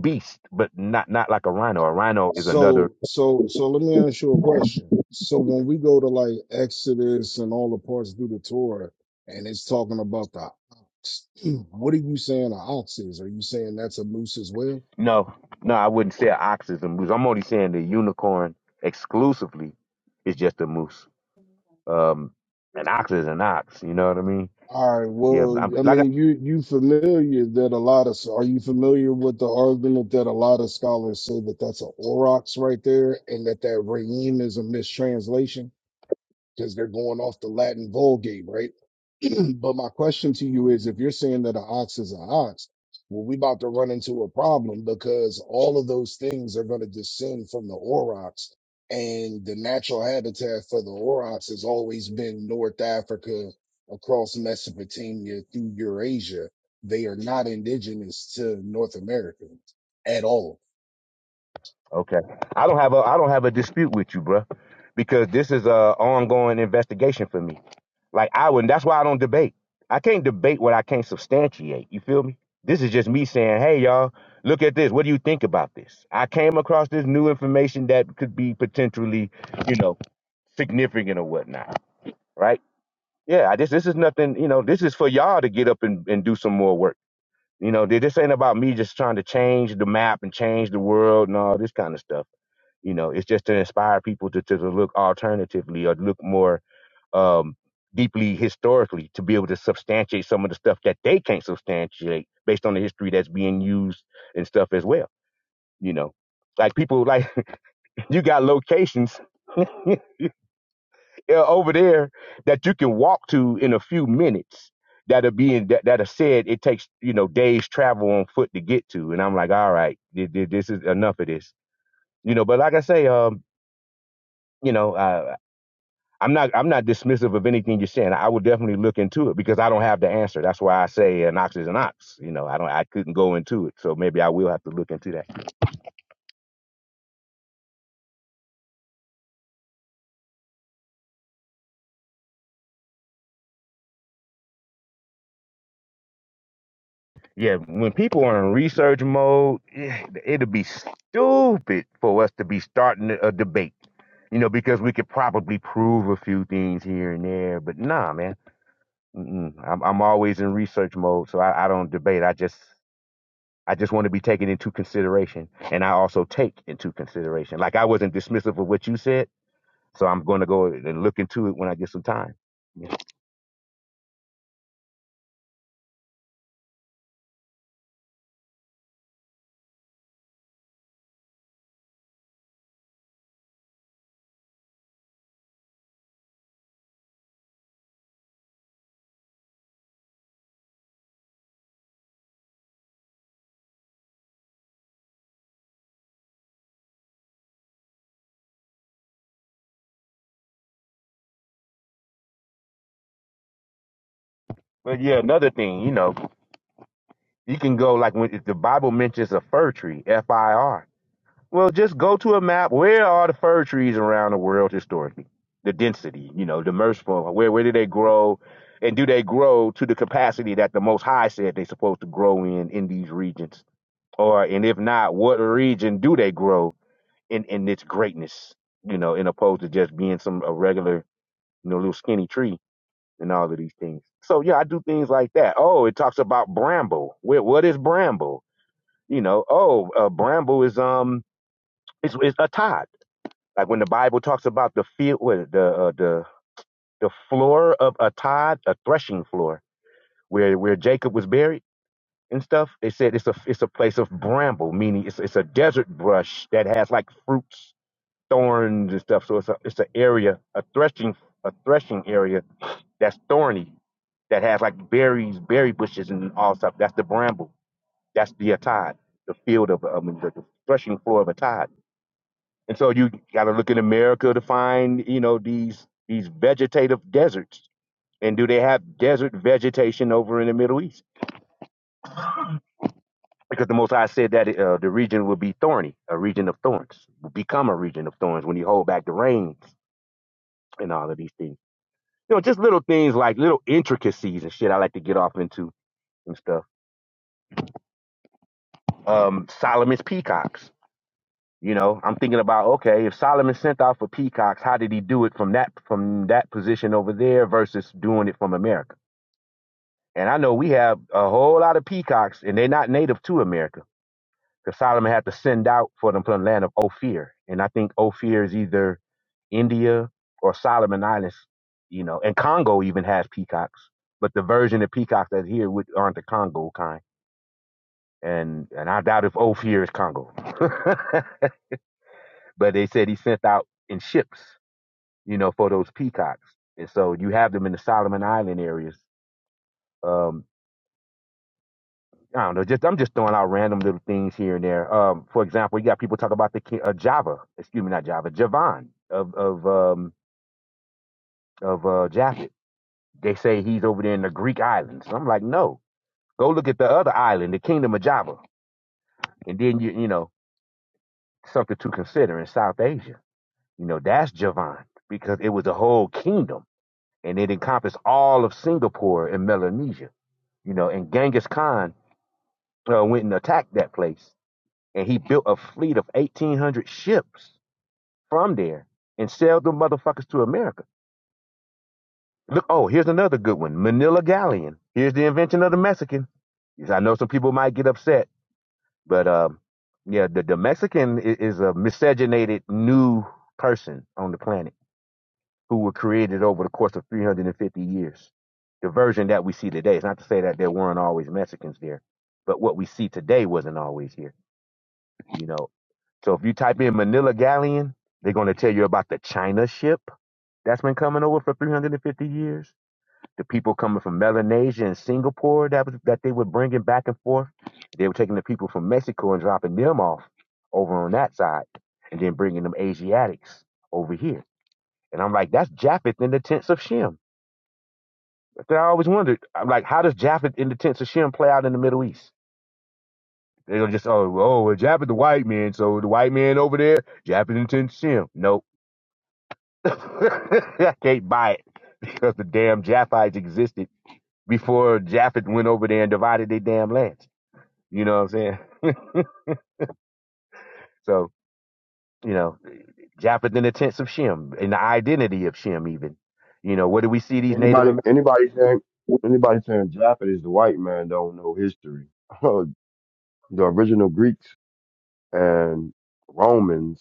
S16: beast, but not, not like a rhino. A rhino is another,
S10: So so so let me ask you a question. So when we go to like Exodus and all the parts through the Torah, and it's talking about the ox, what are you saying the ox is? Are you saying that's a moose as well?
S16: no, no, I wouldn't say an ox is a moose. I'm only saying the unicorn exclusively is just a moose. Um, an ox is an ox. You know what I mean?
S10: All right.
S16: Yeah.
S10: Well,
S16: I'm,
S10: I
S16: like, I,
S10: mean, you you familiar that a lot of are you familiar with the argument that a lot of scholars say that that's an aurochs right there, and that that reem is a mistranslation? because they're going off the Latin Vulgate, right? but my question to you is, if you're saying that an ox is an ox, well, we about to run into a problem because all of those things are going to descend from the aurochs, and the natural habitat for the aurochs has always been North Africa, across Mesopotamia, through Eurasia. They are not indigenous to North America at all.
S16: okay. I don't have a, I don't have a dispute with you, bruh, because this is a ongoing investigation for me Like I would, not that's why I don't debate. I can't debate what I can't substantiate. You feel me? This is just me saying, hey y'all, look at this. What do you think about this? I came across this new information that could be potentially, you know, significant or whatnot, right? Yeah, I just this is nothing, you know, this is for y'all to get up and, and do some more work. You know, th- this ain't about me just trying to change the map and change the world and all this kind of stuff. You know, it's just to inspire people to, to look alternatively or look more um, deeply historically to be able to substantiate some of the stuff that they can't substantiate based on the history that's being used and stuff as well. You know, like people like you got locations over there that you can walk to in a few minutes that are being that, that are said it takes you know days travel on foot to get to and i'm like all right th- th- this is enough of this you know but like i say um you know I, I'm not I'm not dismissive of anything you're saying. I would definitely look into it because I don't have the answer. That's why I say an ox is an ox. You know, I don't I couldn't go into it. So maybe I will have to look into that. Yeah, when people are in research mode, eh, it'd be stupid for us to be starting a debate. You know, because we could probably prove a few things here and there, but nah, man. Mm-mm. I'm I'm always in research mode, so I, I don't debate. I just I just want to be taken into consideration. And I also take into consideration. Like I wasn't dismissive of what you said. So I'm going to go and look into it when I get some time. Yeah. But yeah, another thing, you know, you can go like when if the Bible mentions a fir tree, F I R. Well, just go to a map. Where are the fir trees around the world historically? The density, you know, the merciful. Where where do they grow? And do they grow to the capacity that the Most High said they're supposed to grow in in these regions? Or and if not, what region do they grow? in in its greatness, you know, in opposed to just being some a regular, you know, little skinny tree and all of these things. So yeah, I do things like that. Oh, it talks about bramble. Where, what is bramble? You know, oh, uh, bramble is um, it's, it's a tod. Like when the Bible talks about the field, what, is it, the uh, the the floor of a tod, a threshing floor, where where Jacob was buried and stuff. They said it's a it's a place of bramble, meaning it's it's a desert brush that has like fruits thorns and stuff. So it's a it's an area, a threshing a threshing area that's thorny, that has like berries, berry bushes, and all stuff. That's the bramble. That's the atad, the field of I mean, the, the threshing floor of atad. And so you got to look in America to find you know these these vegetative deserts. And do they have desert vegetation over in the Middle East? Because the Most High said that uh, the region will be thorny, a region of thorns, will become a region of thorns when you hold back the rains and all of these things. you know, just little things like little intricacies and shit I like to get off into and stuff. Um, Solomon's peacocks. You know, I'm thinking about okay, if Solomon sent out for peacocks, how did he do it from that from that position over there versus doing it from America? And I know we have a whole lot of peacocks, and they're not native to America Because Solomon had to send out for them from the land of Ophir. And I think Ophir is either India or Solomon Islands, you know, and Congo even has peacocks. But the version of peacocks that's here with, aren't the Congo kind. And and I doubt if Ophir is Congo. but they said he sent out in ships, you know, for those peacocks. And so you have them in the Solomon Island areas. Um, I don't know. Just I'm just throwing out random little things here and there. Um, for example, you got people talk about the ki- uh, Java. Excuse me, not Java. Javon of of um of uh Japhet. They say he's over there in the Greek islands. I'm like, no. Go look at the other island, the Kingdom of Java, and then you you know something to consider in South Asia. You know that's Javon because it was a whole kingdom and it encompassed all of Singapore and Melanesia. You know, and Genghis Khan uh, went and attacked that place and he built a fleet of 1,800 ships from there and sailed them motherfuckers to America. Look, oh, here's another good one Manila Galleon. Here's the invention of the Mexican. Yes, I know some people might get upset, but um, yeah, the, the Mexican is, is a miscegenated new person on the planet who were created over the course of 350 years. The version that we see today. It's not to say that there weren't always Mexicans there, but what we see today wasn't always here. You know, so if you type in Manila Galleon, they're going to tell you about the China ship that's been coming over for 350 years. The people coming from Melanesia and Singapore that was, that they were bringing back and forth. They were taking the people from Mexico and dropping them off over on that side, and then bringing them Asiatics over here. And I'm like, that's Japheth in the tents of Shem. That's what I always wondered. I'm like, how does Japheth in the tents of Shem play out in the Middle East? They're gonna just oh oh well Jap is the white man, so the white man over there, Japan intends him. Nope. I can't buy it because the damn Japhites existed before Japhet went over there and divided their damn lands. You know what I'm saying? so, you know, Japheth in the tents of Shem, in the identity of Shem even. You know, what do we see these Native
S13: Anybody,
S16: Americans?
S13: anybody saying, anybody saying Japanese, the white man don't know history. the original Greeks and Romans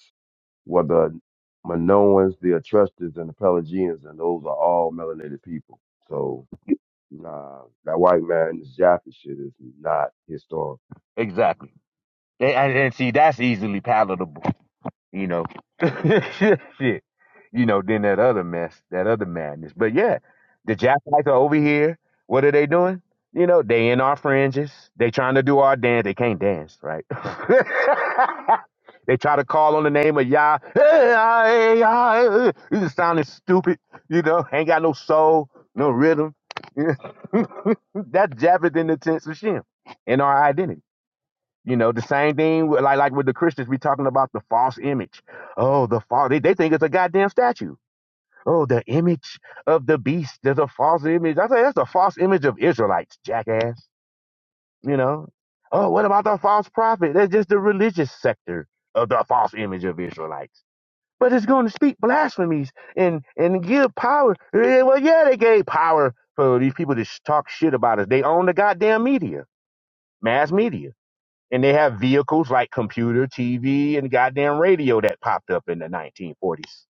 S13: were the Minoans, the Etruscans, and the Pelagians, and those are all melanated people. So, nah, that white man, this Japanese shit is not historical.
S16: Exactly. And, and, and see, that's easily palatable, you know. Shit. you know, than that other mess, that other madness. But yeah, the Japanese are over here. What are they doing? You know, they in our fringes. They trying to do our dance. They can't dance, right? they try to call on the name of Yah. You just sounding stupid. You know, ain't got no soul, no rhythm. That's Japheth in the tense of Shem in our identity. You know, the same thing with, like like with the Christians, we talking about the false image. Oh, the false. They, they think it's a goddamn statue. Oh, the image of the beast. There's a false image. I say that's a false image of Israelites, jackass. You know? Oh, what about the false prophet? That's just the religious sector of the false image of Israelites. But it's going to speak blasphemies and and give power. Eh, Well, yeah, they gave power for these people to sh- talk shit about us. They own the goddamn media, mass media, and they have vehicles like computer, TV, and goddamn radio that popped up in the 1940s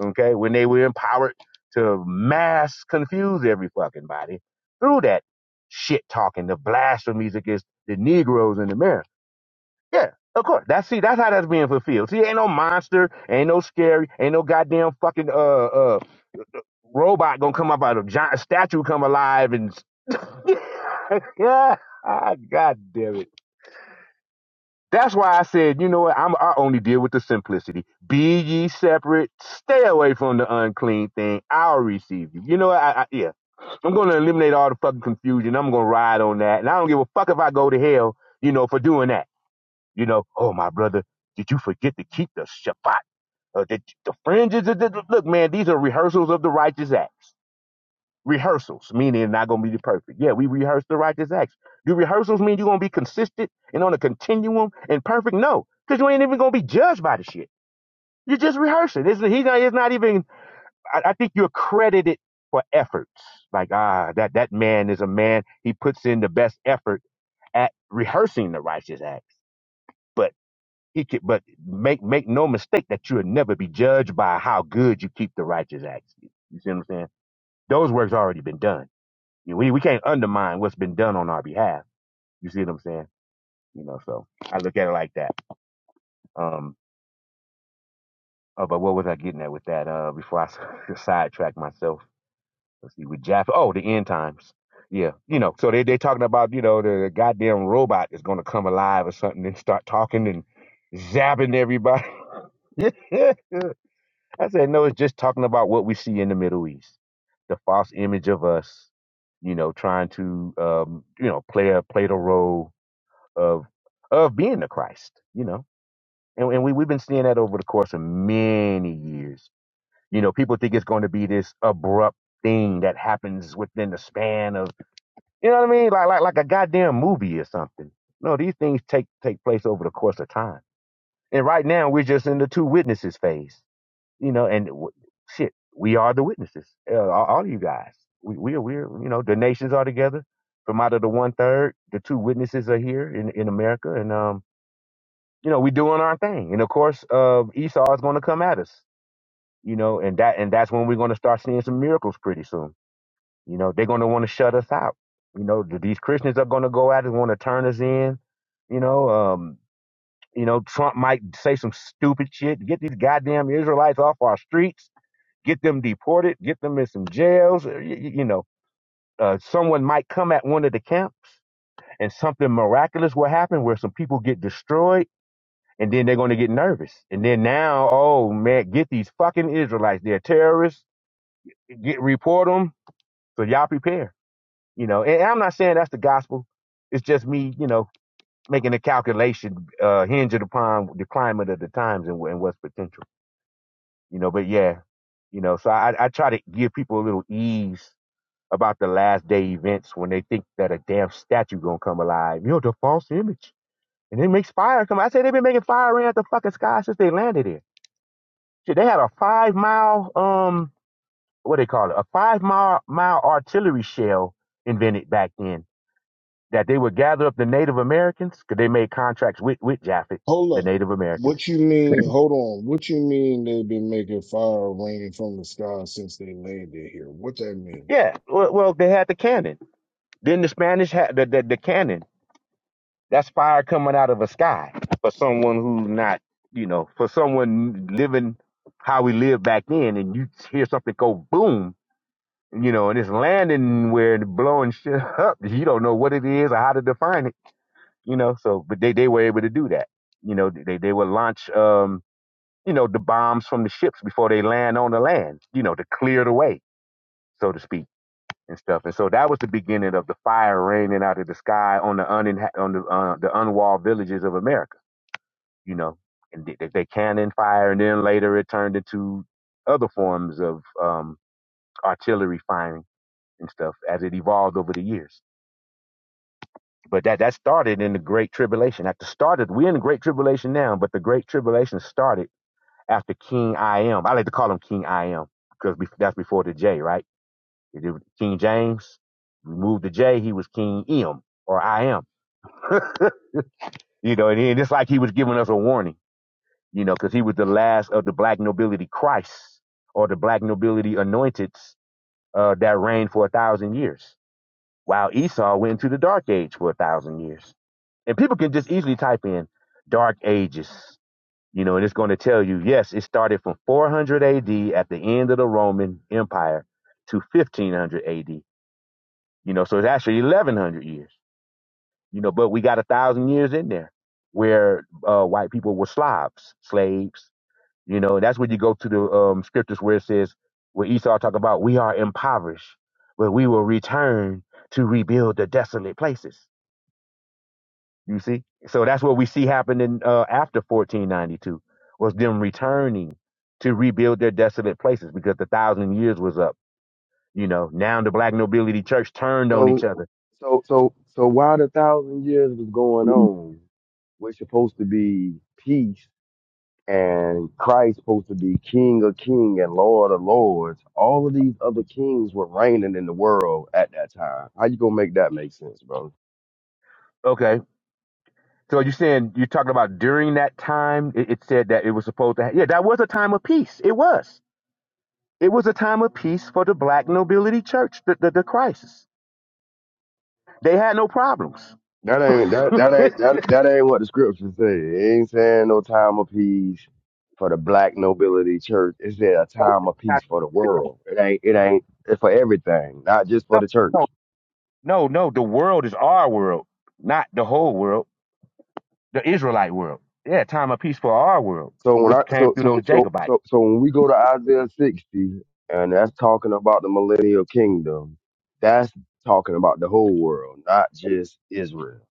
S16: okay, when they were empowered to mass confuse every fucking body through that shit talking, the blasphemies against the Negroes in America. Yeah, of course. That's see, that's how that's being fulfilled. See, ain't no monster, ain't no scary, ain't no goddamn fucking uh uh robot gonna come up out of giant statue come alive and yeah, ah, God damn it. That's why I said, you know what? I'm, I only deal with the simplicity. Be ye separate. Stay away from the unclean thing. I'll receive you. You know what? I, I, yeah. I'm going to eliminate all the fucking confusion. I'm going to ride on that. And I don't give a fuck if I go to hell, you know, for doing that. You know, oh, my brother, did you forget to keep the Shabbat? Uh, the, the fringes? of the- Look, man, these are rehearsals of the righteous acts rehearsals, meaning it's not going to be perfect. Yeah, we rehearse the righteous acts. Do rehearsals mean you're going to be consistent and on a continuum and perfect? No, because you ain't even going to be judged by the shit. You're just rehearsing. It's, he's not, it's not even, I, I think you're credited for efforts. Like, ah, that, that man is a man. He puts in the best effort at rehearsing the righteous acts. But he could, but make, make no mistake that you'll never be judged by how good you keep the righteous acts. You see what I'm saying? Those works already been done. You know, we, we can't undermine what's been done on our behalf. You see what I'm saying? You know, so I look at it like that. Um, oh, but what was I getting at with that? Uh, before I s- sidetrack myself, let's see, with Jaffa. Oh, the end times. Yeah, you know, so they they talking about you know the goddamn robot is gonna come alive or something and start talking and zapping everybody. I said no, it's just talking about what we see in the Middle East, the false image of us, you know, trying to um, you know play a play the role of of being the Christ, you know. And, and we we've been seeing that over the course of many years. You know, people think it's going to be this abrupt thing that happens within the span of you know what I mean, like like like a goddamn movie or something. No, these things take take place over the course of time. And right now we're just in the two witnesses phase, you know. And w- shit, we are the witnesses. Uh, all, all you guys, we we are we're you know the nations are together. From out of the one third, the two witnesses are here in in America, and um you know, we doing our thing. And of course, uh, Esau is going to come at us, you know, and that, and that's when we're going to start seeing some miracles pretty soon. You know, they're going to want to shut us out. You know, th- these Christians are going to go out and want to turn us in. You know, um, you know, Trump might say some stupid shit, get these goddamn Israelites off our streets, get them deported, get them in some jails. You, you know, uh, someone might come at one of the camps and something miraculous will happen where some people get destroyed and then they're going to get nervous. And then now, oh man, get these fucking Israelites. They're terrorists. Get report them. So y'all prepare. You know, and I'm not saying that's the gospel. It's just me, you know, making a calculation uh, hinging upon the climate of the times and, and what's potential. You know, but yeah, you know, so I, I try to give people a little ease about the last day events when they think that a damn statue gonna come alive. You know, the false image. And it makes fire come. I say they've been making fire rain out the fucking sky since they landed here. Shit, they had a five mile um what they call it a five mile mile artillery shell invented back then that they would gather up the Native Americans because they made contracts with with Japhet the
S10: Hold up.
S16: Native Americans.
S10: What you mean? Hold on. What you mean they've been making fire raining from the sky since they landed here? What that mean?
S16: Yeah, well, well they had the cannon. Then the Spanish had the, the the cannon. That's fire coming out of a sky for someone who's not you know for someone living how we lived back then, and you hear something go boom. You know, and it's landing where and blowing shit up. You don't know what it is or how to define it you know. So, but they they were able to do that. You know, they they would launch um you know the bombs from the ships before they land on the land. You know, to clear the way, so to speak, and stuff. And so that was the beginning of the fire raining out of the sky on the uninha- on the uh, the unwalled villages of America. You know, and they, they they cannon fire, and then later it turned into other forms of um artillery firing and stuff as it evolved over the years. But that that started in the Great Tribulation. After started, we're in the Great Tribulation now, but the Great Tribulation started after King I Am. I like to call him King I Am because that's before the J, right? King James removed the J, he was King Em or I Am. you know, and, he, and it's like he was giving us a warning, you know, because he was the last of the black nobility Christ or the black nobility anointed uh, that reigned for a thousand years. while Esau went into the dark age for a thousand years. And people can just easily type in dark ages, you know, and it's going to tell you, yes, it started from 400 AD at the end of the Roman Empire to 1500 AD, you know, so it's actually 1100 years, you know, but we got a thousand years in there where uh, white people were Slavs, slaves, you know, and that's when you go to the um, scriptures where it says, where Esau talk about, we are impoverished, but we will return to rebuild the desolate places. You see? So that's what we see happening uh, after 1492 was them returning to rebuild their desolate places because the thousand years was up. You know, now the black nobility church turned on each
S13: So,
S16: other.
S13: so, so, so, while the thousand years was going on, we're supposed to be peace and Christ supposed to be King of King and Lord of Lords. All of these other kings were reigning in the world at that time. How you gonna make that make sense, bro?
S16: Okay. So you're saying you're talking about during that time, it, it said that it was supposed to. Ha- yeah, that was a time of peace. It was. It was a time of peace for the black nobility church. The the, the crisis. They had no problems.
S13: That ain't that that ain't that, that ain't what the scripture say. It ain't saying no time of peace for the black nobility church. It said a time of peace for the world. It ain't it ain't it's for everything, not just for the
S16: No,
S13: church.
S16: No, no, the world is our world, not the whole world, the Israelite world. Yeah, time of peace for our world,
S13: So when
S16: which
S13: I
S16: came
S13: so
S16: through
S13: so
S16: those
S13: so
S16: Jacobites.
S13: so so when we go to Isaiah 60, and that's talking about the millennial kingdom, that's talking about the whole world, not just Israel.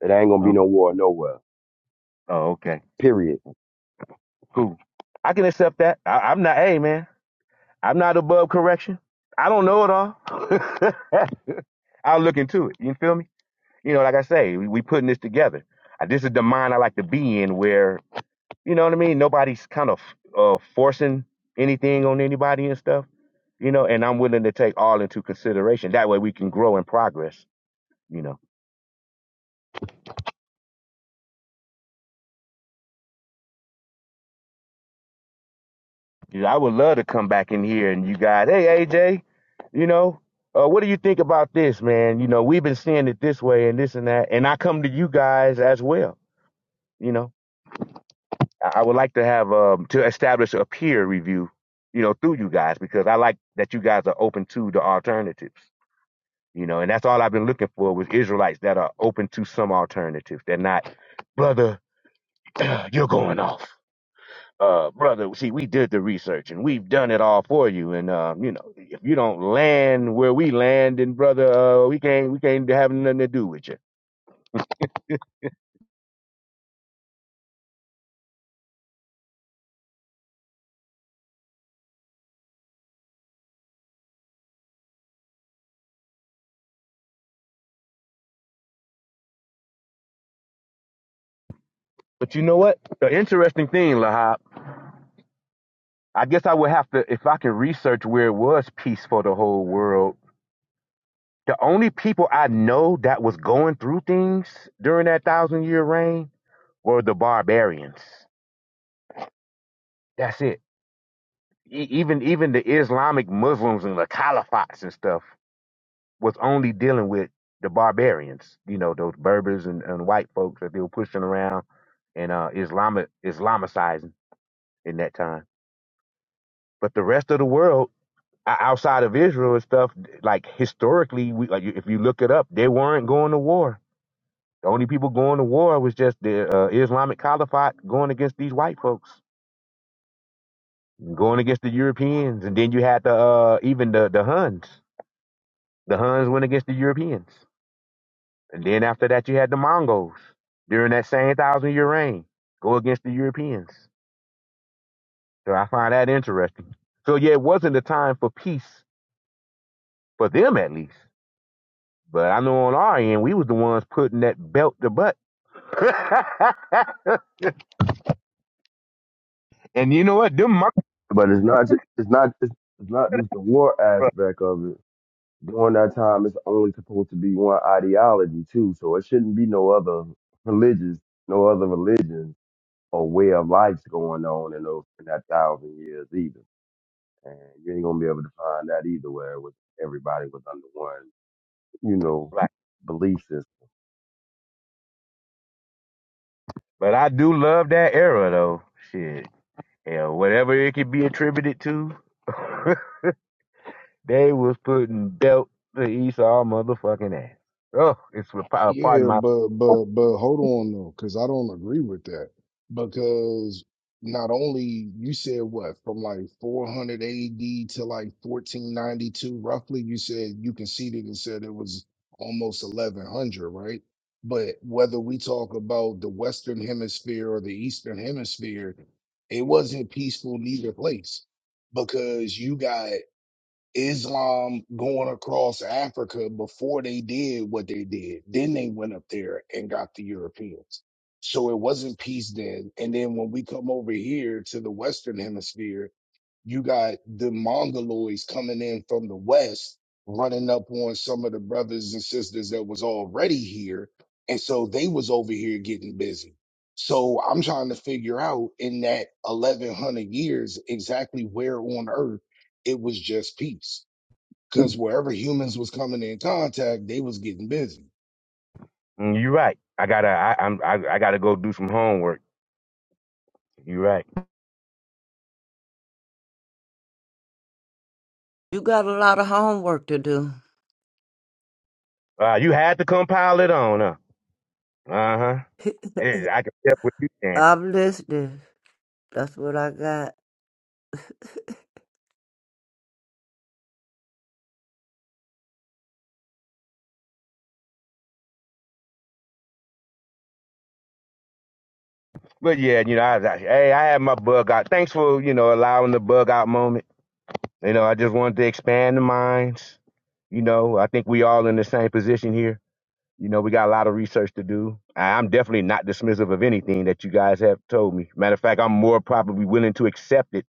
S13: It ain't gonna be
S16: Oh,
S13: no war nowhere,
S16: oh okay,
S13: period.
S16: cool. I can accept that. I, I'm not, hey man, I'm not above correction. I don't know it all. I'll look into it. You feel me? You know, like I say, we, we putting this together. Uh, This is the mind I like to be in, where you know what I mean. Nobody's kind of uh, forcing anything on anybody and stuff you know, and I'm willing to take all into consideration. That way we can grow and progress, you know. Yeah, I would love to come back in here and you guys, hey AJ, you know, uh, what do you think about this, man? You know, we've been seeing it this way and this and that, and I come to you guys as well, you know. I, I would like to have um to establish a peer review, you know, through you guys because I like that you guys are open to the alternatives, you know, and that's all I've been looking for was Israelites that are open to some alternatives. They're not, brother, you're going off uh brother see we did the research and we've done it all for you and uh you know if you don't land where we land then brother uh we can't we can't have nothing to do with you but you know what the interesting thing lahab i guess i would have to if i could research where it was peace for the whole world the only people i know that was going through things during that thousand year reign were the barbarians that's it E- even even the islamic muslims and the caliphates and stuff was only dealing with the barbarians, you know, those Berbers and, and white folks that they were pushing around and uh, Islamic Islamicizing in that time. But the rest of the world o- outside of Israel and stuff, like historically, we like if you look it up, they weren't going to war. The only people going to war was just the uh, Islamic Caliphate going against these white folks, going against the Europeans, and then you had the uh, even the the Huns. The Huns went against the Europeans. And then after that, you had the Mongols during that same thousand year reign go against the Europeans. So I find that interesting. So yeah, it wasn't a time for peace for them at least. But I know on our end, we was the ones putting that belt to butt. and you know what? Them monkeys,
S13: But it's not just, it's not it's, it's not just the war
S16: bro.
S13: aspect of it. During that time, it's only supposed to be one ideology too, so it shouldn't be no other religious, no other religions or way of life's going on in those in that thousand years either. And you ain't gonna be able to find that either where it was everybody was under one, you know,
S16: Like,
S13: belief system.
S16: but I do love that era though. Shit. Yeah, whatever it could be attributed to, they was putting belt to Esau motherfucking ass. Oh, it's pardon
S10: Yeah,
S16: my
S10: but but but hold on though, because I don't agree with that. Because not only you said what from like 400 AD to like 1492, roughly, you said you conceded and said it was almost 1100, right? But whether we talk about the Western Hemisphere or the Eastern Hemisphere, it wasn't peaceful neither place because you got Islam going across Africa before they did what they did. Then they went up there and got the Europeans. So it wasn't peace then. And then when we come over here to the Western hemisphere, you got the Mongoloids coming in from the West, running up on some of the brothers and sisters that was already here. And so they was over here getting busy. So I'm trying to figure out in that 1100 years exactly where on earth it was just peace because wherever humans was coming in contact, they was getting busy.
S16: Mm, You're right. I gotta. I, I'm. I, I gotta go do some homework. You're right.
S15: You got a lot of homework to do.
S16: Uh, you had to compile it on, huh? Uh huh. I can step with you, Dan.
S15: I'm listening. That's what I got.
S16: But yeah, you know, I, I, hey, I had my bug out. Thanks for you know allowing the bug out moment. You know, I just wanted to expand the minds. You know, I think we all in the same position here. You know, we got a lot of research to do. I- I'm definitely not dismissive of anything that you guys have told me. Matter of fact, I'm more probably willing to accept it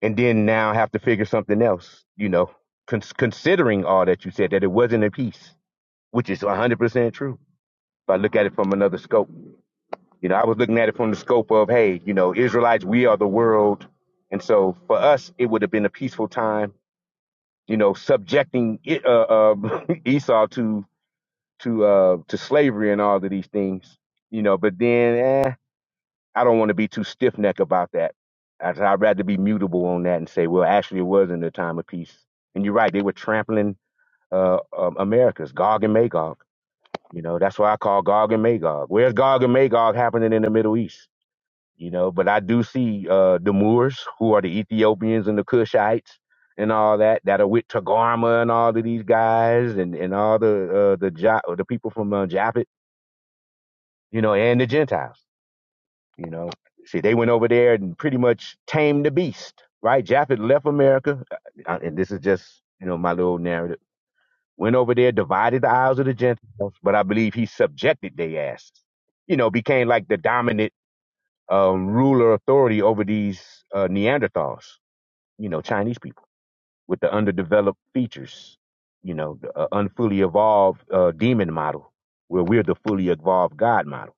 S16: and then now have to figure something else, you know, con- considering all that you said, that it wasn't a piece, which is 100% true. If I look at it from another scope, you know, I was looking at it from the scope of, hey, you know, Israelites, we are the world. And so for us, it would have been a peaceful time you know, subjecting it, uh, uh, Esau to to uh, to slavery and all of these things, you know. But then, eh, I don't want to be too stiff neck about that. I'd, I'd rather be mutable on that and say, well, actually, it was in the time of peace. And you're right; they were trampling uh, um, America's Gog and Magog. You know, that's why I call Gog and Magog. Where's Gog and Magog happening in the Middle East? you know. But I do see uh, the Moors, who are the Ethiopians and the Cushites and all that, that are with Tagarma and all of these guys and, and all the uh, the jo- the people from uh, Japhet, you know, and the Gentiles, you know. See, they went over there and pretty much tamed the beast, right? Japhet left America, uh, uh, and this is just you know my little narrative. Went over there, divided the isles of the Gentiles, but I believe he subjected their asses. You know, became like the dominant um, ruler authority over these uh, Neanderthals, you know, Chinese people with the underdeveloped features, you know, the uh, unfully evolved uh, demon model, where we're the fully evolved God model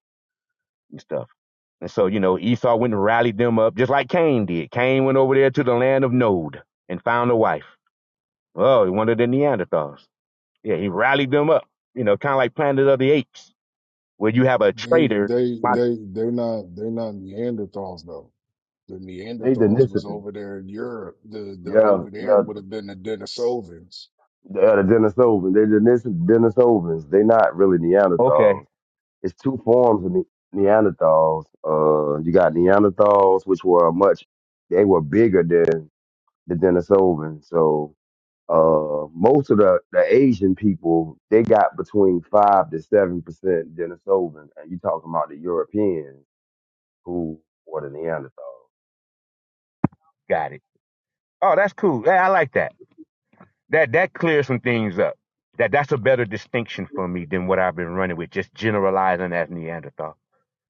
S16: and stuff. And so, you know, Esau went and rallied them up just like Cain did. Cain went over there to the land of Nod and found a wife. Oh, one of the Neanderthals. Yeah, he rallied them up, you know, kind of like Planet of the Apes, where you have a
S10: They
S16: traitor.
S10: they they they're not they're not Neanderthals though. The
S13: They
S10: Neanderthals was
S13: Denisovans.
S10: over there in Europe. The the
S13: Yeah,
S10: over there
S13: yeah,
S10: would have been the Denisovans.
S13: yeah, the Denisovans. They Denis Denisovans. They not really
S16: Okay,
S13: Neanderthals. It's two forms of ne- Neanderthals. Uh you got Neanderthals, which were much they were bigger than the Denisovans. So uh most of the, the Asian people, they got between five to seven percent Denisovan. And you talking about the Europeans who were the Neanderthals.
S16: got it. Oh, that's cool. Yeah, I like that. that that clears some things up. That that's a better distinction for me than what I've been running with, just generalizing as Neanderthal.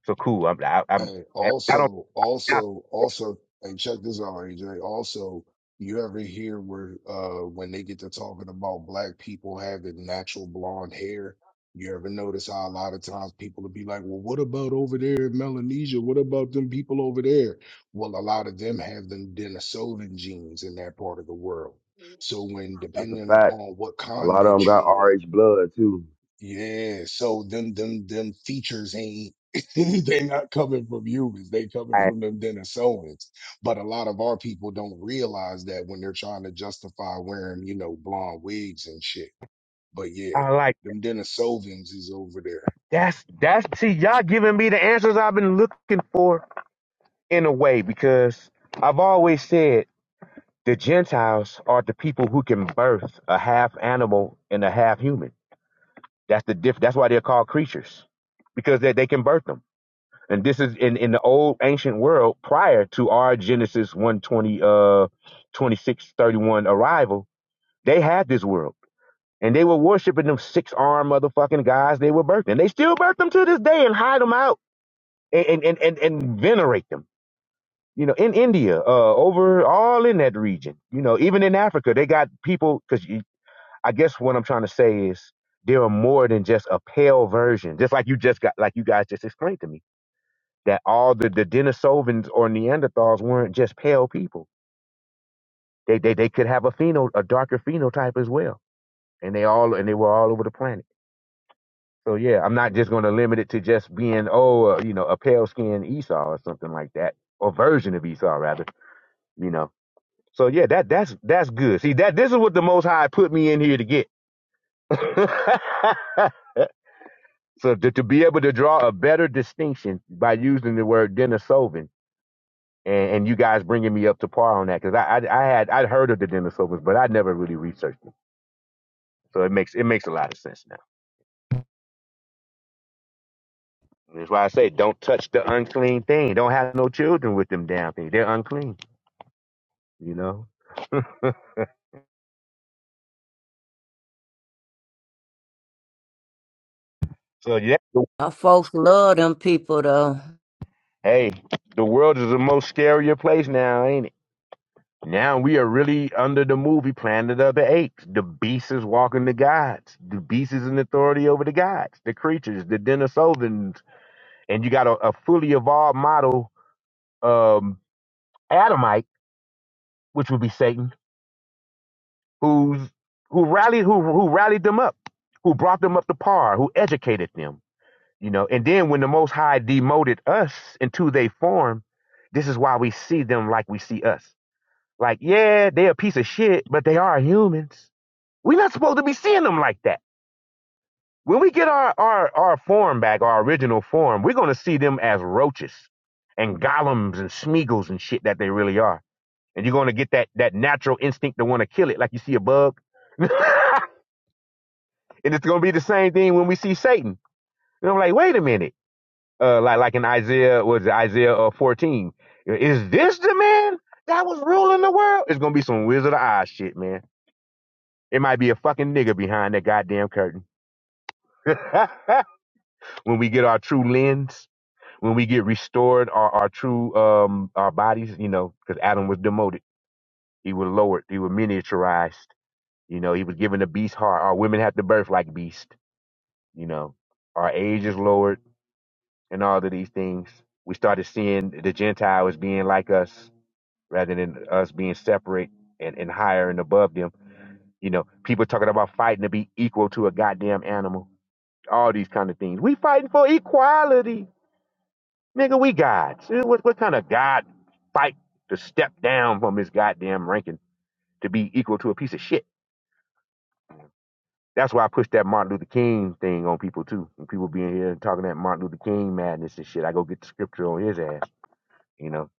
S16: So cool. I'm I, I'm
S10: Hey,
S16: I don't
S10: also, also, also, hey, check this out, AJ. Also, you ever hear where uh when they get to talking about black people having natural blonde hair, you ever notice how a lot of times people would be like, Well, what about over there in Melanesia? What about them people over there? Well, a lot of them have them Denisovan genes in that part of the world. So when
S13: That's a
S10: depending
S13: fact.
S10: upon what
S13: A lot of them
S10: continent
S13: got
S10: you on,
S13: RH blood too.
S10: yeah, so them them them features ain't they not coming from humans, they coming
S16: I,
S10: from them Denisovans. But a lot of our people don't realize that when they're trying to justify wearing, you know, blonde wigs and shit. But yeah,
S16: I like
S10: them Denisovans is over there.
S16: that's that's see y'all giving me the answers I've been looking for in a way because I've always said the Gentiles are the people who can birth a half animal and a half human. That's the diff. That's why they're called creatures because they they can birth them. and this is in in the old ancient world prior to our genesis 120 uh 26 31 arrival they had this world and they were worshiping them six armed motherfucking guys they were birthing they still birth them to this day and hide them out and and and, and venerate them you know in india uh over all in that region you know even in africa they got people because i guess what i'm trying to say is there are more than just a pale version just like you just got like you guys just explained to me that all the, the Denisovans or Neanderthals weren't just pale people. They, they they could have a pheno a darker phenotype as well, and they all and they were all over the planet. So yeah, I'm not just going to limit it to just being oh uh, you know a pale skinned Esau or something like that, or version of Esau rather. You know. So yeah, that that's that's good. See that this is what the Most High put me in here to get. so to, to be able to draw a better distinction by using the word Denisovan and, and you guys bringing me up to par on that because I, I I had I'd heard of the Dennis but I never really researched them. So it makes it makes a lot of sense now. That's why I say don't touch the unclean thing. Don't have no children with them damn things. They're unclean. You know. so yeah. the-
S15: Our folks love them people though.
S16: Hey, the world is the most scarier place now, ain't it? Now we are really under the movie Planet of the Apes. The beast is walking the gods. The beast is in authority over the gods, the creatures, the Denisovans, and you got a, a fully evolved model um, Adamite, which would be Satan, who's who rallied who who rallied them up, who brought them up to par, who educated them, you know. And then when the Most High demoted us into their form, this is why we see them like we see us. Like, yeah, they're a piece of shit, but they are humans. We're not supposed to be seeing them like that. When we get our our our form back, our original form, we're gonna see them as roaches and golems and smeagles and shit that they really are and you're gonna get that that natural instinct to want to kill it, like you see a bug. and it's gonna be the same thing when we see Satan. And I'm like, wait a minute, uh, like like in Isaiah, was Isaiah uh, 14? Is this the man that was ruling the world? It's gonna be some Wizard of Oz shit, man. It might be a fucking nigga behind that goddamn curtain. when we get our true lens, when we get restored our, our true um our bodies, you know, because Adam was demoted, he was lowered, he was miniaturized You know, he was given a beast heart. Our women have to birth like beast. You know, our age is lowered and all of these things. We started seeing the Gentiles being like us rather than us being separate and, and higher and above them. You know, people talking about fighting to be equal to a goddamn animal. All these kind of things. We fighting for equality. Nigga, we gods. Eh, What, what kind of god fight to step down from his goddamn ranking to be equal to a piece of shit? That's why I push that Martin Luther King thing on people too. And people being here and talking that Martin Luther King madness and shit. I go get the scripture on his ass, you know,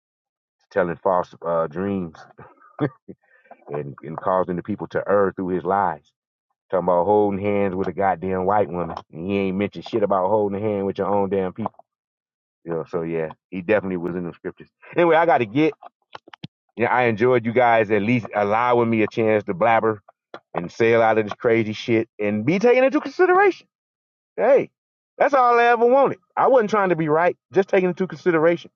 S16: telling false uh, dreams and, and causing the people to err through his lies. Talking about holding hands with a goddamn white woman. And he ain't mentioned shit about holding a hand with your own damn people. You know, so yeah, he definitely was in the scriptures. Anyway, I gotta get. Yeah, I enjoyed you guys at least allowing me a chance to blabber and sail out of this crazy shit and be taken into consideration. Hey, that's all I ever wanted. I wasn't trying to be right, just taking into consideration.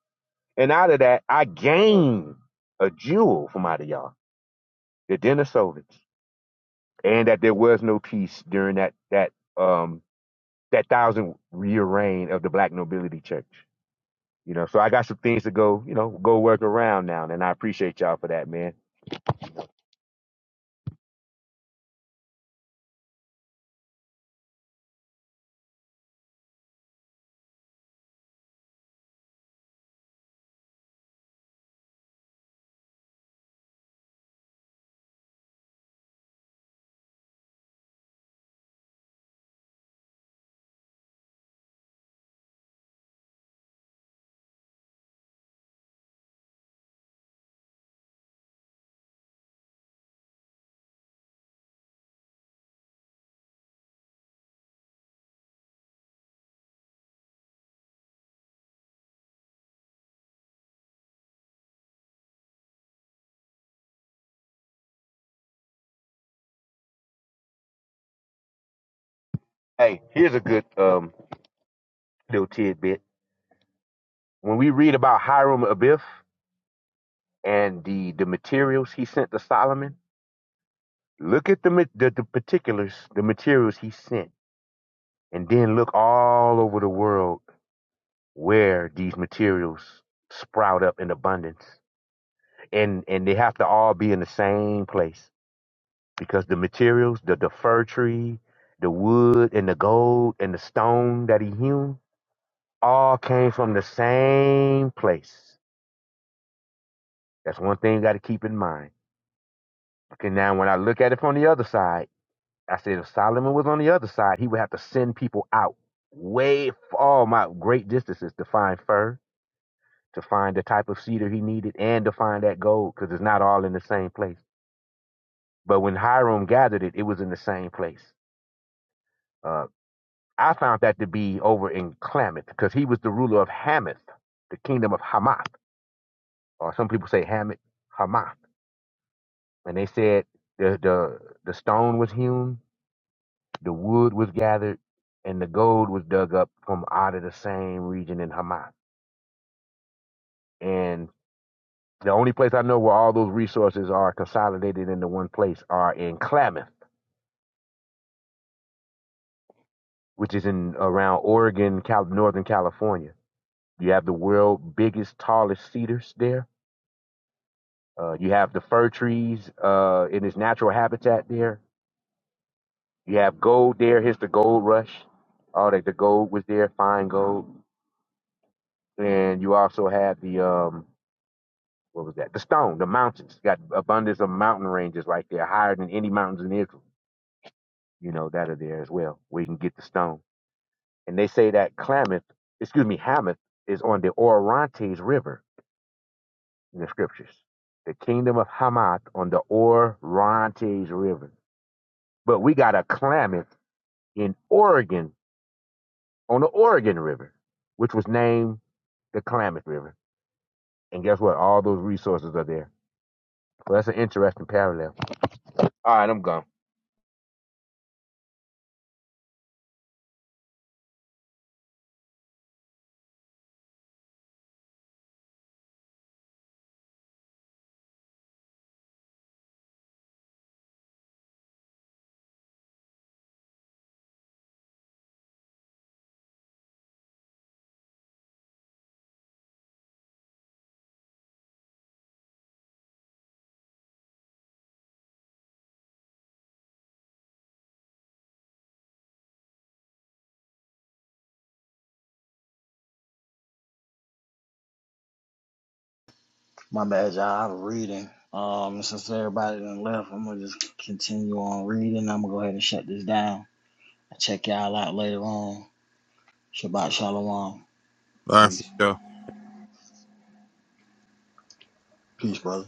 S16: And out of that, I gained a jewel from out of y'all, the Denisovans, and that there was no peace during that that um that thousand year reign of the Black Nobility Church. You know, so I got some things to go, you know, go work around now, and I appreciate y'all for that, man. Hey, here's a good um little tidbit. When we read about Hiram Abiff. and the the materials he sent to Solomon. Look at the ma- the, the particulars, the materials he sent, and then look all over the world where these materials sprout up in abundance, and and they have to all be in the same place because the materials, the the fir tree, the wood and the gold and the stone that he hewn, all came from the same place. That's one thing you got to keep in mind. Okay, now when I look at it from the other side. I said, if Solomon was on the other side, he would have to send people out way far, my great distances to find fur, to find the type of cedar he needed, and to find that gold, because it's not all in the same place. But when Hiram gathered it, it was in the same place. Uh, I found that to be over in Klamath, because he was the ruler of Hamath, the kingdom of Hamath, or some people say Hamath, Hamath. And they said the the the stone was hewn The wood was gathered and the gold was dug up from out of the same region in Hamat. And the only place I know where all those resources are consolidated into one place are in Klamath, which is in around Oregon, Cal- Northern California. You have the world's biggest, tallest cedars there. Uh, you have the fir trees uh, in its natural habitat there. You have gold there. Here's the gold rush. All that the gold was there, fine gold. And you also had the um, what was that? The stone, the mountains. Got abundance of mountain ranges right there, higher than any mountains in Israel, you know, that are there as well, where you can get the stone. And they say that Klamath, excuse me, Hamath is on the Orontes River in the scriptures. The kingdom of Hamath on the Orontes River. But we got a Klamath in Oregon, on the Oregon River, which was named the Klamath River. And guess what? All those resources are there. Well, that's an interesting parallel. All right, I'm gone.
S2: my bad, y'all. I'm reading. Um, since everybody done left, I'm gonna just continue on reading. I'm gonna go ahead and shut this down. Check y'all out later on. Shabbat shalom.
S4: All right, for
S2: Peace.
S4: sure.
S2: Peace, brother.